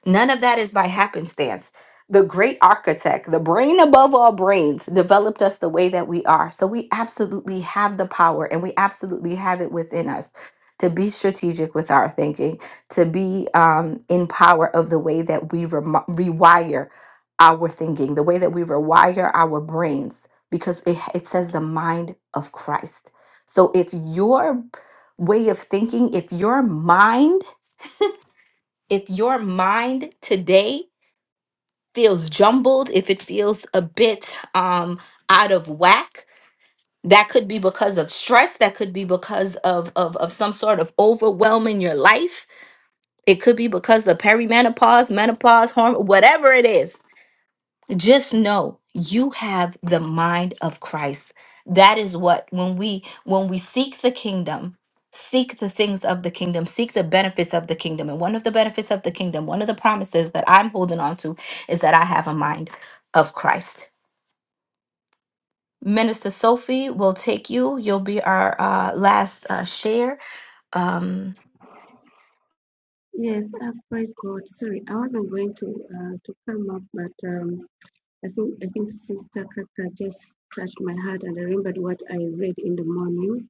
None of that is by happenstance. The great architect, the brain above all brains, developed us the way that we are. So we absolutely have the power and we absolutely have it within us to be strategic with our thinking to be um, in power of the way that we rem- rewire our thinking, the way that we rewire our brains, because it, it says the mind of Christ. So if your way of thinking, if your mind, if your mind today feels jumbled, if it feels a bit um, out of whack, that could be because of stress, that could be because of, of, of some sort of overwhelm in your life It could be because of perimenopause, menopause, hormone, whatever it is. Just know you have the mind of Christ. That is what when we when we seek the kingdom, seek the things of the kingdom, seek the benefits of the kingdom. And one of the benefits of the kingdom, one of the promises that I'm holding on to is that I have a mind of Christ. Minister Sophie will take you. You'll be our uh, last uh, share. Um,
Yes, uh, praise God. Sorry, I wasn't going to uh, to come up, but um, I think I think Sister Kaka just touched my heart, and I remembered what I read in the morning.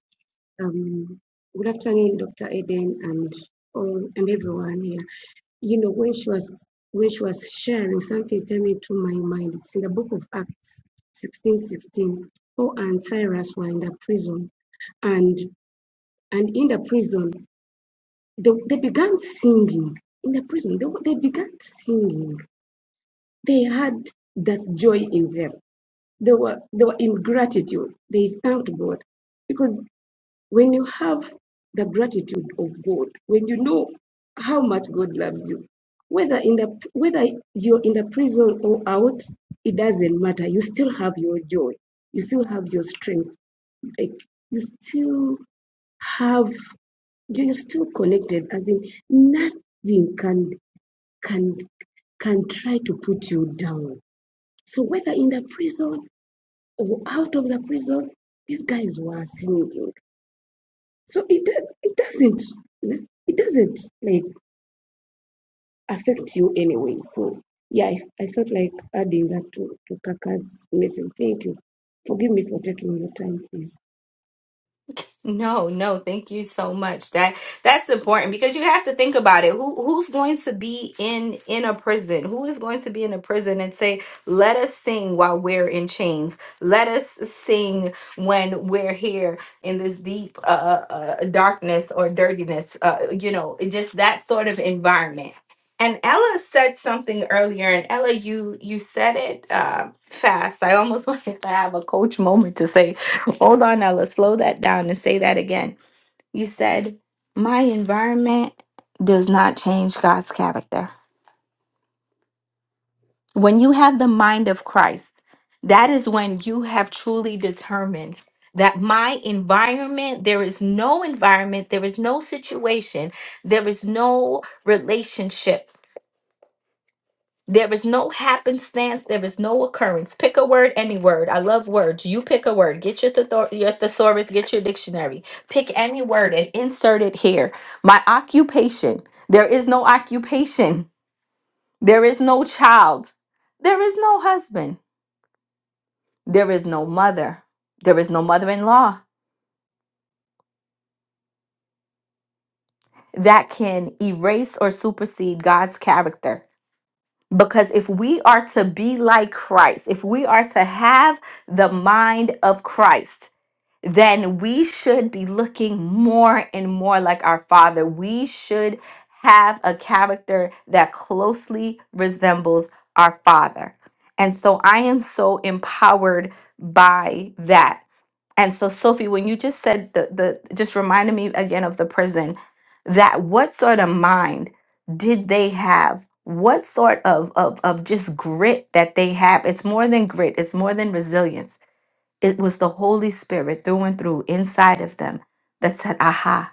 Um, good afternoon, Dr. Eden, and all and everyone here. You know, when she was when she was sharing, something came into my mind. It's in the book of Acts, sixteen sixteen. Paul and Cyrus were in the prison, and and in the prison. They, they began singing in the prison. They, they began singing. They had that joy in them. They were, they were in gratitude. They thanked God. Because when you have the gratitude of God, when you know how much God loves you, whether in the whether you're in the prison or out, it doesn't matter. You still have your joy. You still have your strength. Like you still have you're still connected. As in, nothing can can can try to put you down. So whether in the prison or out of the prison, these guys were singing. So it does it doesn't it doesn't like affect you anyway. So yeah, I, I felt like adding that to, to Kaka's message. Thank you. Forgive me for taking your time, please.
No, no, thank you so much. That that's important because you have to think about it. Who who's going to be in in a prison? Who is going to be in a prison and say, "Let us sing while we're in chains. Let us sing when we're here in this deep uh, uh, uh, darkness or dirtiness." Uh, you know, just that sort of environment. And Ella said something earlier, and Ella, you you said it uh, fast. I almost (laughs) wanted to have a coach moment to say Hold on Ella. slow that down and say that again. You said, My environment does not change God's character. When you have the mind of Christ, that is when you have truly determined that my environment, there is no environment, there is no situation, there is no relationship There is no happenstance. There is no occurrence. Pick a word, any word. I love words. You pick a word. Get your, thetho- your thesaurus, get your dictionary. Pick any word and insert it here. My occupation. There is no occupation. There is no child. There is no husband. There is no mother. There is no mother in law that can erase or supersede God's character. Because if we are to be like Christ, if we are to have the mind of Christ, then we should be looking more and more like our Father. We should have a character that closely resembles our Father. And so I am so empowered by that. And so, Sophie, when you just said the, the just reminded me again of the prison, that what sort of mind did they have? What sort of, of, of just grit that they have? It's more than grit, it's more than resilience it was the Holy Spirit through and through inside of them that said, Aha,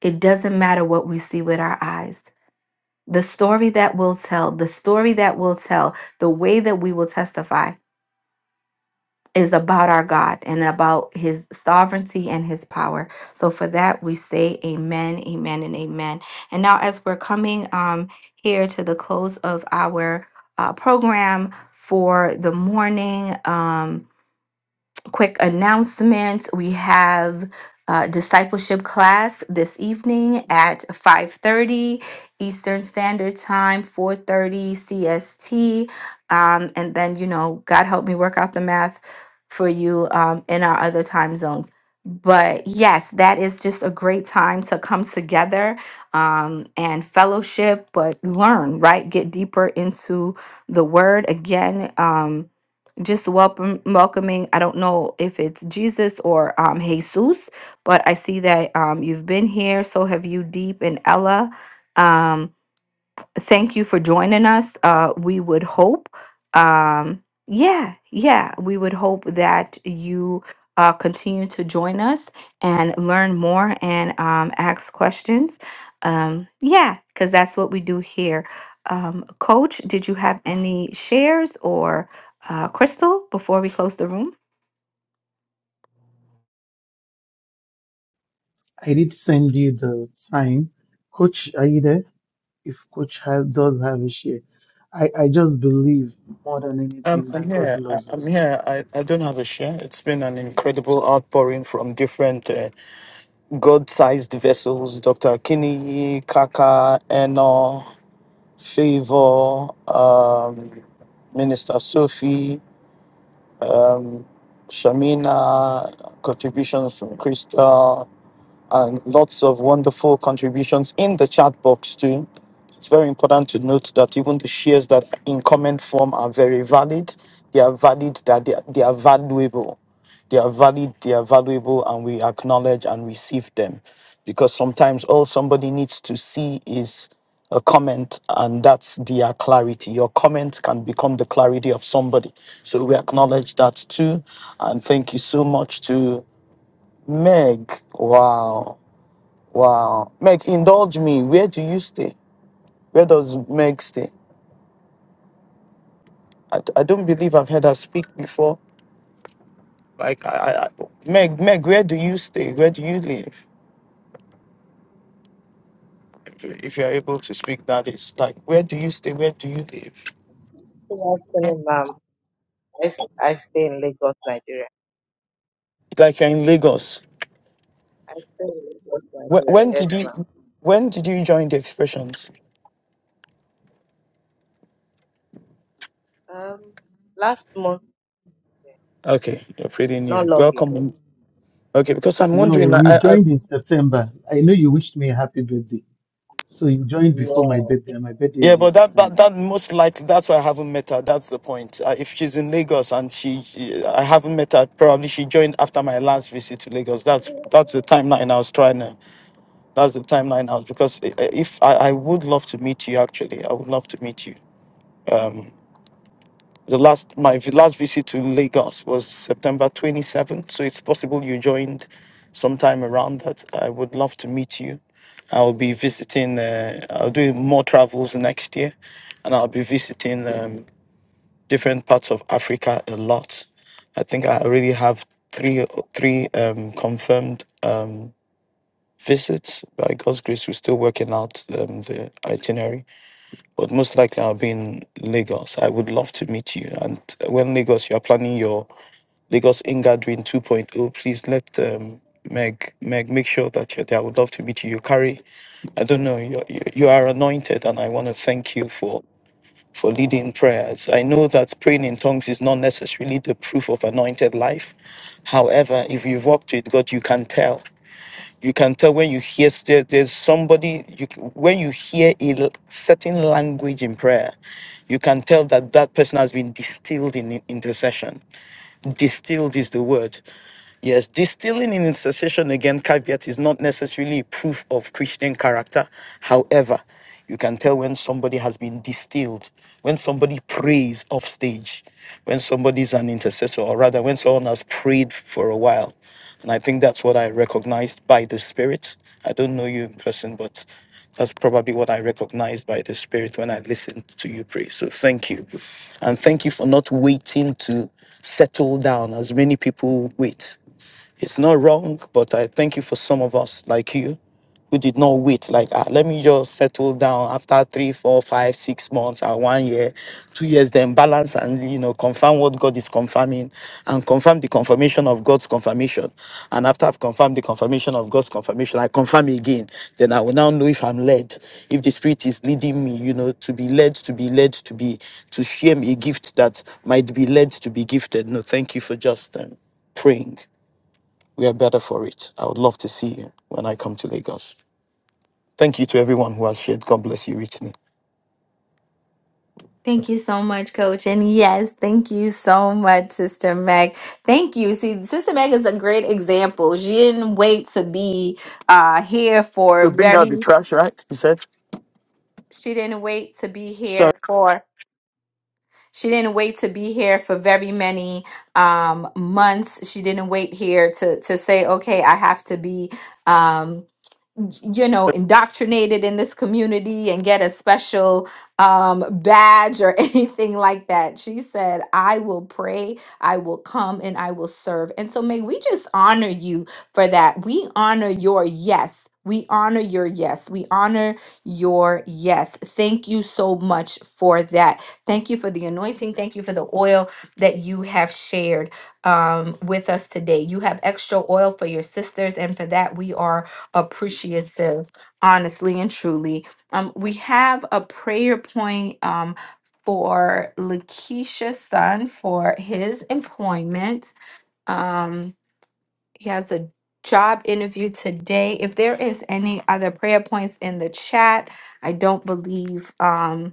it doesn't matter what we see with our eyes. The story that we'll tell, the story that we'll tell, the way that we will testify is about our God and about his sovereignty and his power. So for that we say amen, amen, and amen. And now as we're coming um here to the close of our uh, program for the morning. Um, quick announcement we have uh, discipleship class this evening at 5.30 eastern standard time 4.30 cst um, and then you know god help me work out the math for you um, in our other time zones but yes that is just a great time to come together um, and fellowship but learn right get deeper into the word again um, just welcome welcoming i don't know if it's jesus or um jesus but i see that um you've been here so have you deep and ella um thank you for joining us uh we would hope um yeah yeah we would hope that you uh continue to join us and learn more and um ask questions um yeah because that's what we do here um coach did you have any shares or uh, Crystal, before we close the room.
I did send you the time. Coach, are you there? If Coach ha- does have a share. I, I just believe more than
Um,
anything
I'm
that God
here. I,
loves
I'm
us
here. I, I don't have a share. It's been an incredible outpouring from different uh, God sized vessels Dr. Kinney, Kaka, Eno, Favor, um, Minister Sophie, Shamina, contributions from Crystal. and lots of wonderful contributions in the chat box too. It's very important to note that even the shares that are in comment form are very valid. They are valid. That they are, they are valuable. They are valid. They are valuable, and we acknowledge and receive them, because sometimes all somebody needs to see is a comment and that's their clarity. Your comment can become the clarity of somebody. So we acknowledge that too. And thank you so much to Meg. Wow. Wow. Meg, indulge me. Where do you stay? Where does Meg stay? I, d- I don't believe I've heard her speak before. Like, I, I, I, Meg, Meg, where do you stay? Where do you live? If you- if you're able to speak, that is like, where do you stay? Where do you live?
Good afternoon, ma'am. I, s- I stay in Lagos, Nigeria.
Like, you're in Lagos.
I stay in Lagos,
When,
Nigeria.
when
Yes,
did you,
ma'am.
when did you join the expressions?
Um, last month,
Okay, you're pretty
not
new.
long ago.
Welcome. Okay, because I'm
No,
wondering. I,
you
I,
joined in September. I know you wished me a happy birthday. So you joined before my birthday, and my birthday
Yeah,
is in
but that, that
September.
that most likely that's why I haven't met her. That's the point. Uh, if she's in Lagos and she, she- I haven't met her. Probably she joined after my last visit to Lagos. That's that's the timeline I was trying to. That's the timeline I was because i- i- if I, I would love to meet you actually, I would love to meet you. The last my vi- last visit to Lagos was September twenty seventh, so it's possible you joined sometime around that. I would love to meet you. I'll be visiting. Uh, I'll do more travels next year, and I'll be visiting. Um, different parts of Africa a lot. I think I already have three three um, confirmed um, visits. By God's grace, we're still working out um, the itinerary, but most likely I'll be in Lagos. I would love to meet you. And when Lagos, you are planning your Lagos Ingathering 2.0, please let um, Meg Meg make sure that you're there. I would love to meet you. You carry, I don't know, you you you are anointed, and I want to thank you for for leading prayers. I know that praying in tongues is not necessarily the proof of anointed life. However, if you've walked with God, you can tell. You can tell when you hear there, there's somebody you c- when you hear a l- certain language in prayer, you can tell that that person has been distilled in in- intercession distilled is the word. Yes, distilling in intercession again, caveat is not necessarily proof of Christian character. However, you can tell when somebody has been distilled, when somebody prays off stage, when somebody is an intercessor, or rather, when someone has prayed for a while. And I think that's what I recognized by the Spirit. I don't know you in person, but that's probably what I recognized by the Spirit when I listened to you pray. So thank you. And thank you for not waiting to settle down as many people wait. It's not wrong, but I thank you for some of us like you who did not wait. Like, ah, let me just settle down after three, four, five, six months, or one year, two years, then balance and, you know, confirm what God is confirming and confirm the confirmation of God's confirmation. And after I've confirmed the confirmation of God's confirmation, I confirm again. Then I will now know if I'm led, if the Spirit is leading me, you know, to be led, to be led, to be, to share a gift that might be led to be gifted. No, thank you for just um, praying. We are better for it. I would love to see you when I come to Lagos. Thank you to everyone who has shared. God bless you richly.
Thank you so much, Coach. And yes, thank you so much, Sister Meg. Thank you. See, Sister Meg is a great example. She didn't wait to be uh, here for
To bring out the
very.
trash, right? He said.
She didn't wait to be
So
here for She didn't wait to be here for very many um, months. She didn't wait here to to say, "Okay, I have to be." um, you know, indoctrinated in this community and get a special um, badge or (laughs) anything like that. She said, I will pray, I will come, and I will serve. And so, may we just honor you for that. We honor your yes. We honor your yes. We honor your yes. Thank you so much for that. Thank you for the anointing. Thank you for the oil that you have shared um, with us today. You have extra oil for your sisters, and for that, we are appreciative, honestly and truly. Um, we have a prayer point um, for Lakeisha's son for his employment. Um, he has a job interview today. If there is any other prayer points in the chat, I don't believe. Um,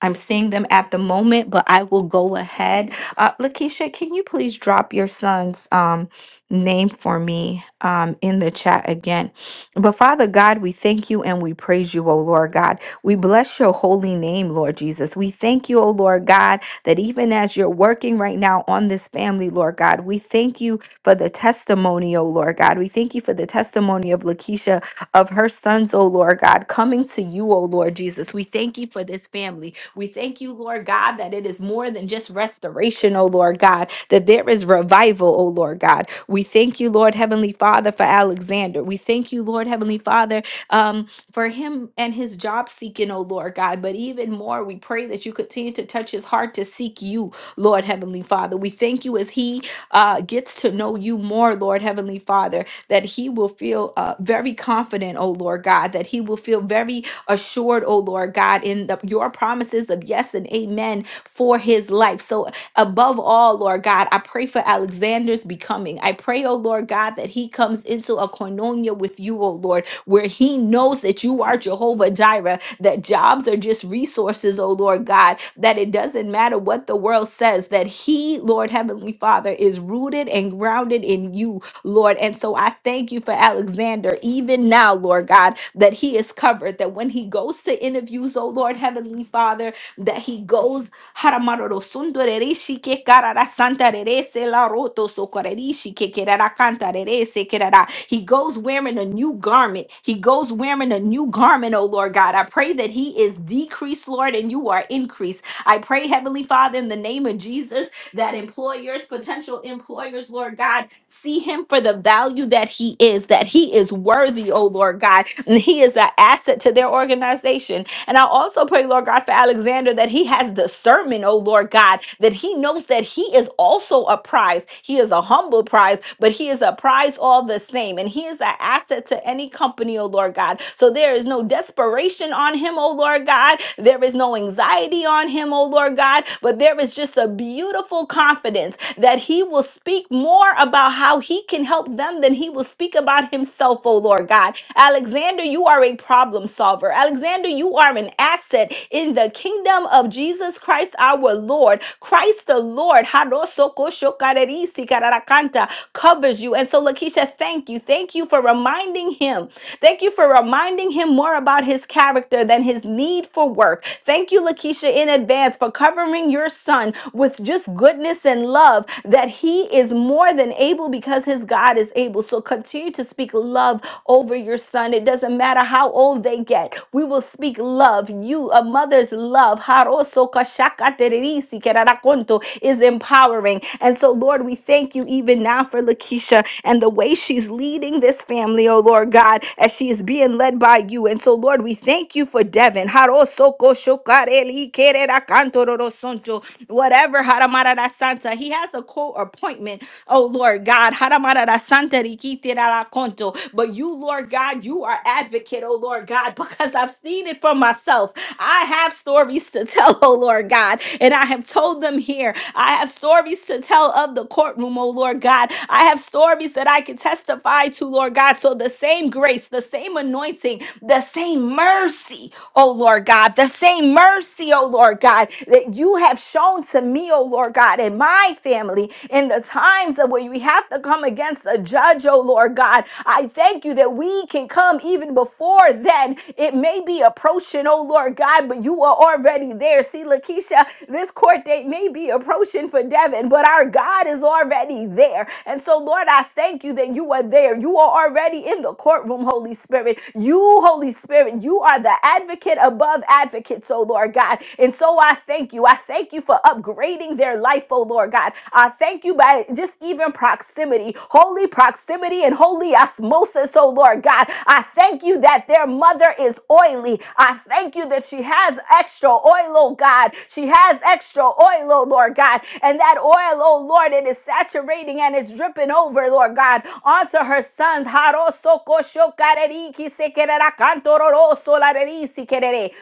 I'm seeing them at the moment, but I will go ahead. Uh, Lakeisha, can you please drop your son's um, name for me um, in the chat again? But Father God, we thank you and we praise you, O Lord God. We bless your holy name, Lord Jesus. We thank you, O Lord God, that even as you're working right now on this family, Lord God, we thank you for the testimony, O Lord God. We thank you for the testimony of Lakeisha of her sons, O Lord God, coming to you, O Lord Jesus. We thank you for this family. We thank you, Lord God, that it is more than just restoration, O Lord God, that there is revival, O Lord God. We thank you, Lord Heavenly Father, for Alexander. We thank you, Lord Heavenly Father, um, for him and his job seeking, O Lord God. But even more, we pray that you continue to touch his heart to seek you, Lord Heavenly Father. We thank you as he uh, gets to know you more, Lord Heavenly Father that he will feel uh, very confident, oh Lord God, that he will feel very assured, oh Lord God, in the, your promises of yes and amen for his life. So, above all, Lord God, I pray for Alexander's becoming. I pray, oh Lord God, that he comes into a koinonia with you, oh Lord, where he knows that you are Jehovah Jireh, that jobs are just resources, oh Lord God, that it doesn't matter what the world says, that he, Lord Heavenly Father, is rooted and grounded in you, Lord. And so I thank you for Alexander, even now, Lord God, that he is covered, that when he goes to interviews, oh Lord, Heavenly Father, that he goes Haramaroro sundo rereshi karara santa rerese la roto sokorereshi ke kerara kanta rerese kerara. He goes wearing a new garment. He goes wearing a new garment, oh Lord God. I pray that he is decreased, Lord, and you are increased. I pray, Heavenly Father, in the name of Jesus that employers, potential employers, Lord God, see him for the value that he is, that he is worthy, oh Lord God, and he is an asset to their organization. And I also pray, Lord God, for Alexander that he has discernment, oh Lord God, that he knows that he is also a prize. He is a humble prize, but he is a prize all the same. And he is an asset to any company, oh Lord God. So there is no desperation on him, oh Lord God. There is no anxiety on him, oh Lord God. But there is just a beautiful confidence that he will speak more about how he can help them than he will speak about himself, oh Lord God. Alexander, you are a problem solver. Alexander, you are an asset in the kingdom of Jesus Christ our Lord. Christ the Lord harosokoshokarerisikararacanta, covers you. And so, Lakeisha, thank you. Thank you for reminding him. Thank you for reminding him more about his character than his need for work. Thank you, Lakeisha, in advance for covering your son with just goodness and love that he is more than able because his God is able. So continue to speak love over your son. It doesn't doesn't matter how old they get. We will speak love. You, a mother's love, haroso kashakatererisi kerarakonto, is empowering. And so, Lord, we thank you even now for Lakeisha and the way she's leading this family, oh Lord God, as she is being led by you. And so, Lord, we thank you for Devin. Haroso koshokareli kererakantororosonto. Whatever, Haramarada Santa, he has a co appointment, oh Lord God. Haramarada Santa rikiterakonto. But you, Lord God, you are advocate, oh Lord God, (laughs) because I've seen it for myself. I have stories to tell, (laughs) oh Lord God, and I have told them here. I have stories to tell of the courtroom, oh Lord God. I have stories that I can testify to, Lord God. So the same grace, the same anointing, the same mercy, oh Lord God, the same mercy, oh Lord God, that you have shown to me, oh Lord God, and my family in the times of where we have to come against a judge, oh Lord God. I thank you that we can come even before then. It may be approaching, oh Lord God, but you are already there. See, Lakeisha, this court date may be approaching for Devin, but our God is already there. And so, Lord, I thank you that you are there. You are already in the courtroom, Holy Spirit. You, Holy Spirit, you are the advocate above advocates, oh Lord God. And so I thank you. I thank you for upgrading their life, oh Lord God. I thank you by just even proximity proximity, holy proximity, and holy osmosis, oh Lord God. I thank you that their mother is oily. I thank you that she has extra oil, oh God. She has extra oil, oh Lord God. And that oil, oh Lord, it is saturating and it's dripping over, Lord God, onto her sons.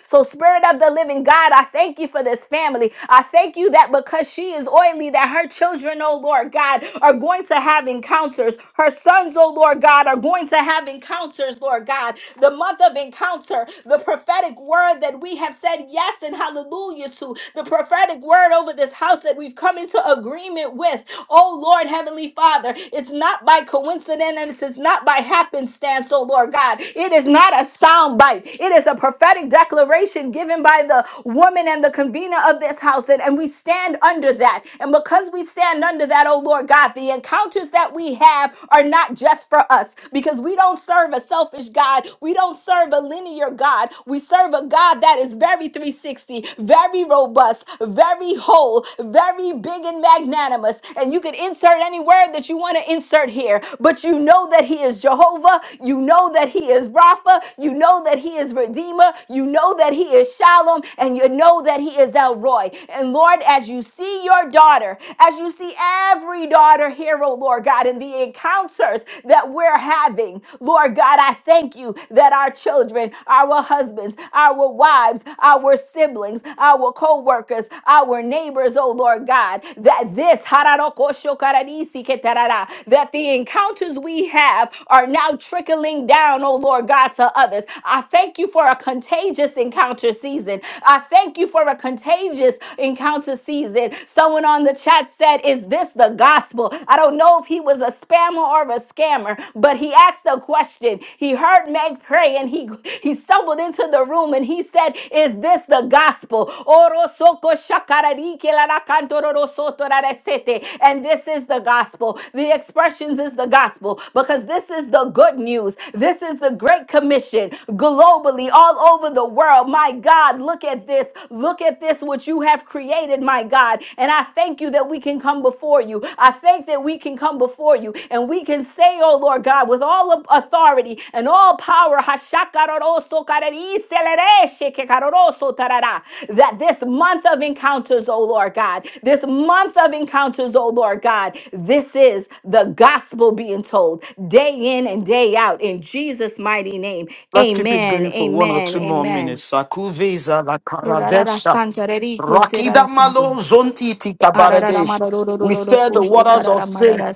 So, Spirit of the living God, I thank you for this family. I thank you that because she is oily, that her children, oh Lord God, God, are going to have encounters. Her sons, oh Lord God, are going to have encounters, Lord God. The month of encounter, the prophetic word that we have said yes and hallelujah to, the prophetic word over this house that we've come into agreement with. Oh Lord, Heavenly Father, it's not by coincidence and it's not by happenstance, oh Lord God. It is not a sound bite. It is a prophetic declaration given by the woman and the convener of this house. And, and we stand under that. And because because we stand under that, oh Lord God, the encounters that we have are not just for us because we don't serve a selfish God. We don't serve a linear God. We serve a God that is very 360, very robust, very whole, very big and magnanimous. And you can insert any word that you want to insert here, but you know that He is Jehovah. You know that He is Rapha. You know that He is Redeemer. You know that He is Shalom. And you know that He is El Roy. And Lord, as you as you see your daughter, as you see every daughter here, oh Lord God, in the encounters that we're having, Lord God, I thank you that our children, our husbands, our wives, our siblings, our co workers, our neighbors, oh Lord God, that this, that the encounters we have are now trickling down, oh Lord God, to others. I thank you for a contagious encounter season. I thank you for a contagious courageous encounter season. Someone on the chat said, Is this the gospel? I don't know if he was a spammer or a scammer, but he asked a question. He heard Meg pray and he, he stumbled into the room and he said, Is this the gospel? Oro soko shakarari ke la la kanto soto ra re And this is the gospel. The expressions is the gospel because this is the good news. This is the great commission globally, all over the world. My God, look at at this. Look at this, what you have created, my God. And I thank you that we can come before you. I thank that we can come before you and we can say, oh Lord God, with all of authority and all power, that this month of encounters, oh Lord God, this month of encounters, oh Lord God, this is the gospel being told day in and day out in Jesus' mighty name.
let's keep it
Amen.
going for one or
Amen.
two more
Amen.
minutes. Sakuveza la
Rorara
karadesha.
santa reri que será
Rakida
la junto.
malo zonti tika
Arara
baradesh. We stir the waters of faith,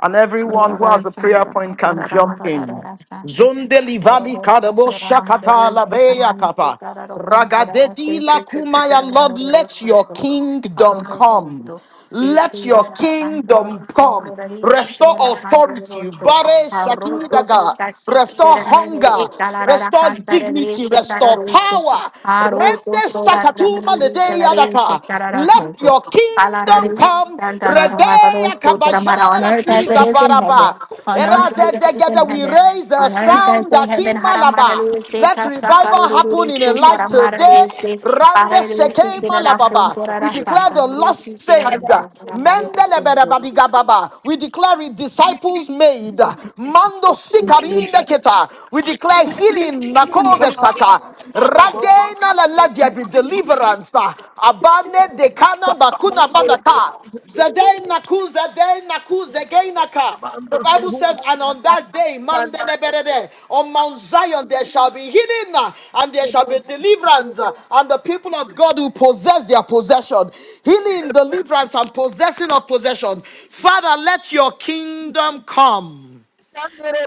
and everyone who has a prayer point can jump in. Zondeli vali kadabo shakata labeya kapa. Ragadedi la kumaya Lord, let your kingdom come. Let your kingdom come. Restore authority. Bare shakidaga. Restore hunger. Restore dignity. Restore power. Rende sakatuma ledeya
mare que
daka.
carara
Let
soto.
your kingdom
Alara
kingdom
reri
come.
santa rara
Redeya
soto ramara. On
kabajala
earth as it
kiza
is in heaven.
baraba.
On earth as
Erade
it is in
degede, We
heaven.
raise a
On earth
sound
as in
that
heaven. Haramara
malaba.
reri se
Let
kasakara
revival happen
ruru
in a
soto
life
ramara
today.
reri se. Ara
Rande
reri se
seke
kerara
malababa.
junto
We
rara
declare
santa.
the
Reri se
lost
kerara
saved.
junto ramara
Mendele
reri
berebadiga baba. We declare it disciples made. Mando sikarinde keta. We declare healing nakove saka. Radena la la there be deliverance. Abane de kana bakuna manata. Zedena ku zedena ku zegena ka. The Bible says, and on that day, man, de- de- de- de, on Mount Zion, there shall be healing uh, and there shall be deliverance, uh, and the people of God will possess their possession. Healing, deliverance, and possessing of possession. Father, let your kingdom come.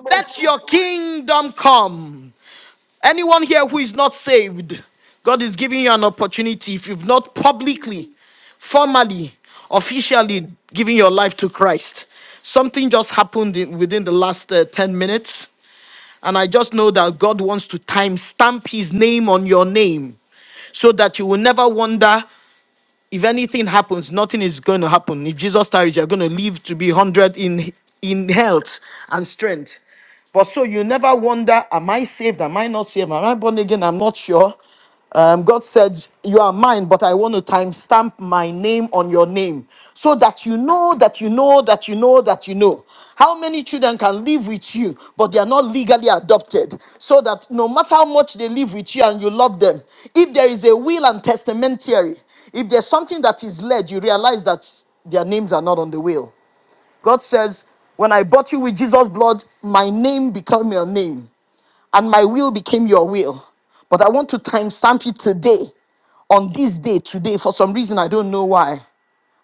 Let your kingdom come. Anyone here who is not saved, God is giving you an opportunity if you've not publicly, formally, officially given your life to Christ. Something just happened in, within the last uh, 10 minutes, and I just know that God wants to time stamp his name on your name so that you will never wonder if anything happens, nothing is going to happen. If Jesus tarries, you're going to live to be 100 in, in health and strength. But so you never wonder, am I saved? Am I not saved? Am I born again? I'm not sure. Um, God said, You are mine, but I want to timestamp my name on your name him so that you know that you know that you know that you know. How many children can live with you, but they are not legally adopted? So that no matter how much they live with you and you love them, if there is a will and testamentary, if there's something that is led, you realize that their names are not on the will. God says, When I bought you with Jesus' blood, my name became your name, and my will became your will. But I want to timestamp you today, on this day, today, for some reason, I don't know why.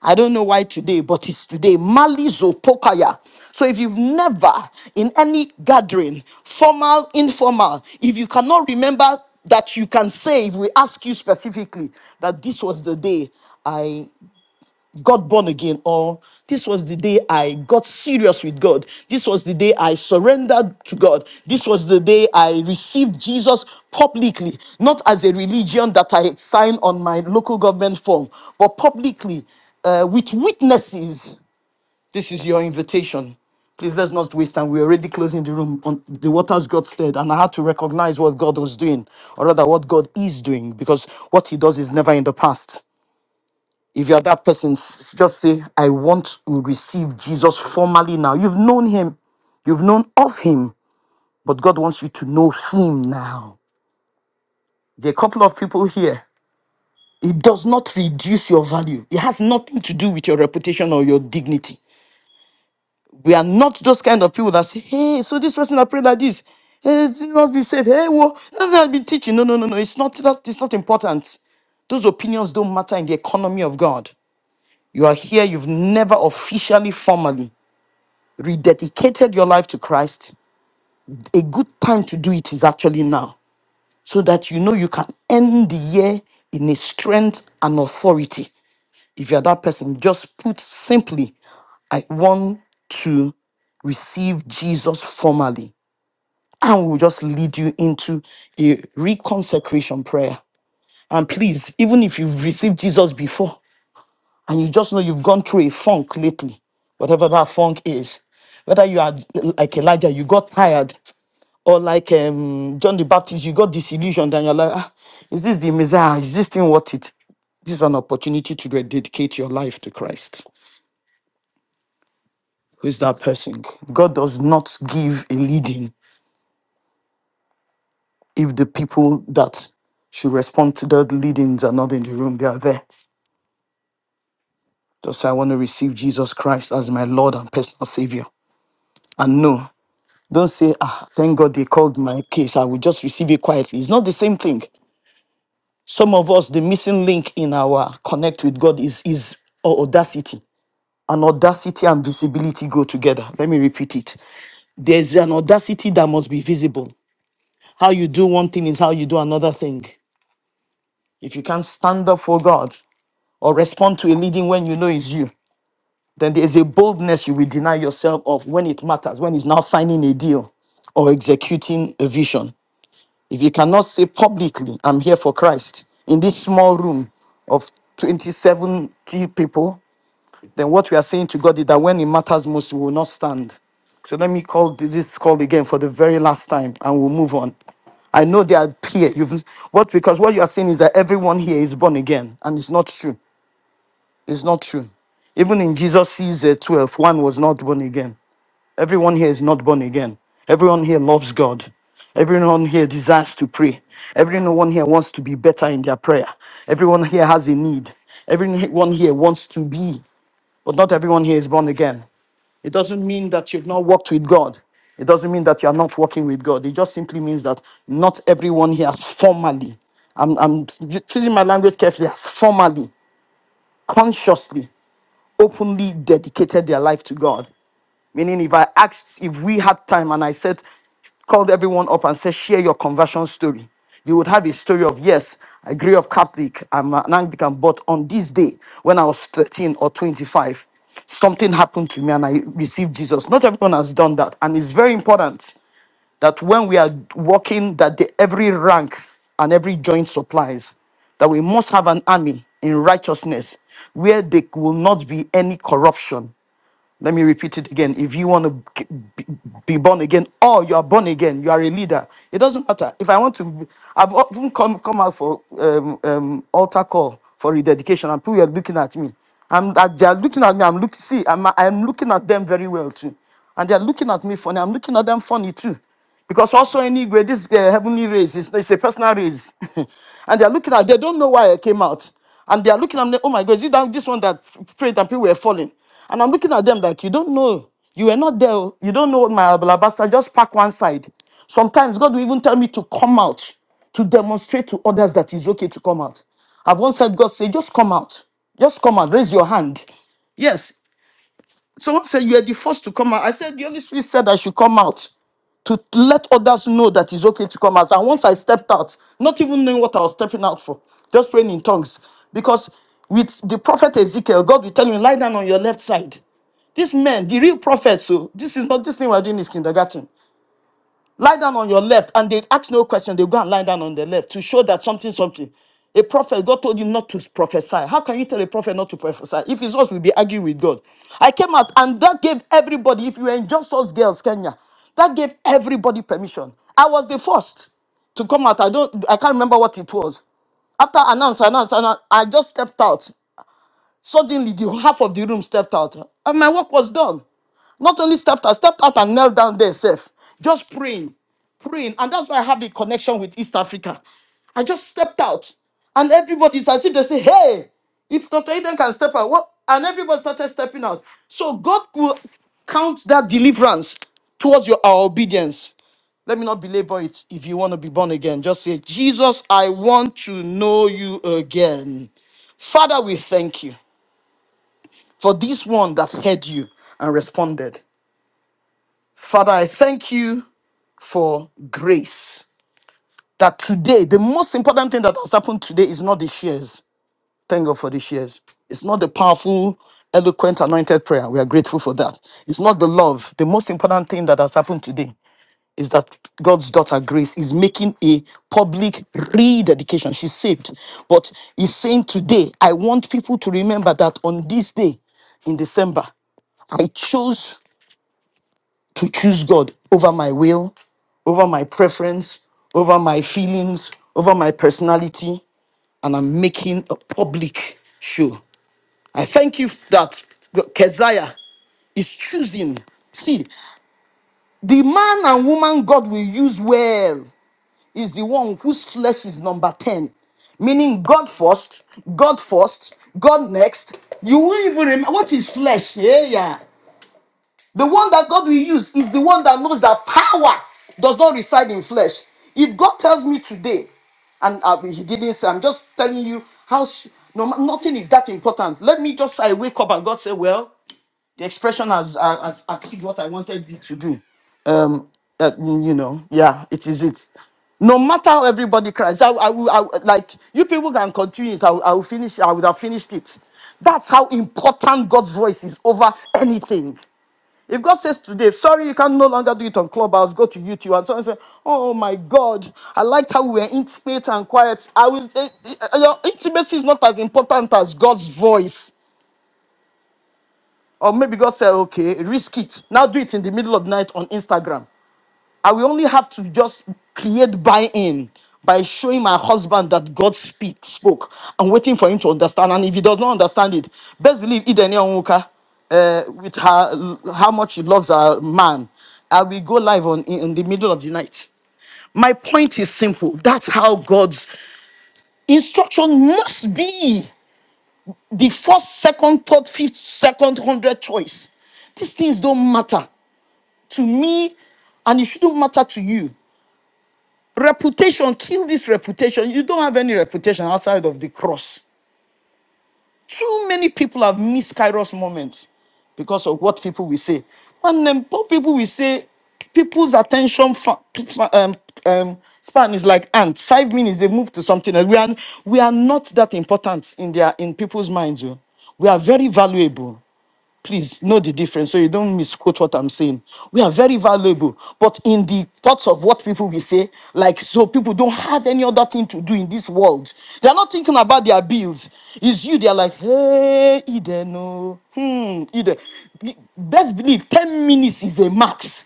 I don't know why today, but it's today. Mali Zopokaya. So if you've never in any gathering, formal, informal, if you cannot remember that you can say, if we ask you specifically, that this was the day I got born again or this was the day I got serious with God. This was the day I surrendered to God. This was the day I received Jesus publicly, not as a religion that I had signed on my local government form, but publicly uh, with witnesses. This is your invitation. Please let's not waste time. We're already closing the room. On the waters got stirred, and I had to recognize what God was doing, or rather, what God is doing, because what He does is never in the past. If you're that person, s- just say, I want to receive Jesus formally now. You've known him, you've known of him, but God wants you to know him now. There are a couple of people here. It does not reduce your value, it has nothing to do with your reputation or your dignity. We are not those kind of people that say, Hey, so this person I prayed like this. Hey, it must be said, hey, well, that's what I've been teaching. No, no, no, no. It's not that it's not important. Those opinions don't matter in the economy of God. You are here, you've never officially, formally rededicated your life to Christ, a good time to do it is actually now, so that you know you can end the year in a strength and authority. If you're that person, just put simply, I want to receive Jesus formally. And we'll just lead you into a reconsecration prayer. And please, even if you've received Jesus before and you just know you've gone through a funk lately, whatever that funk is, whether you are like Elijah, you got tired or like um, John the Baptist, you got disillusioned and you're like, ah, is this the Messiah? Is this thing worth it? This is an opportunity to rededicate your life to Christ. Who is that person? God does not give a leading if the people that should respond to that leadings are not in the room. They are there. Just say, I want to receive Jesus Christ as my Lord and personal Savior. And no, don't say, ah, thank God they called my case. I will just receive it quietly. It's not the same thing. some of us the missing link in our connect with god is is audacity and audacity and visibility go together let me repeat it there's an audacity that must be visible how you do one thing is how you do another thing if you can't stand up for god or respond to a leading when you know it's you then there's a boldness you will deny yourself of when it matters when it's now signing a deal or executing a vision If you cannot say publicly, I'm here for Christ in this small room of 20, seventy people, then what we are saying to God is that when it matters most, we will not stand. So let me call this call again for the very last time and we'll move on. I know they are here. You've what because what you are saying is that everyone here is born again, and it's not true. It's not true. Even in Jesus' uh, 12, one was not born again. Everyone here is not born again. Everyone here loves God. Everyone here desires to pray. Everyone here wants to be better in their prayer. Everyone here has a need. Everyone here wants to be, but not everyone here is born again. It doesn't mean that you've not walked with God. It doesn't mean that you're not walking with God. It just simply means that not everyone here has formally, I'm, I'm choosing my language carefully, has formally, consciously, openly dedicated their life to God. Meaning, if I asked, if we had time and I said, called everyone up and said, share your conversion story, you would have a story of, yes, I grew up Catholic, I'm an Anglican, but on this day, when I was 13 or 25, something happened to me and I received Jesus. Not everyone has done that. And it's very important that when we are working, that the, every rank and every joint supplies, that we must have an army in righteousness where there will not be any corruption let me repeat it again. If you want to be be born again, or you are born again, you are a leader. It doesn't matter. If I want to, I've often come come out for um, um, altar call for rededication, and people are looking at me. I'm that they are looking at me. I'm looking. See, I'm I'm looking at them very well too, and they are looking at me funny. I'm looking at them funny too. Because also in Igwe, this uh, heavenly race is it's a personal race. (laughs) and they're looking at, they don't know why I came out. And they're looking at me, oh my God, is it that, this one that prayed and people were falling? And I'm looking at them like, you don't know. You were not there. oh. You don't know my alabasta. Just pack one side. Sometimes God will even tell me to come out to demonstrate to others that it's okay to come out. I've once heard God say, just come out. Just come out. Raise your hand. Yes. Someone said you are the first to come out. I said the Holy Spirit said I should come out to let others know that it's okay to come out. And once I stepped out, not even knowing what I was stepping out for, just praying in tongues. Because with the prophet Ezekiel, God will tell you, lie down on your left side. These men, the real prophets, so this is not this thing we're doing is kindergarten. Lie down on your left, and they ask no question. They go and lie down on the left to show that something, something. A prophet, God told you not to prophesy. How can you tell a prophet not to prophesy? If it's us, we'll be arguing with God. I came out, and that gave everybody, if you were in Just Us Girls, Kenya, that gave everybody permission. I was the first to come out. I don't, I can't remember what it was. After announce, announce, announce, I just stepped out. Suddenly, the half of the room stepped out, and my work was done. Not only stepped out, stepped out and knelt down there, safe, just praying, praying. And that's why I had the connection with East Africa. I just stepped out, and everybody's as if they say, Hey, if Dr. Eden can step out, what? And everybody started stepping out. So God will count that deliverance towards your our obedience. Let me not belabor it. If you want to be born again, just say, Jesus, I want to know you again. Father, we thank you for this one that heard you and responded. Father, I thank you for grace. That today, the most important thing that has happened today is not the shares. Thank God for the shares. It's not the powerful, eloquent, anointed prayer. We are grateful for that. It's not the love. The most important thing that has happened today is that God's daughter Grace is making a public rededication. She's saved. But he's saying today, I want people to remember that on this day in December, I chose to choose God over my will, over my preference, over my feelings, over my personality, and I'm making a public show. I thank you that Keziah is choosing. See, the man and woman God will use well is the one whose flesh is number 10, meaning God first, God first, God next. You won't even remember what is flesh. Yeah, yeah. The one that God will use is the one that knows that power does not reside in flesh. If God tells me today, and uh, He didn't say, I'm just telling you how sh- no, ma- nothing is that important. Let me just, I wake up and God say, Well, the expression has, uh, has achieved what I wanted it to do. Um, uh, mm, you know, yeah, it is it. No matter how everybody cries, I, I will, I, will- like, you people can continue it. I, will- I will finish, I would have finished it. That's how important God's voice is over anything. If God says today, sorry, you can no longer do it on Clubhouse, go to YouTube, and someone say, oh oh my God, I liked how we were intimate and quiet. I will, eh, eh, your intimacy is not as important as God's voice. Or maybe God said, okay, risk it. Now do it in the middle of the night on Instagram. I will only have to just create buy-in by showing my husband that God speak, spoke. I'm waiting for him to understand. And if he does not understand it, best believe Idene Onwuka, uh, with her, how much she loves her man, I will go live on in, in the middle of the night. My point is simple. That's how God's instruction must be. The first, second, third, fifth, second, hundred choice. These things don't matter to me, and it shouldn't matter to you. Reputation, kill this reputation. You don't have any reputation outside of the cross. Too many people have missed Kairos moments because of what people will say. And then poor people will say, people's attention fa- fa- um, um, span is like ant. Five minutes, they move to something else. We are, we are not that important in their in people's minds. oh. We are very valuable. Please know the difference so you don't misquote what I'm saying. We are very valuable, but in the thoughts of what people will say, like so people don't have any other thing to do in this world. They are not thinking about their bills. It's you, they are like, hey, Eden, oh, hmm, Eden. Best believe 10 minutes is a max.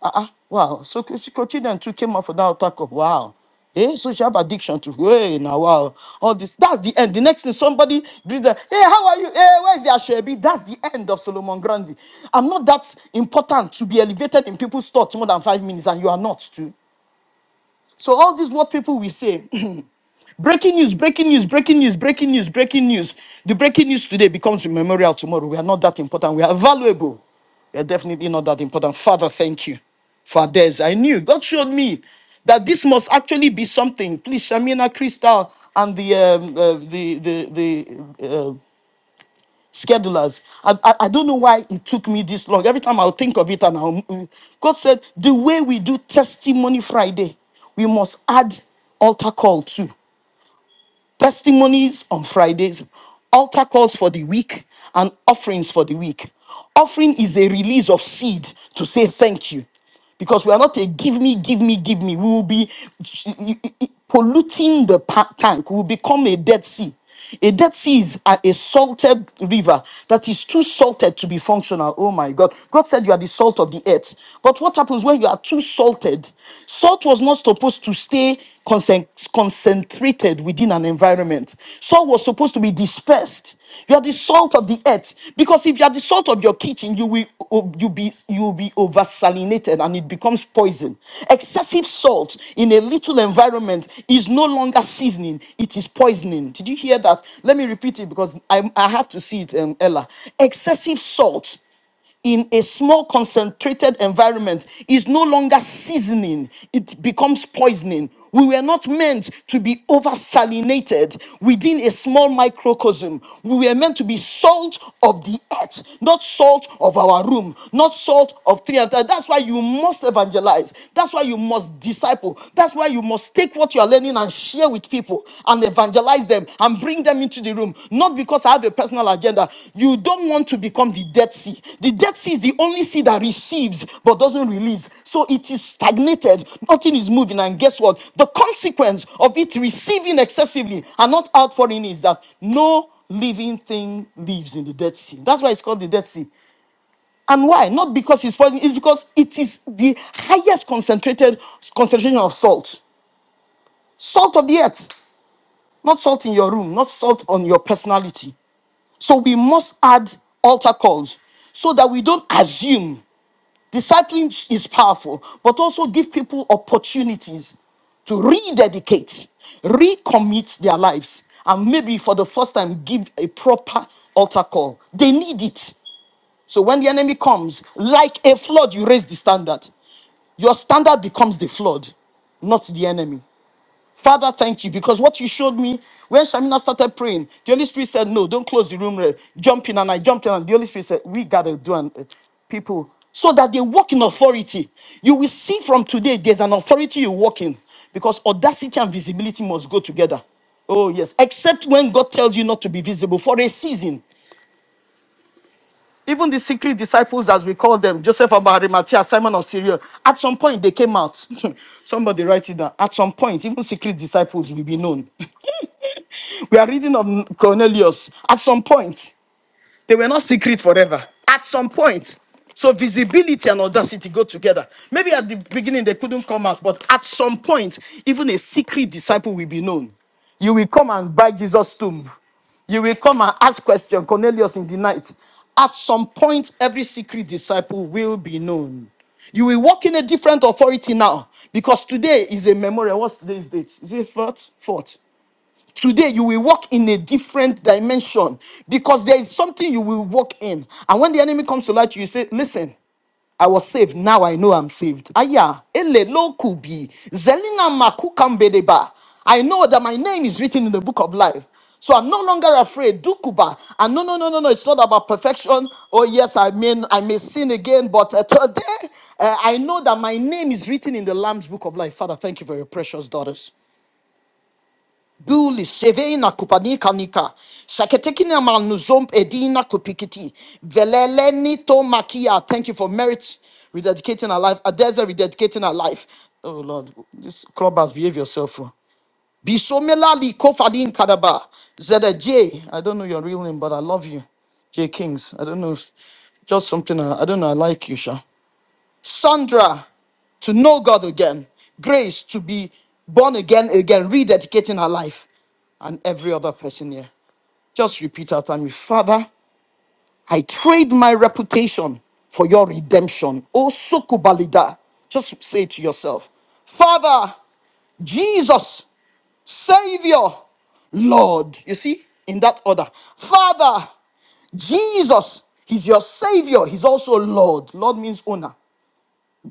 Ah, ah, wow. So Kochidan too came out for that attack of wow. Eh, so she have addiction to hey now wow. All this. That's the end. The next thing somebody did that. Hey, how are you? Hey, where's the Ashwebi? That's the end of Solomon Grandi. I'm not that important to be elevated in people's thoughts more than five minutes, and you are not too. So all this what people will say. Breaking news, breaking news, breaking news, breaking news, breaking news. The breaking news today becomes a memorial tomorrow. We are not that important. We are valuable. We are definitely not that important. Father, thank you for this. I knew God showed me that this must actually be something. Please, Shamina, Crystal, and the um, uh, the the the uh, schedulers. I, I I don't know why it took me this long. Every time I'll think of it, and I'll, God said the way we do Testimony Friday, we must add altar call too testimonies on Fridays, altar calls for the week, and offerings for the week. Offering is a release of seed to say thank you. Because we are not a give me, give me, give me. We will be polluting the pa- tank. We will become a dead sea. A dead sea is a, a salted river that is too salted to be functional. Oh my God. God said you are the salt of the earth. But what happens when you are too salted? Salt was not supposed to stay concen- concentrated within an environment, salt was supposed to be dispersed. You are the salt salt of the earth. Because if you are the salt of your kitchen, you will you be you will be oversalinated and it becomes poison. Excessive salt in a little environment is no longer seasoning; it is poisoning. Did you hear that? Let me repeat it because I I have to see it, um, Ella. Excessive salt in a small concentrated environment is no longer seasoning, it becomes poisoning. We were not meant to be over salinated within a small microcosm. We were meant to be salt of the earth, not salt of our room, not salt of three and three. That's why you must evangelize. That's why you must disciple. That's why you must take what you are learning and and share with people and evangelize them and bring them into the room. Not because I have a personal agenda. You don't want to become the Dead Sea. The Dead Sea is the only sea that receives but doesn't release. So it is stagnated. Nothing is moving. And guess what? The consequence of it receiving excessively and not outpouring is that no living thing lives in the Dead Sea. That's why it's called the Dead Sea. And why? Not because it's poison, it's because it is the highest concentrated concentration of salt. Salt of the earth not salt in your room, not salt on your personality. So we must add altar calls so that we don't assume. Discipline is powerful, but also give people opportunities to rededicate, recommit their lives, and maybe for the first time give a proper altar call. They need it. So when the enemy comes, like a flood, you raise the standard. Your standard becomes the flood, not the enemy. Father, thank you because what you showed me when Shamina started praying, the Holy Spirit said, No, don't close the room. Ray. Jump in. And I jumped in, and the Holy Spirit said, We got to do an, uh, people so that they walk in authority. You will see from today there's an authority you walk in because audacity and visibility must go together. Oh, yes. Except when God tells you not to be visible for a season. Even the secret disciples, as we call them, Joseph of Arimathea, Simon of Syria, at some point they came out. (laughs) Somebody write it down. At some point, even secret disciples will be known. We are reading of Cornelius. At some point, they were not secret forever. At some point. So visibility and audacity go together. Maybe at the beginning they couldn't come out, but at some point, even a secret disciple will be known. You will come and buy Jesus' tomb. You will come and ask question, Cornelius in the night. At some point, every secret disciple will be known. You will walk in a different authority now because today is a memorial. What's today's date? Is it fourth? Fourth. Today, you will walk in a different dimension because there is something you will walk in. And when the enemy comes to light, you say, Listen, I was saved. Now I know I'm saved. Aya, ele lo kubi, zelina makukambedeba. I know that my name is written in the book of life. So I'm no longer afraid. Dukuba. And no, no, no, no, no. It's not about perfection. Oh, yes, I mean, I may sin again, but uh, today uh, I know that my name is written in the Lamb's book of life. Father, thank you for your precious daughters. Buli sevena kupanika nika. Saketekina manuzom edina kupikiti. Veleleni to makia. Thank you for merit rededicating our life. Adeza rededicating our life. Oh Lord, this club has behave yourself. oh. Bisomela li kofadin kadaba. ZJ. I don't know your real name, but I love you. J Kings. I don't know if just something I, I don't know. I like you, Sha. Sandra to know God again, Grace to be born again, again, rededicating her life, and every other person here. Just repeat after me Father, I trade my reputation for your redemption. Oh, Sokubalida. Just say it to yourself Father, Jesus, Savior, Lord. You see, in that order. Father, Jesus, He's your Savior, He's also Lord. Lord means owner.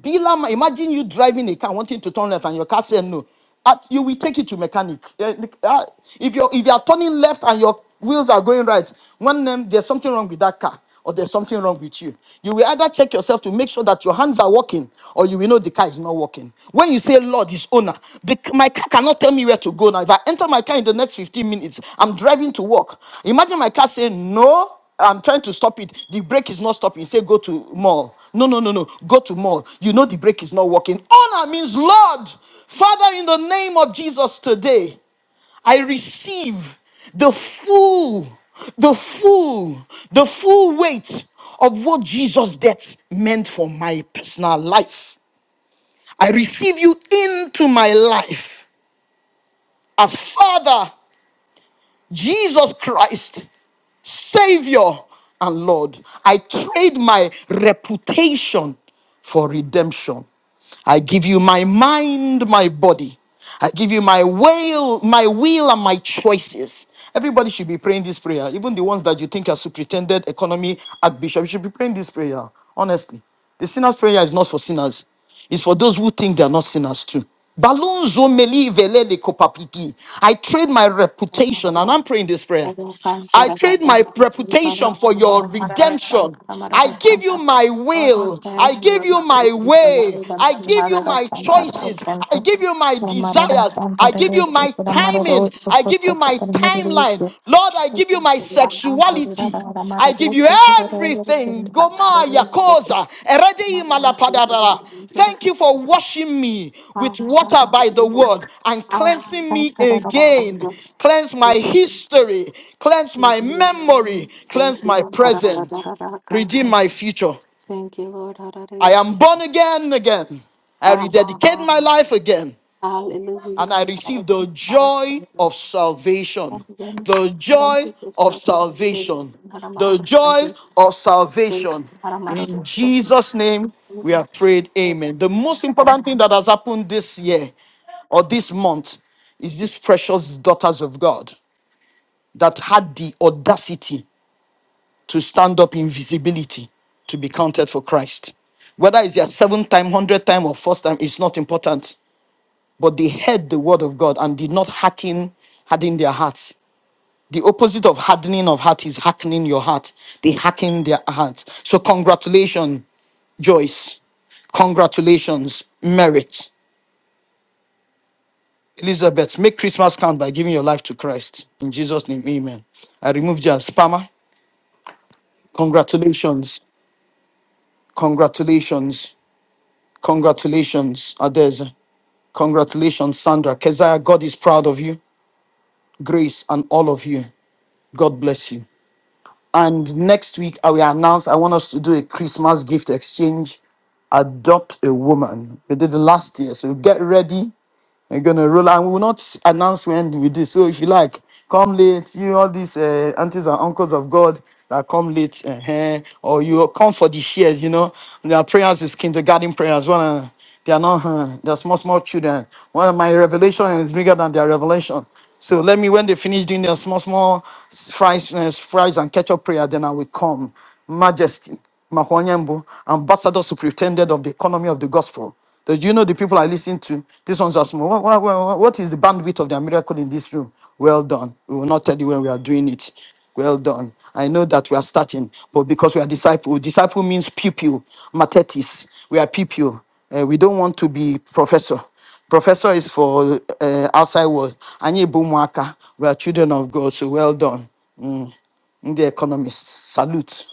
Bilam, imagine you driving a car wanting to turn left and your car said no. At, you will take it to mechanic. Eh, the- ah, If you're if you are turning left and your wheels are going right, one name there's something wrong with that car or there's something wrong with you. You will either check yourself to make sure that your hands are working or you will know the car is not working. When you say Lord is owner, the, my car cannot tell me where to go now. If I enter my car in the next 15 minutes, I'm driving to work. Imagine my car saying no. I'm trying to stop it. The brake is not stopping. Say go to mall. No, no, no, no. Go to mall. You know the brake is not working. Honor means Lord, Father, in the name of Jesus today, I receive the full, the full, the full weight of what Jesus' death meant for my personal life. I receive you into my life as Father, Jesus Christ. Savior and Lord. I trade my reputation for redemption. I give you my mind, my body. I give you my will, my will and my choices. Everybody should be praying this prayer. Even the ones that you think are superintendent, economy, archbishop, you should be praying this prayer. Honestly. The sinner's prayer is not for sinners. It's for those who think they are not sinners too. Balunzo meli velele kopapiti. I trade my
soto.
reputation, and I'm praying this prayer.
Oya kansa
I
da da
trade my
sansa, oya
reputation for
kansa
your
mara mara da sansa,
redemption.
da mara
I
da
give you
sansa.
my
Oya
will.
kansa
I give
was
you my
taken from the
way.
Lord,
I
she
give
had
you
a
my
santa for
choices.
them
I
to.
give you my
The mara da
desires.
santa
I
da
give
shihara da
you
se,
my
the mara
timing.
road to
I give
host
you
of
my
the mara road.
timeline.
The
Lord, I give you my
santa da
sexuality.
vese,
I
samara do
give you
cosa que permite dice. da santo de da da mara road to the da da da da
everything.
da da
Goma
da da.
yakoza eredi
Mara da se to the
malapadadara.
danger of
Thank
the
you for washing me
ha
with water
shanti
by the word and
ha
cleansing
shanti
me
da da da
again.
da
Cleanse my
da.
history, cleanse
Thank
my
you, Lord.
memory, cleanse
Thank
my present, redeem my future.
you, Lord.
I am
Hallelujah.
born again again. I rededicate my life again and I received the joy of salvation. The joy of salvation. The joy of salvation. In Jesus' name, we have prayed. Amen. The most important thing that has happened this year or this month is these precious daughters of God that had the audacity to stand up in visibility to be counted for Christ. Whether it's their seventh time, hundredth time, or first time, it's not important but they heard the word of God and did not harden, harden their hearts. The opposite of hardening of heart is hardening your heart. They harden their hearts. So congratulations, Joyce. Congratulations, merit. Elizabeth, make Christmas count by giving your life to Christ. In Jesus' name, amen. I remove Jan Spammer. Congratulations. Congratulations. Congratulations, Adeza. Congratulations, Sandra. Keziah, God is proud of you. Grace and all of you. God bless you. And next week, I will announce I want us to do a Christmas gift exchange. Adopt a woman. We did it last year. So get ready we're gonna roll and we will not announce when we do. So if you like, come late, you all these uh, aunties and uncles of God that come late, uh or you come for the shares, you know. Their prayers is kindergarten prayers. One, uh, they are not, uh, they're small, small children. One of my revelation is bigger than their revelation. So let me, when they finish doing their small, small fries, uh, fries and ketchup prayer, then I will come. Majesty, Mahwanyambu, Ambassador Superintendent of the Economy of the Gospel. But you know the people I listen to? This one's asking, me, what, what, what what is the bandwidth of their miracle in this room? Well done. We will not tell you when we are doing it. Well done. I know that we are starting, but because we are disciple, disciple means pupil, matetis. We are pupil. Uh, we don't want to be professor. Professor is for uh, outside world. Anyị bụ ụmụaka. We are children of God, so well done. The economists salute.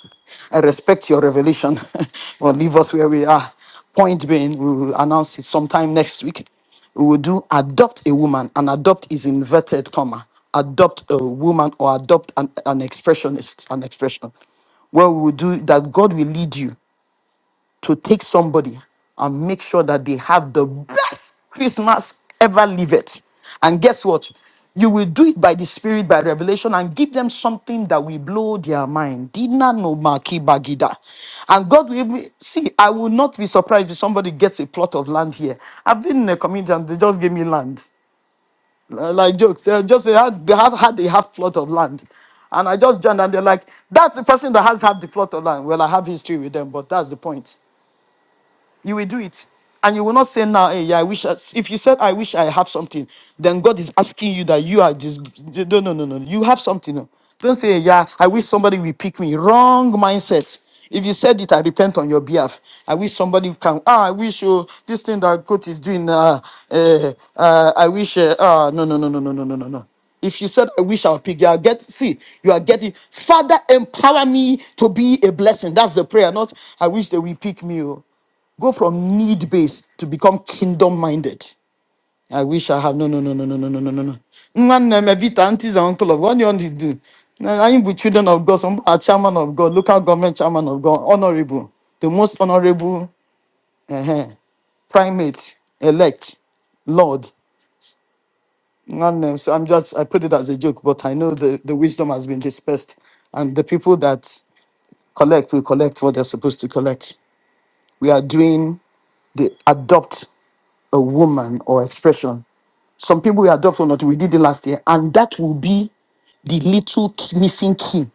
I respect your revelation, (laughs) but leave us where we are. Point being, we will announce it sometime next week. We will do adopt a woman, and adopt is inverted comma. Adopt a woman or adopt an, an expressionist, an expression. Well, we will do that. God will lead you to take somebody and make sure that they have the best Christmas ever lived. And guess what? You will do it by the Spirit, by revelation, and give them something that will blow their mind. Dina no maki bagida. And God will even- see, I will not be surprised if somebody gets a plot of land here. I've been in a community and they just gave me land. Uh, Like joke. They just they had they have had a half plot of land. And I just joined and they're like, that's the person that has half the plot of land. Well, I have history with them, but that's the point. You will do it. And you will not say now, hey, yeah, I wish. I, if you said, I wish I have something, then God is asking you that you are just, no, no, no, no. You have something. No, Don't say, yeah, I wish somebody will pick me. Wrong mindset. If you said it, I repent on your behalf. I wish somebody can. Ah, I wish you this thing that coach is doing. Uh, uh, uh, I wish. Uh, ah, no, no, no, no, no, no, no, no, no. If you said, I wish I would pick, you are get see, you are getting Father, empower me to be a blessing. That's the prayer, not I wish they will pick me. oh. Go from need based to become kingdom minded. I wish I have no no no no no no no no no no. Nwanne my Vita, aunties and uncle of what do you want to do? I am with children of God, some are chairman of God, local government chairman of God, honorable, the most honorable uh primate, elect, Lord. Nwanne, So I'm just I put it as a joke, but I know the, the wisdom has been dispersed and the people that collect will collect what they're supposed to collect. We are doing the adopt a woman or expression. Some people we adopt or not, we did it last year, and that will be the little key- missing key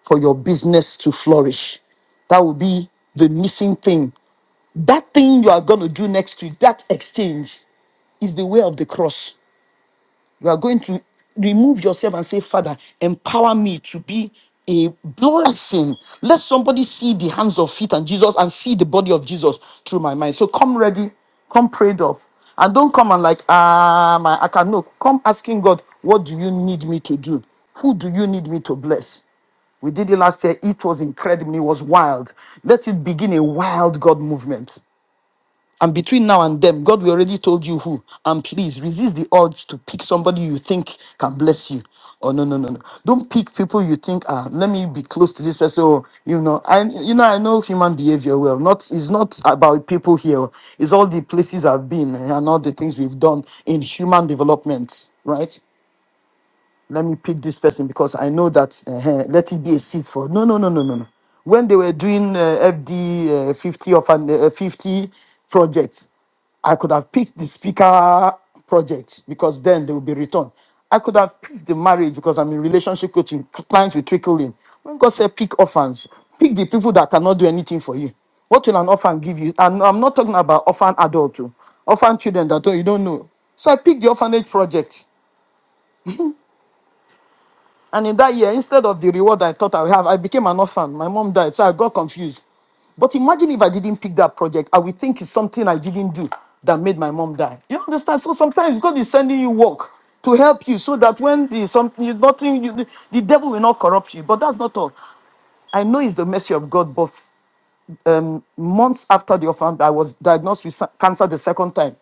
for your business to flourish. That will be the missing thing. That thing you are going to do next week, that exchange, is the way of the cross. You are going to remove yourself and say, Father, empower me to be a blessing. Let somebody see the hands of feet and Jesus and see the body of Jesus through my mind. So come ready, come prayed up. And don't come and like, ah, my, I can no. Come asking God, what do you need me to do? Who do you need me to bless? We did it last year. It was incredible. It was wild. Let it begin a wild God movement. And between now and then, God, we already told you who. And please resist the urge to pick somebody you think can bless you. Oh no, no, no, no. Don't pick people you think, ah, let me be close to this person. Or, you know, I you know, I know human behavior well. Not it's not about people here. It's all the places I've been and all the things we've done in human development, right? let me pick this person because I know that uh, let it be a seat for. No, no, no, no, no, no. When they were doing uh, FD uh, 50 of an uh, 50 projects, I could have picked the speaker project because then they will be returned. I could have picked the marriage because I'm in relationship coaching. Clients will trickle in. When God said pick orphans, pick the people that cannot do anything for you. What will an orphan give you? And I'm not talking about orphan adult, too. orphan children that don't- you don't know. So I picked the orphanage project. And in that year, instead of the reward I thought I would have, I became an orphan. My mom died, so I got confused. But imagine if I didn't pick that project, I would think it's something I didn't do that made my mom die. You understand? So sometimes God is sending you work to help you so that when the something you- nothing you, the devil will not corrupt you. But that's not all. I know it's the mercy of God, but um, months after the orphan, I was diagnosed with sa- cancer the second time.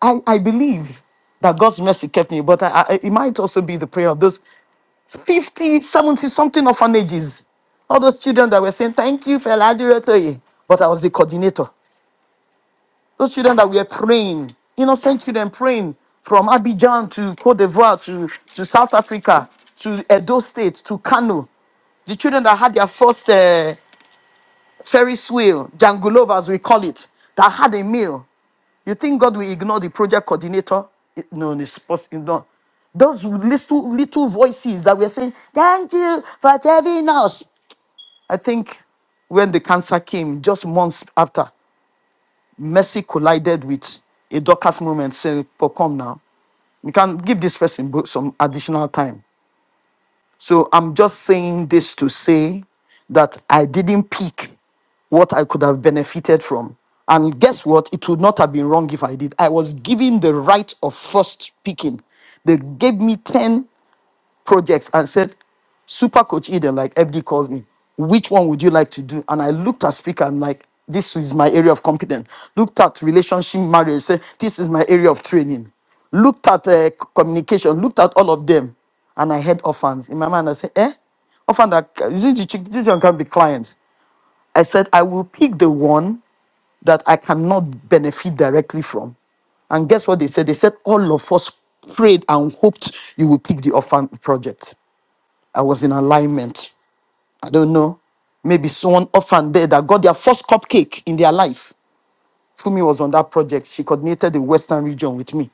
I, I believe that God's mercy kept me, but I, I, it might also be the prayer of those. Fifty, seventy, 70 something orphanages. All those children that were saying, Thank you, Fela Adiretoye. But I was the coordinator. Those children that were praying, innocent children praying from Abidjan to Cote d'Ivoire to, to South Africa to Edo State to Kano. The children that had their first uh, Ferris wheel, Jangulova as we call it, that had a meal. You think God will ignore the project coordinator? It- No, no, it's supposed to No those little little voices that were saying, Thank you for saving us. I think when the cancer came, just months after, Messi collided with a Dorcas moment saying, "But come now, we can give this person bo- some additional time." So I'm just saying this to say that I didn't pick what I could have benefited from. And guess what? It would not have been wrong if I did. I was given the right of first picking. They gave me 10 projects and said, Super Coach Eden, like FD calls me, which one would you like to do? And I looked at speaker, I'm like, this is my area of competence. Looked at relationship marriage, said, this is my area of training. Looked at uh, c- communication, looked at all of them. And I had orphans. In my mind, I said, eh? Orphan, that, isn't the chick- this one can be clients. I said, I will pick the one that I cannot benefit directly from. And guess what they said? They said all of us prayed and hoped you will pick the orphan project. I was in alignment. I don't know. Maybe someone orphan there that got their first cupcake in their life. Fumi was on that project. She coordinated the Western region with me.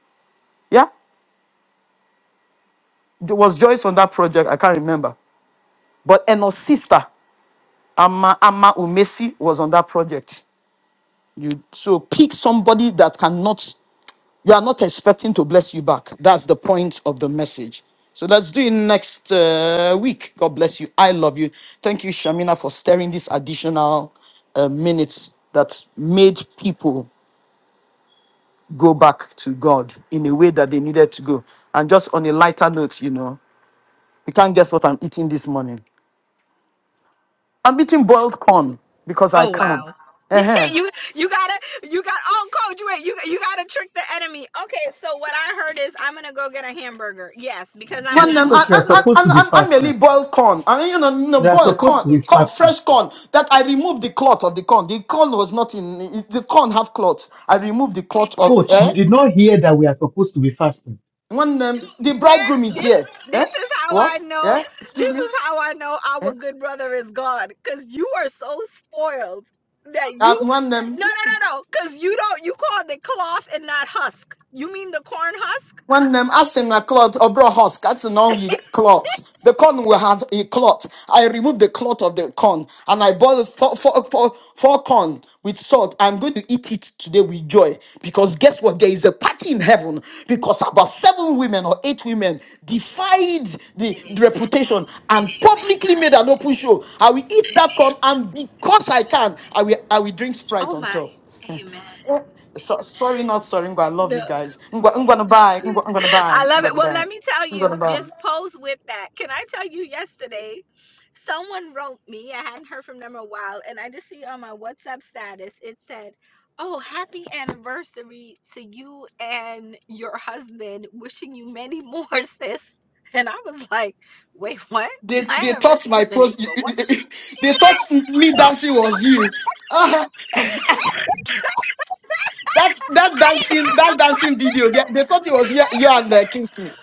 Yeah, there was Joyce on that project. I can't remember. But Eno's sister, Ama, Ama Umesi, was on that project. You so pick somebody that cannot You are not expecting to bless you back. That's the point of the message. So let's do it next uh, week. God bless you. I love you. Thank you, Shamina, for staring this additional uh, minutes that made people go back to God in a way that they needed to go. And just on a lighter note, you know, you can't guess what I'm eating this morning. I'm eating boiled corn because I
Oh wow.
can.
(laughs) you you gotta you got oh coach wait you you gotta trick the enemy. Okay, so what I heard is I'm gonna go get a hamburger. Yes, because I'm
Man,
Wait,
and,
obedient.
Coach,
and,
we are
and,
supposed to
and,
be
and and merely
fasting.
boil corn. I mean, you know, you know,
We are
boil
supposed
corn,
to be
corn,
fasting.
fresh corn. That I removed the cloth of the corn. The corn was not in. It, the corn have cloth. I removed the cloth of.
Coach, you
Eh?
did not hear that we are supposed to be fasting.
When um, the bridegroom is
this
here. Eh?
this is how I
What?
know
Yeah. Excuse
this
me.
is how I know our
Eh?
good brother is God cuz you are so spoiled that you
Uh, when um,
No, no, no, no cuz you don't you call the cloth and not husk. You mean the corn husk?
One name, as in a cloth, or bro husk, that's in all ye cloths. The corn will have a cloth. I remove the cloth of the corn and I boil four, four, four, four corn with salt. I'm going to eat it today with joy because guess what? There is a party in heaven because about seven women or eight women defied the, the
Amen.
reputation and publicly made an open
Amen.
show. I will eat that corn and because I can, I will, I will drink Sprite
Oh
on
my.
top.
Amen.
So, sorry, not sorry. Ngwa, I love
The
you guys. Ngwa, I'm gonna buy. Ngwa, I'm gonna
I
buy. I'm
love it.
gonna
Well,
buy.
let me tell
I'm
you,
gonna buy.
just pose with that. Can I tell you yesterday? Someone wrote me, I hadn't heard from them in a while, and I just see on my WhatsApp status, it said, Oh, happy anniversary to you and your husband. Wishing you many more, (laughs) sis. And I was like, Wait, what?
They
My
they thought
anniversary
my
is in
pros.
April. What? (laughs)
(laughs) They thought
Yes,
me
yes.
dancing was you. (laughs) Ah, that
I
that
didn't
dancing
have
that
the (laughs)
dancing
heart
video. They, they thought it was you, you and uh, Kingston.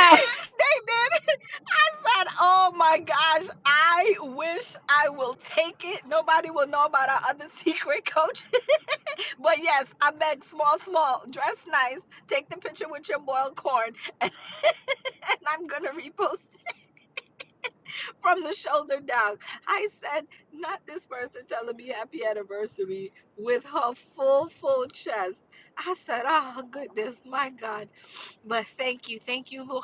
to say- They did. said, Oh my gosh, I wish I will take it. Nobody will know about our other secret coach. (laughs) but yes, I beg small, small, dress nice, take the picture with your boiled corn, and, (laughs) and I'm gonna repost from the shoulder down. I said, Not this person telling me happy anniversary with her full, full chest. I said, Oh goodness, my God. But thank you, thank you, Lou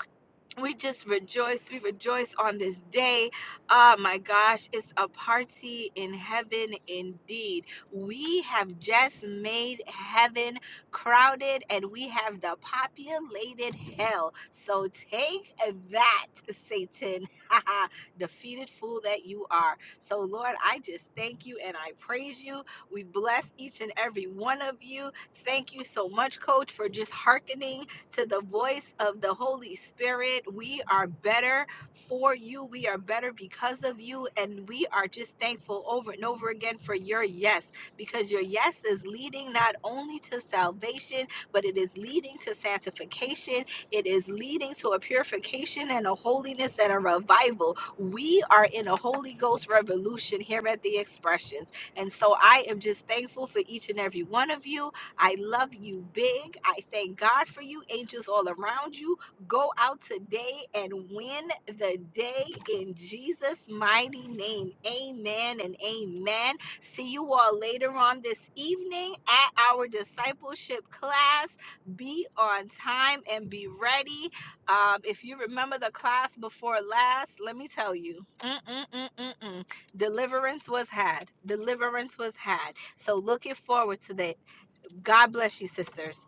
we just rejoice. We rejoice on this day. Oh my gosh, it's a party in heaven indeed. We have just made heaven crowded and we have the populated hell. So take that, Satan, (laughs) defeated fool that you are. So, Lord, I just thank you and I praise you. We bless each and every one of you. Thank you so much, Coach, for just hearkening to the voice of the Holy Spirit. We are better for you. We are better because of you. And we are just thankful over and over again for your yes, because your yes is leading not only to salvation, but it is leading to sanctification. It is leading to a purification and a holiness and a revival. We are in a Holy Ghost revolution here at the Expressions. And so I am just thankful for each and every one of you. I love you big. I thank God for you. Angels all around you. Go out today and win the day in Jesus' mighty name. Amen and amen. See you all later on this evening at our discipleship class. Be on time and be ready. Um, if you remember the class before last, let me tell you. Mm-mm-mm-mm-mm deliverance was had. Deliverance was had. So looking forward to that God bless you, sisters.